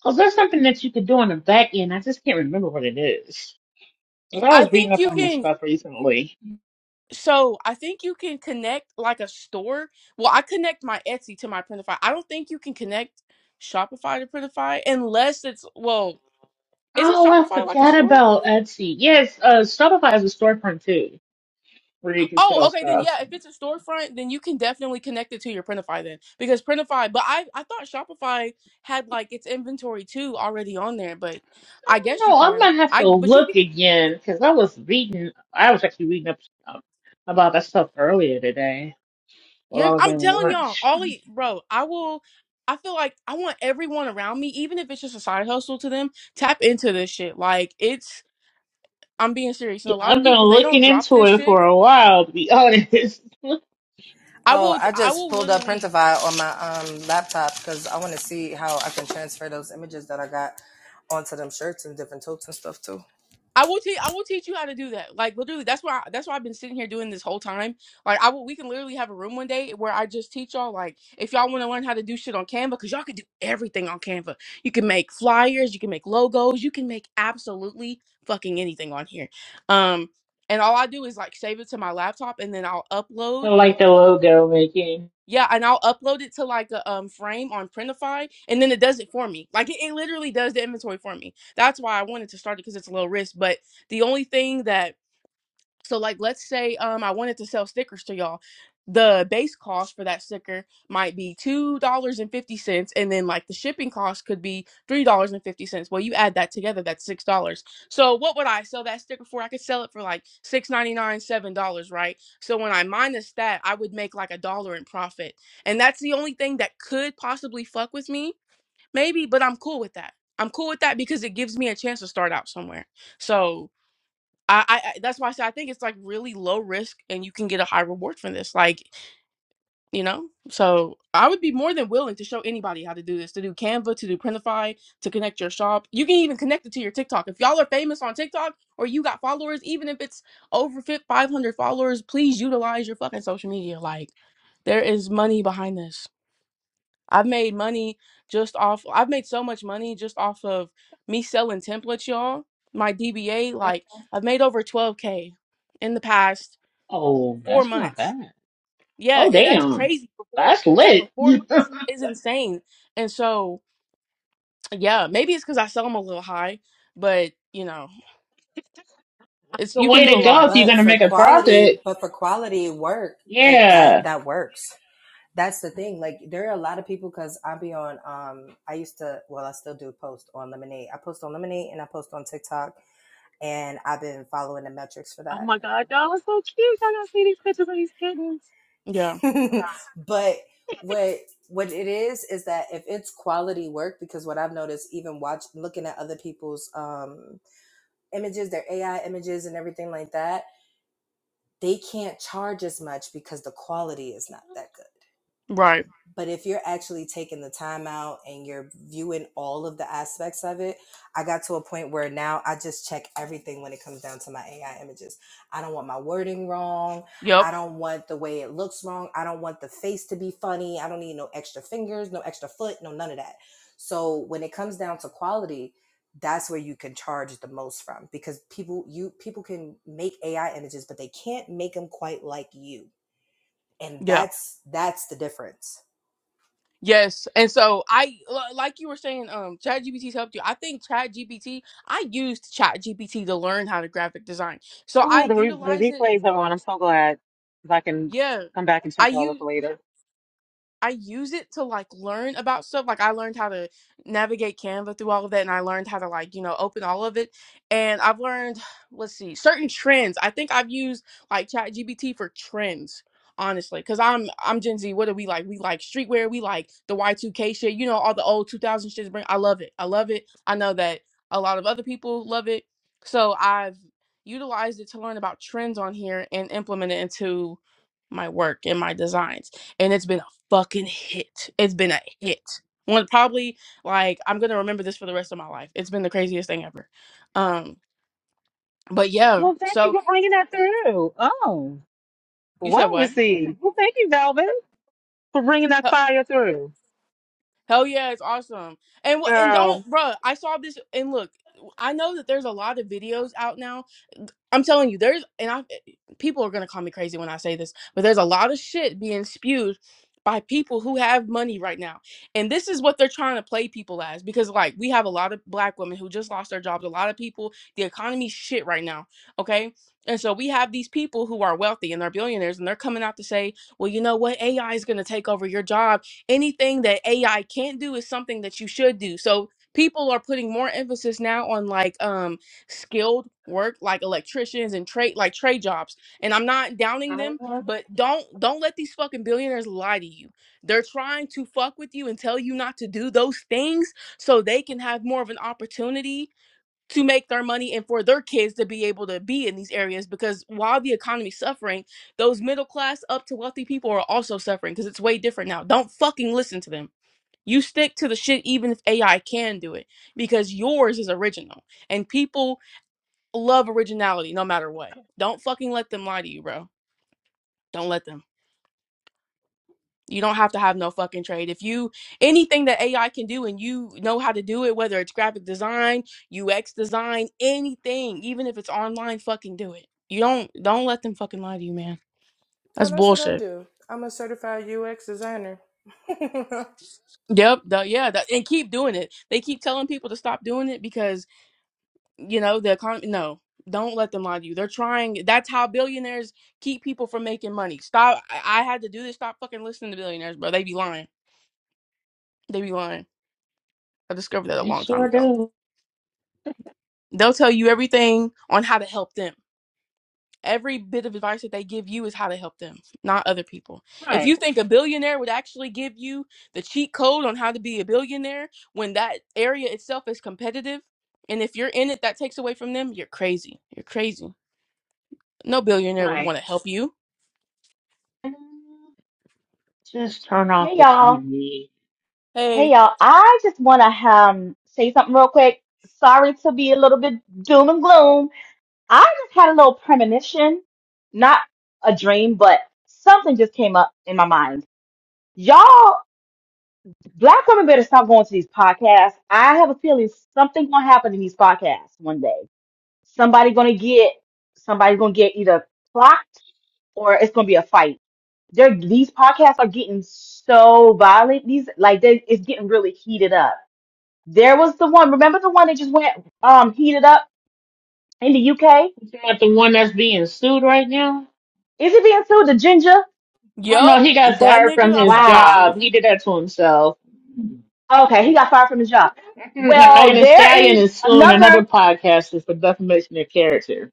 Was there something that you could do on the back end. I just can't remember what it is. 'Cause I I was reading think up you on this can. stuff recently. So I think you can connect like a store. Well, I connect my Etsy to my Printify. I don't think you can connect Shopify to Printify unless it's well. Isn't Oh, I Shopify like a forgot store? about Etsy. Yes, uh, Shopify has a storefront too, where you can Oh, sell okay. Then stuff. yeah, if it's a storefront, then you can definitely connect it to your Printify then because Printify. But I I thought Shopify had like its inventory too already on there, but I guess you No, I'm can. gonna have I to but you can. look again because I was reading. I was actually reading up um, about that stuff earlier today while Yeah, I was I'm on telling y'all, lunch. Ollie, bro, I will. I feel like I want everyone around me, even if it's just a side hustle to them, tap into this shit. Like it's, I'm being serious, and a lot I've of been people they looking don't drop into this it for shit. a while, to be honest. I Oh, will, I I just will pulled up literally. Printify on my um, laptop because I want to see how I can transfer those images that I got onto them shirts and different totes and stuff too. I will teach. I will teach you how to do that. Like literally, that's why. That's why I've been sitting here doing this whole time. Like I will. We can literally have a room one day where I just teach y'all. Like if y'all want to learn how to do shit on Canva, because y'all can do everything on Canva. You can make flyers. You can make logos. You can make absolutely fucking anything on here. Um, and all I do is like save it to my laptop, and then I'll I upload. like the logo making. Yeah, and I'll upload it to like a um frame on Printify, and then it does it for me. Like it, it literally does the inventory for me. That's why I wanted to start it because it's low risk. But the only thing that so like let's say um I wanted to sell stickers to y'all. The base cost for that sticker might be two dollars and fifty cents, and then like the shipping cost could be three dollars and fifty cents. Well, you add that together, that's six dollars. So what would I sell that sticker for? I could sell it for like six ninety nine, seven dollars, right? So when I minus that, I would make like a dollar in profit, and that's the only thing that could possibly fuck with me, maybe. But I'm cool with that. I'm cool with that because it gives me a chance to start out somewhere. So I, I I- that's why I say I think it's like really low risk and you can get a high reward from this. Like, you know, so I would be more than willing to show anybody how to do this, to do Canva, to do Printify, to connect your shop. You can even connect it to your TikTok. If y'all are famous on TikTok or you got followers, even if it's over fi- 500 followers, please utilize your fucking social media. Like, there is money behind this. I've made money just off. I've made so much money just off of me selling templates, y'all. My DBA, like I've made over 12k in the past Oh, four that's not months. bad. Yeah, Oh it, that's damn, crazy. For four, that's yeah, for lit. four the months is insane. And so, yeah, maybe it's because I sell them a little high, but you know, it's you can do a way to go lot. if you're But gonna for make a quality, profit. but for quality work, it that Yeah, that works. that's the thing. Like there are a lot of people because I will be on um I used to well I still do post on Lemonade. I post on Lemonade and I post on TikTok and I've been following the metrics for Oh that. my God, y'all are so cute. I gotta see these pictures of these kittens. Yeah, but what what it is is that if it's quality work because what I've noticed even watch looking at other people's um images, their AI images and everything like that, they can't charge as much because the quality is not that good right. But if you're actually taking the time out and you're viewing all of the aspects of it, I got to a point where now I just check everything when it comes down to my AI images. I don't want my wording wrong. I don't want the way it looks wrong. I don't want the face to be funny. I don't need no extra fingers, no extra foot, no none of that. So when it comes down to quality, that's where you can charge the most from because people you people can make AI images, but they can't make them quite like you. And Yep. that's that's the difference. Yes, and so I li- like you were saying, um, ChatGPT's helped you. I think ChatGPT. I used ChatGPT to learn how to graphic design, so I Oh, the, re- the utilize it. replays are on. I'm so glad because I can Yeah, come back and check all I this later. I use it to like learn about stuff. Like I learned how to navigate Canva through all of that and I learned how to like, you know, open all of it. And I've learned, let's see, certain trends. I think I've used like ChatGPT for trends, honestly. Cause I'm I'm Gen Z. What do we like? We like streetwear, we like the Y2K shit, you know, all the old 2000 shit. bring- I love it. I love it. I know that a lot of other people love it. So I've utilized it to learn about trends on here and implement it into my work and my designs and it's been fucking hit. It's been a hit. One probably like I'm gonna remember this for the rest of my life. It's been the craziest thing ever. Um, but yeah. Well, thank you So for bringing that through. Oh, you said well what? received. Well, thank you, Velvet. for bringing that Hell, fire through, hell yeah, it's awesome. And what? And girl. don't, bruh. I saw this. And look, I know that there's a lot of videos out now I'm telling you, there's and I people are gonna call me crazy when I say this, but there's a lot of shit being spewed by people who have money right now. And this is what they're trying to play people as because like we have a lot of black women who just lost their jobs, a lot of people, the economy's shit right now. Okay. And so we have these people who are wealthy and they're billionaires and they're coming out to say, well, you know what? AI is gonna take over your job. Anything that AI can't do is something that you should do. So people are putting more emphasis now on like um skilled work like electricians and trade like trade jobs and i'm not downing them Uh-huh. but don't don't let these fucking billionaires lie to you they're trying to fuck with you and tell you not to do those things so they can have more of an opportunity to make their money and for their kids to be able to be in these areas because while the economy's suffering those middle class up to wealthy people are also suffering because it's way different now don't fucking listen to them you stick to the shit even if ai can do it because yours is original and people love originality no matter what. Don't fucking let them lie to you, bro. Don't let them. You don't have to have no fucking trade. If you anything that AI can do and you know how to do it, whether it's graphic design, UX design, anything, even if it's online, fucking do it. You don't don't let them fucking lie to you, man. Oh, That's that's what I bullshit. do. I'm a certified UX designer. Yep, the, yeah, that, and keep doing it. They keep telling people to stop doing it because you know the economy no don't let them lie to you they're trying that's how billionaires keep people from making money stop i, I had to do this stop fucking listening to billionaires bro they be lying they be lying i discovered that a they long time sure ago do. they'll tell you everything on how to help them every bit of advice that they give you is how to help them not other people if Right, you think a billionaire would actually give you the cheat code on how to be a billionaire when that area itself is competitive and if you're in it that takes away from them you're crazy you're crazy no billionaire would right. want to help you Just turn Hey off the y'all. TV. Hey Hey, y'all. I just want to um say something real quick. Sorry to be a little bit doom and gloom. I just had a little premonition, not a dream, but something just came up in my mind. Y'all, black women better stop going to these podcasts. I have a feeling something gonna happen in these podcasts one day. Somebody gonna get somebody's gonna get either clocked or it's gonna be a fight. They're, these podcasts are getting so violent. These like they it's getting really heated up There was the one. Remember the one that just went um heated up in the UK? You talking about the one that's being sued right now? Is he being sued? The ginger? Oh no, yup, he got that fired from nigga, I his saw that Wow. job. shit. He did that to himself. Okay, he Yep. got fired from his job. Now, Well, Megan Thee there Stallion is is suing another another podcaster for defamation of character.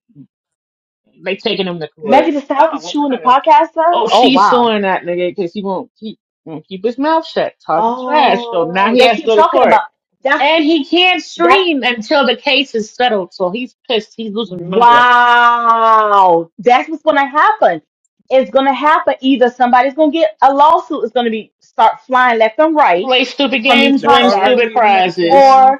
They taking him to Megan court. Thee Oh, Stallion's well, chewing the good. podcaster. Oh, Oh she's wow. suing that nigga because he won't keep won't keep his mouth shut, talking trash. So now Oh, he they has to keep go to talking court. about that's And he can't that's stream until the case is settled, so he's pissed. He's losing money right now. wow. That's what's gonna happen. It's gonna happen. Either somebody's gonna get a lawsuit is gonna be start flying left and right Play stupid from these games, that's win podcasts, stupid already in the prizes. making.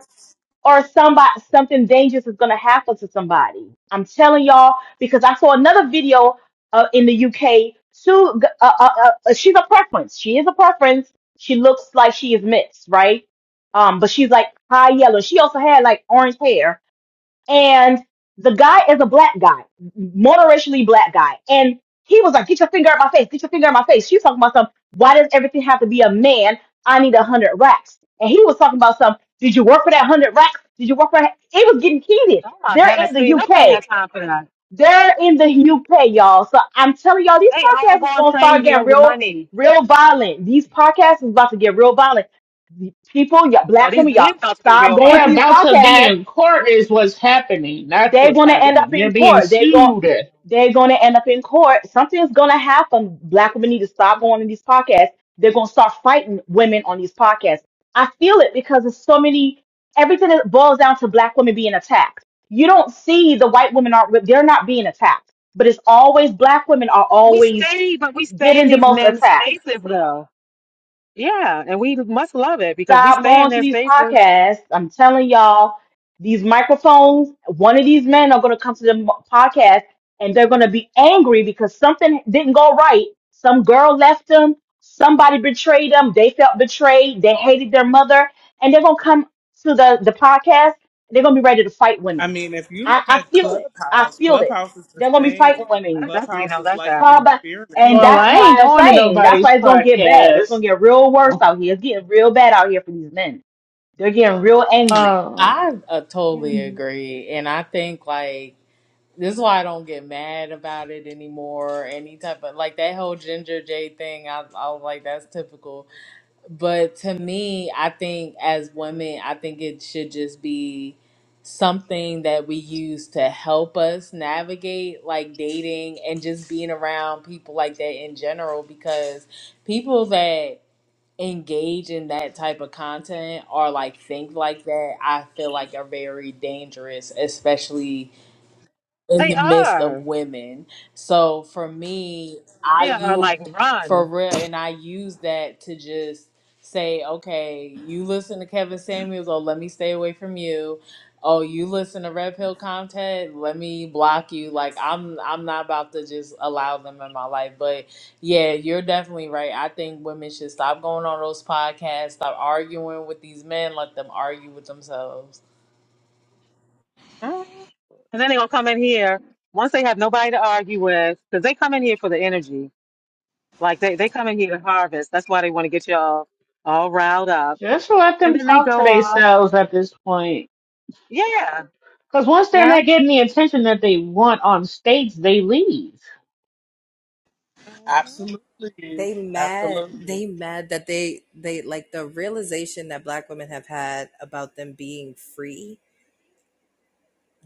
or somebody something dangerous is going to happen to somebody. I'm telling y'all because I saw another video uh, in the UK. Sue, uh, uh, uh, uh, she's a preference. She is a preference. She looks like she is mixed, right? Um, but she's like high yellow. She also had like orange hair and the guy is a black guy, moderationally black guy, and he was like, "Get your finger out my face! Get your finger out my face!" She's talking about some. Why does everything have to be a man? I need a hundred racks, and he was talking about some. Did you work for that hundred racks? Did you work for? that? It was getting heated. oh my They're in goodness. the See, nobody UK. has time for that. They're in the UK, y'all. So I'm telling y'all, these They all podcasts is going gonna start crazy getting over real, money. real violent. These podcasts is about to get real violent. People, y'all, No, black these women, y'all, men about to get stop real They going to are these violent. about to podcasts be in court is what's happening. That's they're what's gonna end These up happening. men They're in being court. They're going sued. they're gonna end up in court. Something's gonna happen. Black women need to stop going on these podcasts. They're gonna start fighting women on these podcasts. I feel it because there's so many everything that boils down to black women being attacked. You don't see the white women are not they're not being attacked, but it's always black women are we always stay, but we stay in getting the these most men's attacked spaces, though. Yeah, and we must love it because we Stop stay going in to their these spaces. podcasts. I'm telling y'all, these microphones, one of these men are going to come to the m- podcast and they're going to be angry because something didn't go right. Some girl left them. Somebody betrayed them. They felt betrayed. They hated their mother. And they're going to come to the, the podcast. They're going to be ready to fight I women. mean, if you I, look I at feel it. I Clubhouse, feel it. Clubhouse is the They're going to be fighting same. I women. definitely Clubhouse know is that's like an Call happening. back. experiment And with Well, that's I that. ain't why I'm going to saying that's nobody's why it's gonna get bad. It's podcast. gonna get real worse out here. It's getting real bad out here for these men. They're getting real angry. Um, I uh, totally agree. And I think, like, this is why I don't get mad about it anymore. Any type of, like, that whole Ginger J thing, I, I was like, that's typical. But to me, I think as women, I think it should just be something that we use to help us navigate like dating and just being around people like that in general because people that engage in that type of content or like think like that, I feel like are very dangerous, especially in They the midst of are. women. So for me, They I are use like run. for real, and I use that to just say, okay, you listen to Kevin Samuels, oh, let me stay away from you. Oh, you listen to Red Pill content, let me block you. Like I'm, I'm not about to just allow them in my life. But yeah, you're definitely right. I think women should stop going on those podcasts, stop arguing with these men, let them argue with themselves. Mm. And then they're gonna come in here once they have nobody to argue with, because they come in here for the energy. Like they, they come in here to harvest. That's why they want to get y'all all riled up. just let And them then they talk to go off. themselves at this point. Yeah. Because once they're Yeah. not getting the attention that they want on stage, they leave. hmm Absolutely, They mad, absolutely. they mad that they they like the realization that black women have had about them being free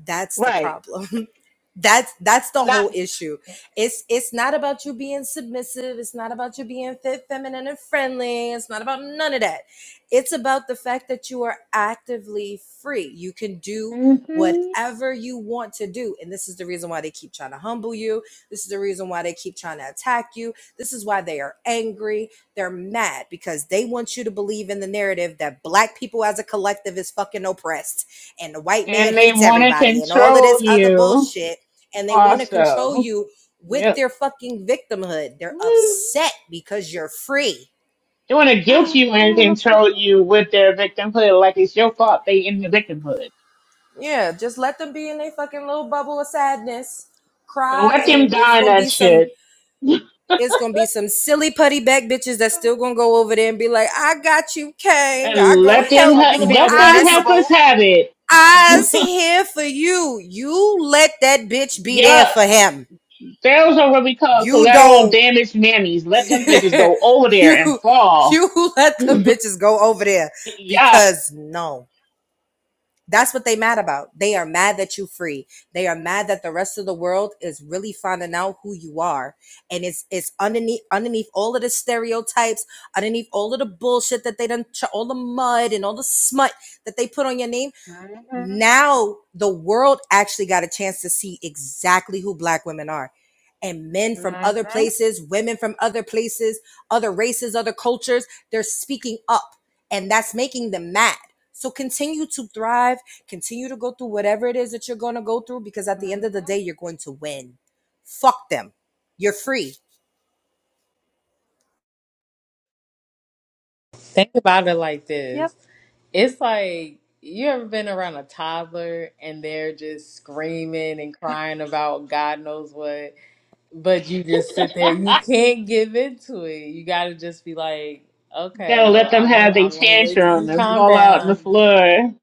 That's the Right. problem. that's that's the Not whole issue. It's it's not about you being submissive. It's not about you being fit, feminine, and friendly. It's not about none of that. It's about the fact that you are actively free. You can do Mm-hmm. whatever you want to do. And this is the reason why they keep trying to humble you. This is the reason why they keep trying to attack you. This is why they are angry. They're mad because they want you to believe in the narrative that black people as a collective is fucking oppressed and the white man And they hates want to everybody and all of control this other you bullshit and they want to control also. you with Yep. their fucking victimhood. They're They upset because you're free. want to guilt oh, you and it looks so control you with their victimhood like it's your fault they in the victimhood. Yeah, just let them be in their fucking little bubble of sadness. Cry Let them and it's die in gonna that be some shit. it's gonna be some silly putty back bitches that's good. still gonna go over there and be like, I got you, Kang. And I gonna let them help But ha- they can you. be over let there them I's heifers miserable. have it. I's here for you. You let that bitch be there Yup. for him. Those are what we call You collateral don't. damage mammies. Let them bitches go over there and you fall. you let them bitches go over there Yeah. because no that's what they mad about they are mad that you free they are mad that the rest of the world is really finding out who you are and it's it's underneath underneath all of the stereotypes underneath all of the bullshit that they done all the mud and all the smut that they put on your name Mm-hmm. now the world actually got a chance to see exactly who black women are and men from other Mm-hmm. places women from other places other races other cultures they're speaking up and that's making them mad so continue to thrive continue to go through whatever it is that you're going to go through because at hmm the end of the day you're going to win fuck them you're free Think about it like Yep. this. It's like you ever been around a toddler and they're just screaming and crying about God knows what, but you just sit there. You can't give into it. You gotta just be like, You okay, gotta let well, them I'm gonna have their I'm gonna wait till you tantrum and calm fall out on the down. floor.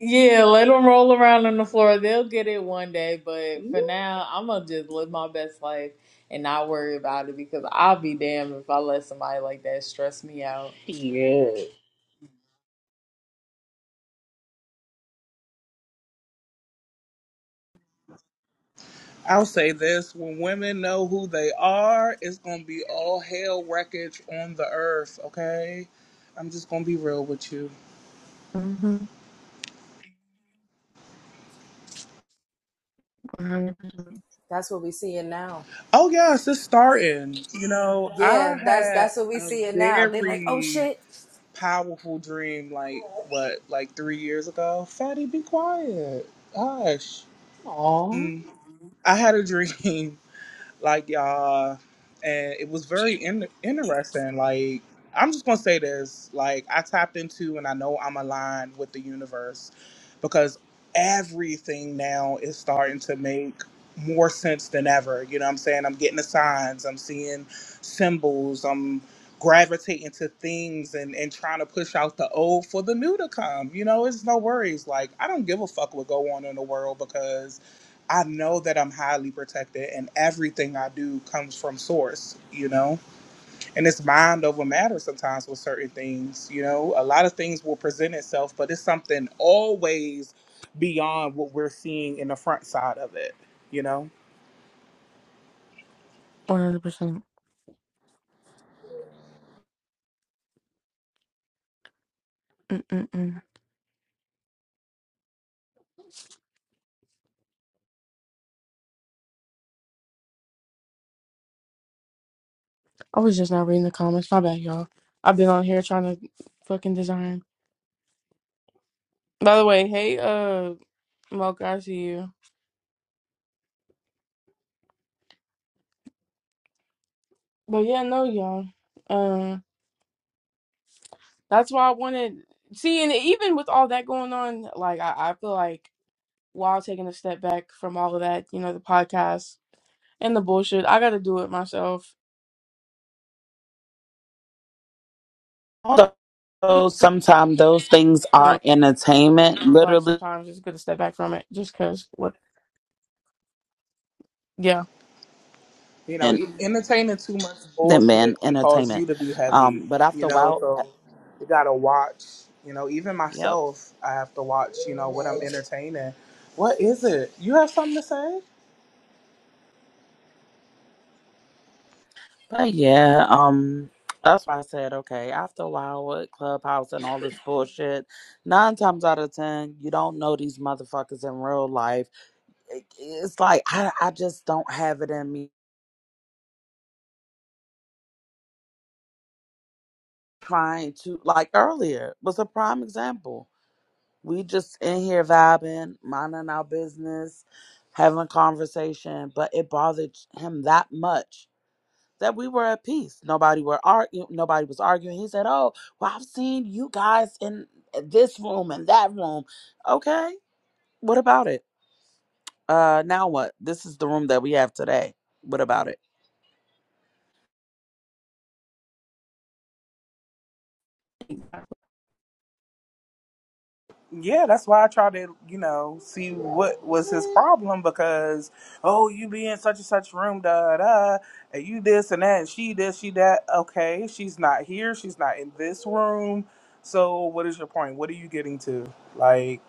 Yeah, let them roll around on the floor. They'll get it one day, but for Ooh, now, I'm gonna just live my best life and not worry about it because I'll be damned if I let somebody like that stress me out. Shit. I'll say this: when women know who they are, it's gonna be all hell wreckage on the earth. Okay, I'm just gonna be real with you. Mm-hmm. 100%. That's what we see it now. Oh yes, it's starting. You know, Yeah, I that's had that's what we a see it now. They like, oh very shit. powerful dream like what like three years ago fatty be quiet gosh Aw. Mm, i had a dream like y'all, and it was very in- interesting. Like I'm just gonna say this: like I tapped into, and I know I'm aligned with the universe because everything now is starting to make more sense than ever. You know what I'm saying? I'm getting the signs. I'm seeing symbols. I'm gravitating to things and, and trying to push out the old for the new to come. You know, it's no worries. Like I don't give a fuck what go on in the world because I know that I'm highly protected and everything I do comes from source, you know? And it's mind over matter sometimes with certain things, you know? A lot of things will present itself, but it's something always beyond what we're seeing in the front side of it, you know? 100%. Mm-mm-mm. I was just not reading the comments. My bad, y'all. I've been on here trying to fucking design. By the way, hey, uh, Mocha, I see you. But yeah, no, y'all. Um, that's why I wanted. See, and even with all that going on, like I, I feel like while taking a step back from all of that, you know, the podcast and the bullshit, I got to do it myself. Although sometimes those things are entertainment, like literally sometimes it's good to step back from it just because what yeah You know, and e- entertaining too much them in bullshit can cause entertainment. you to be heavy, Um but you after a know? while So you gotta watch, you know? Even Yep. myself, I have to watch, you know, what I'm entertaining. What is it? You have something to say? But yeah, um, that's why I said okay. After a while with Clubhouse and all this bullshit, nine times out of ten, you don't know these motherfuckers in real life. It- It's like I, I just don't have it in me. Trying to like earlier was a prime example. We just in here vibing, minding our business, having a conversation, but it bothered him that much that we were at peace. Nobody were arguing. Nobody was arguing. He said, "Oh, well, I've seen you guys in uh, this room and that room. Okay, what about it? Uh, now what? This is the room that we have today. What about it? Yeah, that's why I tried to, you know, see what was his problem because, oh, you be in such and such room, da da, and you this and that, and she this, she that. Okay, she's not here. She's not in this room. So, what is your point? What are you getting to? Like,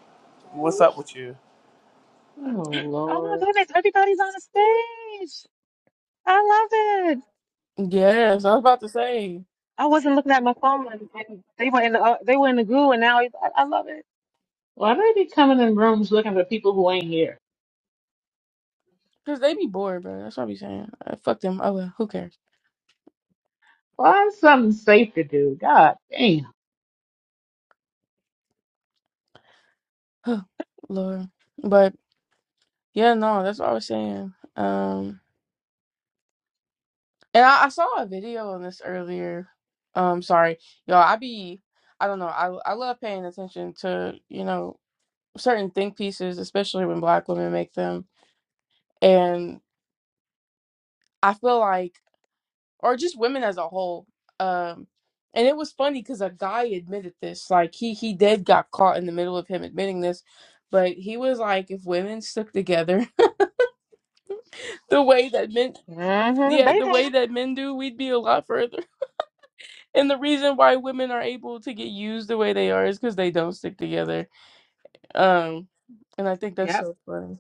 what's up with you? Oh Oh my Lord. goodness, everybody's on the stage. I love it. yes i was about to say I wasn't looking at my phone. And and they were in the uh, they were in the goo, and now it's- I, I love it. Why they be coming in rooms looking for people who ain't here? because they be bored bro that's what i be saying Uh, fuck them oh well who cares Find something safe to do. God damn. oh lord but yeah no that's what i was saying um and i, I saw a video on this earlier um sorry y'all i be i don't know I, I love paying attention to you know certain think pieces especially when black women make them and i feel like or just women as a whole. Um, and it was funny because a guy admitted this. Like he he did got caught in the middle of him admitting this, but he was like, if women stuck together the way that men, hmm yeah, They the know. way that men do, we'd be a lot further. And the reason why women are able to get used the way they are is because they don't stick together. Um, and I think that's Yep. so funny.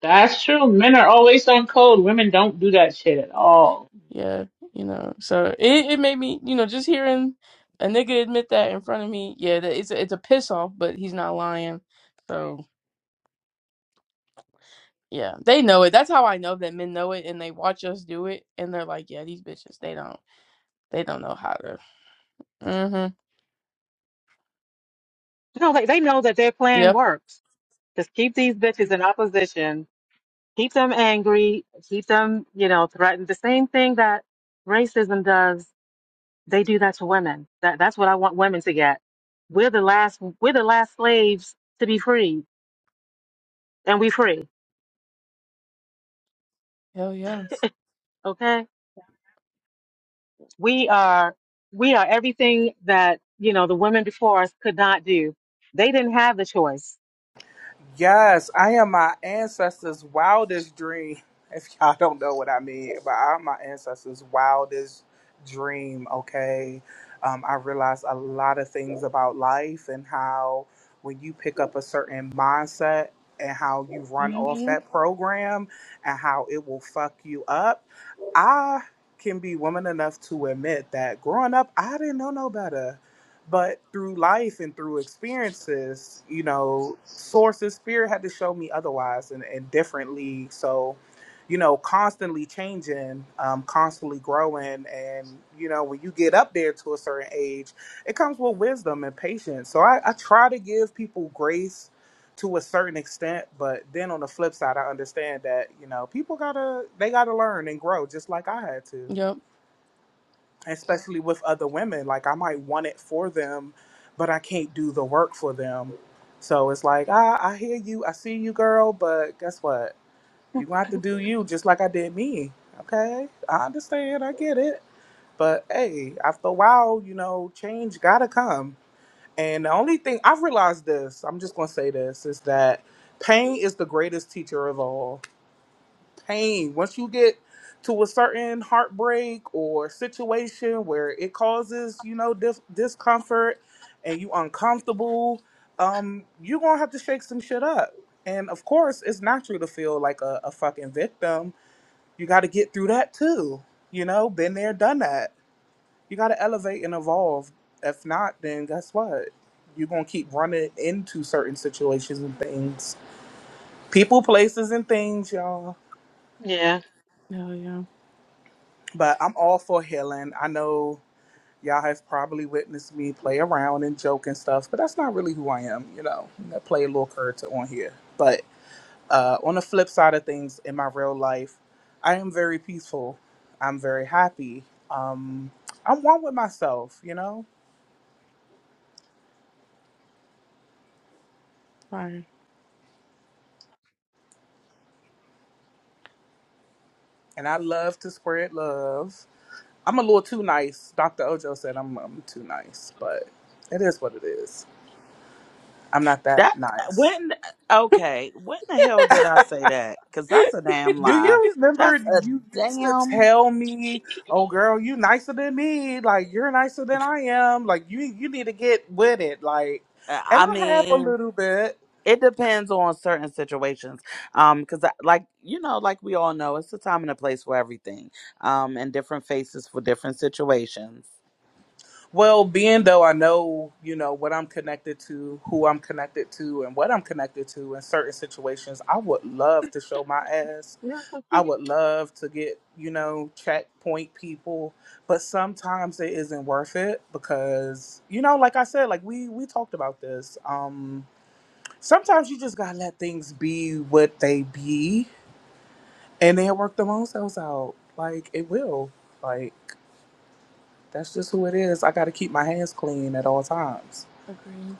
That's true. Men are always on code. Women don't do that shit at all. Yeah, you know, so it, it made me, you know, just hearing a nigga admit that in front of me, yeah, that it's a, it's a piss off, but he's not lying. So yeah, they know it. That's how I know that men know it, and they watch us do it, and they're like, yeah, these bitches, they don't, they don't know how to. Mm-hmm. No, they they know that their plan Yep. works. Just keep these bitches in opposition, keep them angry, keep them you know threatened. The same thing that racism does. They do that to women. That that's what I want women to get. We're the last we're the last slaves to be free, and we free. Hell yeah. Okay we are we are everything that you know the women before us could not do they didn't have the choice Yes, I am my ancestors' wildest dream. If y'all don't know what I mean, but I'm my ancestors' wildest dream, okay? Um, I realized a lot of things about life and how when you pick up a certain mindset and how you run off hmm that program and how it will fuck you up. I can be woman enough to admit that growing up, I didn't know no better. But through life and through experiences, you know, sources, spirit had to show me otherwise and, and differently. So, you know, constantly changing, um, constantly growing. And, you know, when you get up there to a certain age, it comes with wisdom and patience. So I, I try to give people grace to a certain extent, but then on the flip side, I understand that, you know, people gotta, they gotta learn and grow just like I had to Yep. especially with other women. Like I might want it for them, but I can't do the work for them. So it's like, ah, I hear you, I see you, girl, but guess what? You gonna have to do you just like I did me. Okay? I understand, I get it. But hey, after a while, you know, change gotta come. And the only thing I've realized this, I'm just gonna say this, is that pain is the greatest teacher of all pain. Once you get to a certain heartbreak or situation where it causes, you know, dis- discomfort and you uncomfortable, um, you're gonna have to shake some shit up. And of course, it's natural to feel like a, a fucking victim. You got to get through that too. You know, been there, done that. You got to elevate and evolve. If not, then guess what? You're gonna keep running into certain situations and things, people, places, and things, y'all. Yeah. Hell yeah. But I'm all for healing. I know y'all have probably witnessed me play around and joke and stuff, but that's not really who I am, you know. I play a little character on here. But uh, on the flip side of things, in my real life, I am very peaceful. I'm very happy. Um, I'm one with myself, you know, Fire. and I love to spread love. I'm a little too nice. Dr. Ojo said I'm, I'm too nice, but it is what it is. I'm not that That nice. when okay, when the hell did I say that? Because that's a damn Do lie. you remember That's a you used to damn. tell me, "Oh, girl, you nicer than me. Like you're nicer than I am. Like you, you need to get with it." Like, and I I have a mean, little bit. it depends on certain situations. Um, because like you know, like we all know, it's a time and a place for everything. Um, and different faces for different situations. Well, being though I know, you know, what I'm connected to, who I'm connected to, and what I'm connected to in certain situations, I would love to show my ass. And I was like, I "Yeah, would love to get, you know, checkpoint people, but sometimes it isn't worth it because, you know, like I said, like we we talked about this. Um sometimes you just got to let things be what they be and they'll work their own selves out. Like it will. Like that's just who it is. I got to keep my hands clean at all times. Agree.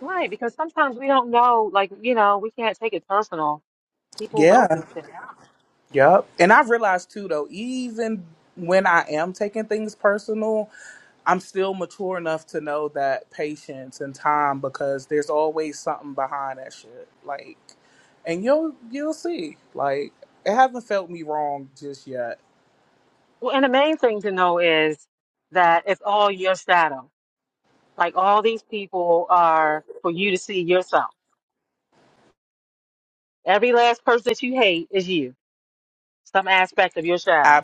right because sometimes we don't know like you know we can't take it personal people go Yeah. through shit Yeah. Yep. And I realized too though, even when I am taking things personal, I'm still mature enough to know that patience and time because there's always something behind that shit. Like and you'll you'll see. Like it hasn't felt me wrong just yet. well and the main thing to know is that it's all your shadow like all these people are for you to see yourself every last person that you hate is you some aspect of your shadow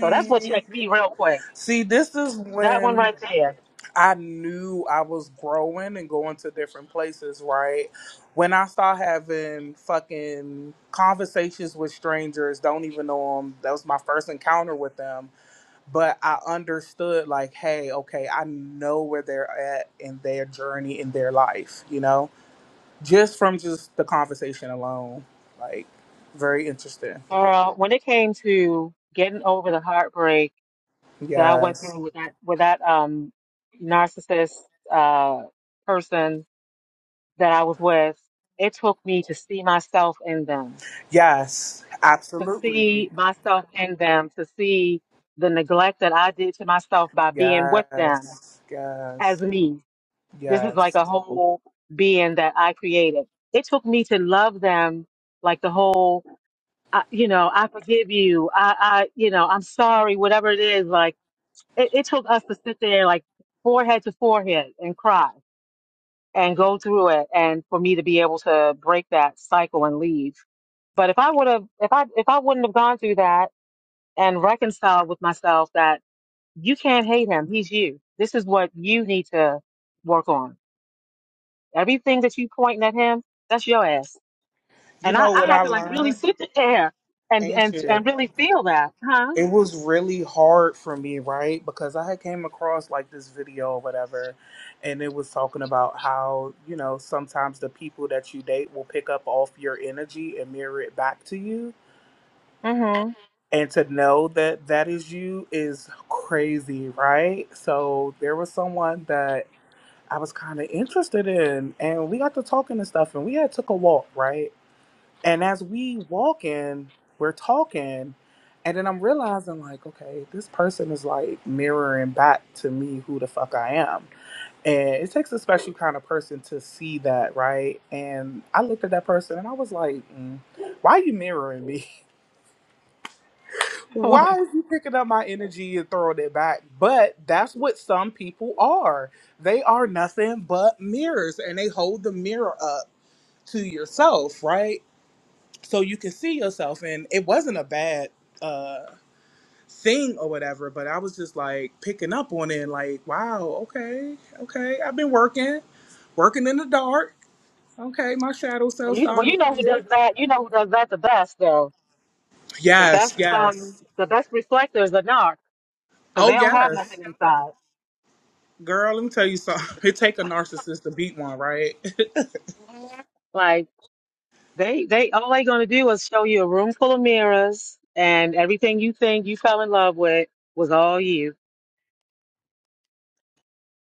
so that's what checked me real quick See, this is that one when right there I knew I was growing and going to different places, right? When I start having fucking conversations with strangers, don't even know them, that was my first encounter with them. But I understood, like, hey, okay, I know where they're at in their journey, in their life, you know, just from just the conversation alone. Like, very interesting. Girl, when it came to getting over the heartbreak that I went Yes. through with that with that um narcissist uh person that I was with, it took me to see myself in them, Yes. to Absolutely. see myself in them, to see the neglect that I did to myself by being with them Yes. Yes. as me. This is like Yes. a whole being that I created. It took me to love them like the whole I, you know, I forgive you. I, I, you know, I'm sorry, whatever it is. Like, it, it took us to sit there, like, forehead to forehead and cry and go through it. And for me to be able to break that cycle and leave. But if I would have, if I, if I wouldn't have gone through that and reconciled with myself that you can't hate him, he's you. This is what you need to work on. Everything that you pointing at him, that's your ass. You And I, know I what I had to like really learned, sit there and, and, Ancient? and really feel that, huh? It was really hard for me, right? Because I had came across like this video or whatever, and it was talking about how, you know, sometimes the people that you date will pick up off your energy and mirror it back to you. Mm-hmm. And to know that that is you is crazy, right? So there was someone that I was kind of interested in, and we got to talking and stuff, and we had took a walk, right? And as we walk in, we're talking, and then I'm realizing like, okay, this person is like mirroring back to me who the fuck I am. And it takes a special kind of person to see that, right? And I looked at that person and I was like, mm, why are you mirroring me? Why well, is you picking up my energy and throwing it back? But that's what some people are. They are nothing but mirrors and they hold the mirror up to yourself, right? so you can see yourself and it wasn't a bad uh thing or whatever but i was just like picking up on it like wow okay okay i've been working working in the dark okay my shadow self you, well, starting you to know who appear does that. You know who does that the best, though. The yes best, um, yes the best reflectors are narc because they oh don't have yes nothing inside. girl let me tell you something it take a narcissist to beat one right Mhm. Like they, they all they gonna do is show you a room full of mirrors, and everything you think you fell in love with was all you.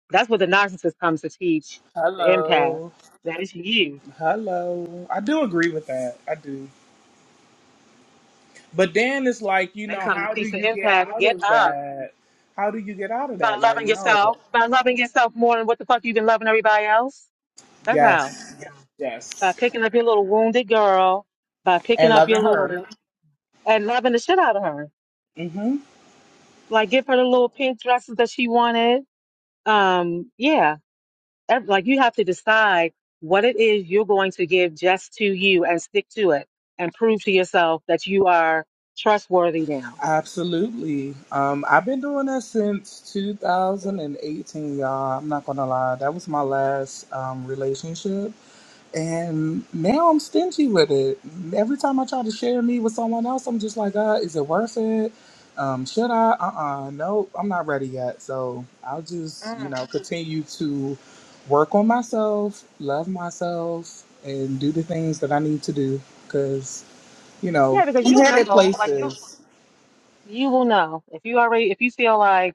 That's what the narcissist comes to teach the empath. hello That is you. hello i do agree with that i do but then it's like you know They come to how do teach the you get empath. out Get of up. that how do you get out of that Start like loving no yourself. Start loving yourself more than what the fuck you've been loving everybody else. That's how. Yes. by Yes. picking up your little wounded girl, by picking and up your loving her. little and loving the shit out of her. hmm Like give her the little pink dresses that she wanted. Um, yeah. ev- like you have to decide what it is you're going to give just to you and stick to it and prove to yourself that you are trustworthy now. Absolutely. Um, I've been doing this since 2018, y'all. I'm not gonna lie. That was my last um, relationship. And now I'm stingy with it. Every time I try to share me with someone else, I'm just like, uh, is it worth it? Um, should I? Uh-uh. No, I'm not ready yet. So I'll just, you Mm. know, continue to work on myself, love myself, and do the things that I need to do. Cause, you know, Yeah, because I'm you headed know, like you places. You will know if you already if you feel like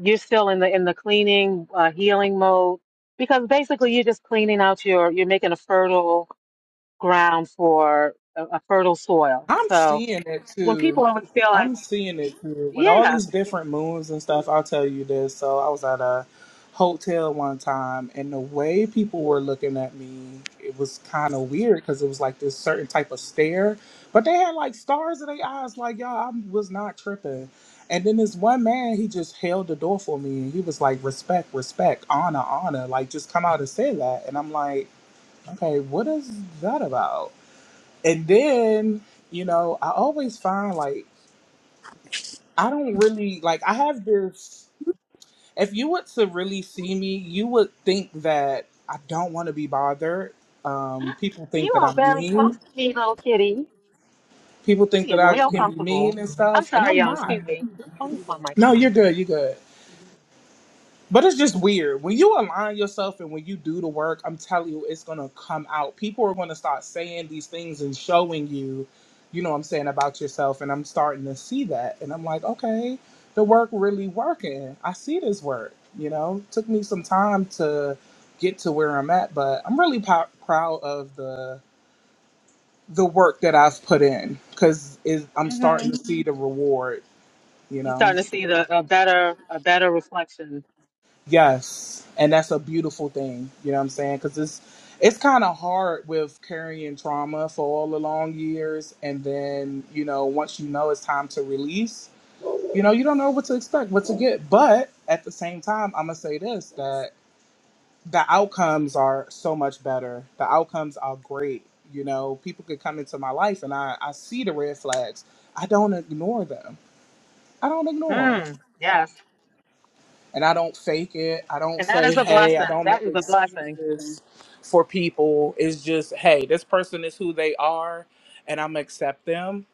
you're still in the in the cleaning uh, healing mode because basically you're just cleaning out your you're making a fertile ground for a, a fertile soil. I'm So seeing it when too. people always feel like, I'm seeing it too. With all yeah, these different moons and stuff, I'll tell you this. So I was at a hotel one time and the way people were looking at me, it was kind of weird because it was like this certain type of stare. But they had like stars in their eyes, like, y'all, I was not tripping. And then this one man, he just held the door for me and he was like, respect, respect, honor, honor. Like, just come out and say that. And I'm like, okay, what is that about? And then, you know, I always find like I don't really like I have this if you were to really see me, you would think that I don't want to be bothered. Um people think you that are I'm very close mean. to me, little kitty. People You think that get I real can be mean comfortable. and I'm stuff, and sorry, I'm y'all. not. Excuse me. Oh, my mic No, on. you're good, you're good. But it's just weird. When you align yourself and when you do the work, I'm telling you, it's going to come out. People are going to start saying these things and showing you, you know what I'm saying, about yourself. And I'm starting to see that. And I'm like, okay, the work really working. I see this work, you know. Took me some time to get to where I'm at, but I'm really pr- proud of the the work that I've put in cuz I'm hmm starting to see the reward, you You're know. starting to see the a better a better reflection. Yes, and that's a beautiful thing. You know what I'm saying? Because it's it's kind of hard with carrying trauma for all the long years, and then you know once you know it's time to release, you know you don't know what to expect, what to get. But at the same time, I'm gonna say this that the outcomes are so much better. The outcomes are great. You know, people could come into my life, and I I see the red flags. I don't ignore them. I don't ignore 'em. Mm, yes, and I don't fake it. I don't and that say, is a hey, I blessing. don't That make is a blessing. excuses for people. It's just, hey, this person is who they are, and I'm gonna accept them,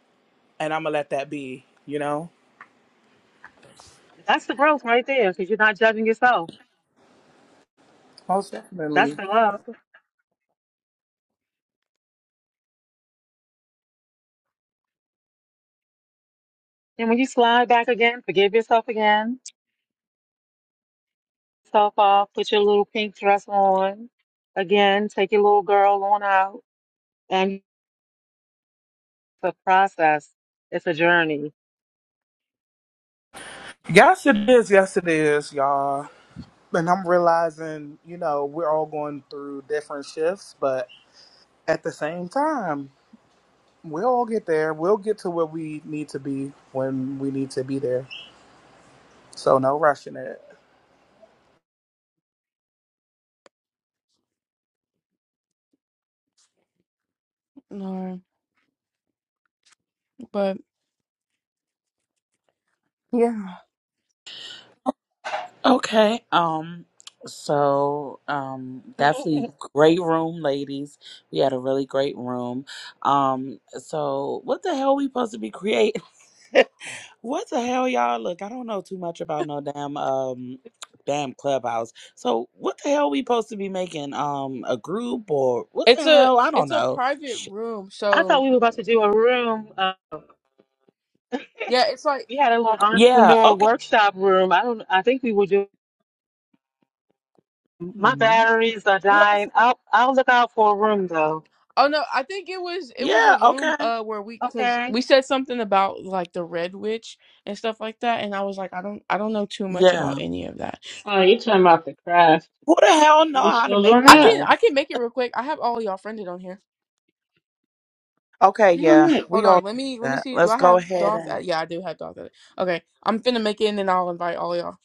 and I'm gonna let that be. You know, That's the growth right there, because you're not judging yourself. most That's definitely. the love. And when you slide back again, forgive yourself again, self off, put your little pink dress on again, take your little girl on out. And it's a process, it's a journey. Yes, it is. Yes, it is, y'all. And I'm realizing, you know, we're all going through different shifts, but at the same time, we'll all get there. We'll get to where we need to be when we need to be there. So no rushing it. No, but yeah, Okay. Um so um definitely I great room ladies. We had a really great room. Um so what the hell we supposed to be creating? what the hell y'all look, I don't know too much about no damn um damn clubhouse. So what the hell we supposed to be making um a group or what it's the a hell? I don't it's a know. private Shit. room, thought so we were about to do a room. Uh, yeah, it's like. we had a little Yeah, entrepreneur okay. workshop room. I don't, I think we will do. My Mhm. batteries are Get dying. over. it. I'll, I'll look out for a room though. Oh no, I think it was it was a Yeah, room okay. uh where we cuz Okay. we said something about like the Red Witch and stuff like that and I was like I don't I don't know too much about Yeah. any of that. Oh, you talking about the craft. Who the hell know We how to still doing make the I that? can room? I can make it real quick. I have all y'all friended on here. Okay, Damn yeah, it. we Hold all on, do let me let me that. see. Do Let's I go have ahead Doth? Uh, and yeah, I do have Doth. at it. Okay, I'm finna make it and then I'll invite all y'all.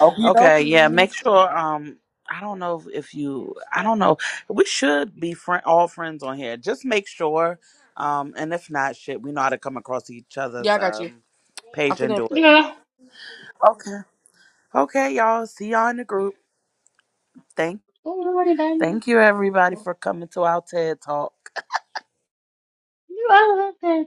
Okie okay, yeah, dokie. make sure. Um, I don't know if you, I don't know. We should be friend, all friends on here. Just make sure. Um, and if not, shit, we know how to come across each Yeah, other's I got you. um I'm page and finna do it. Yeah. Okay, okay, y'all. See y'all in the group. Thank, Oh, already done. thank you everybody for coming to our TED talk. You out of that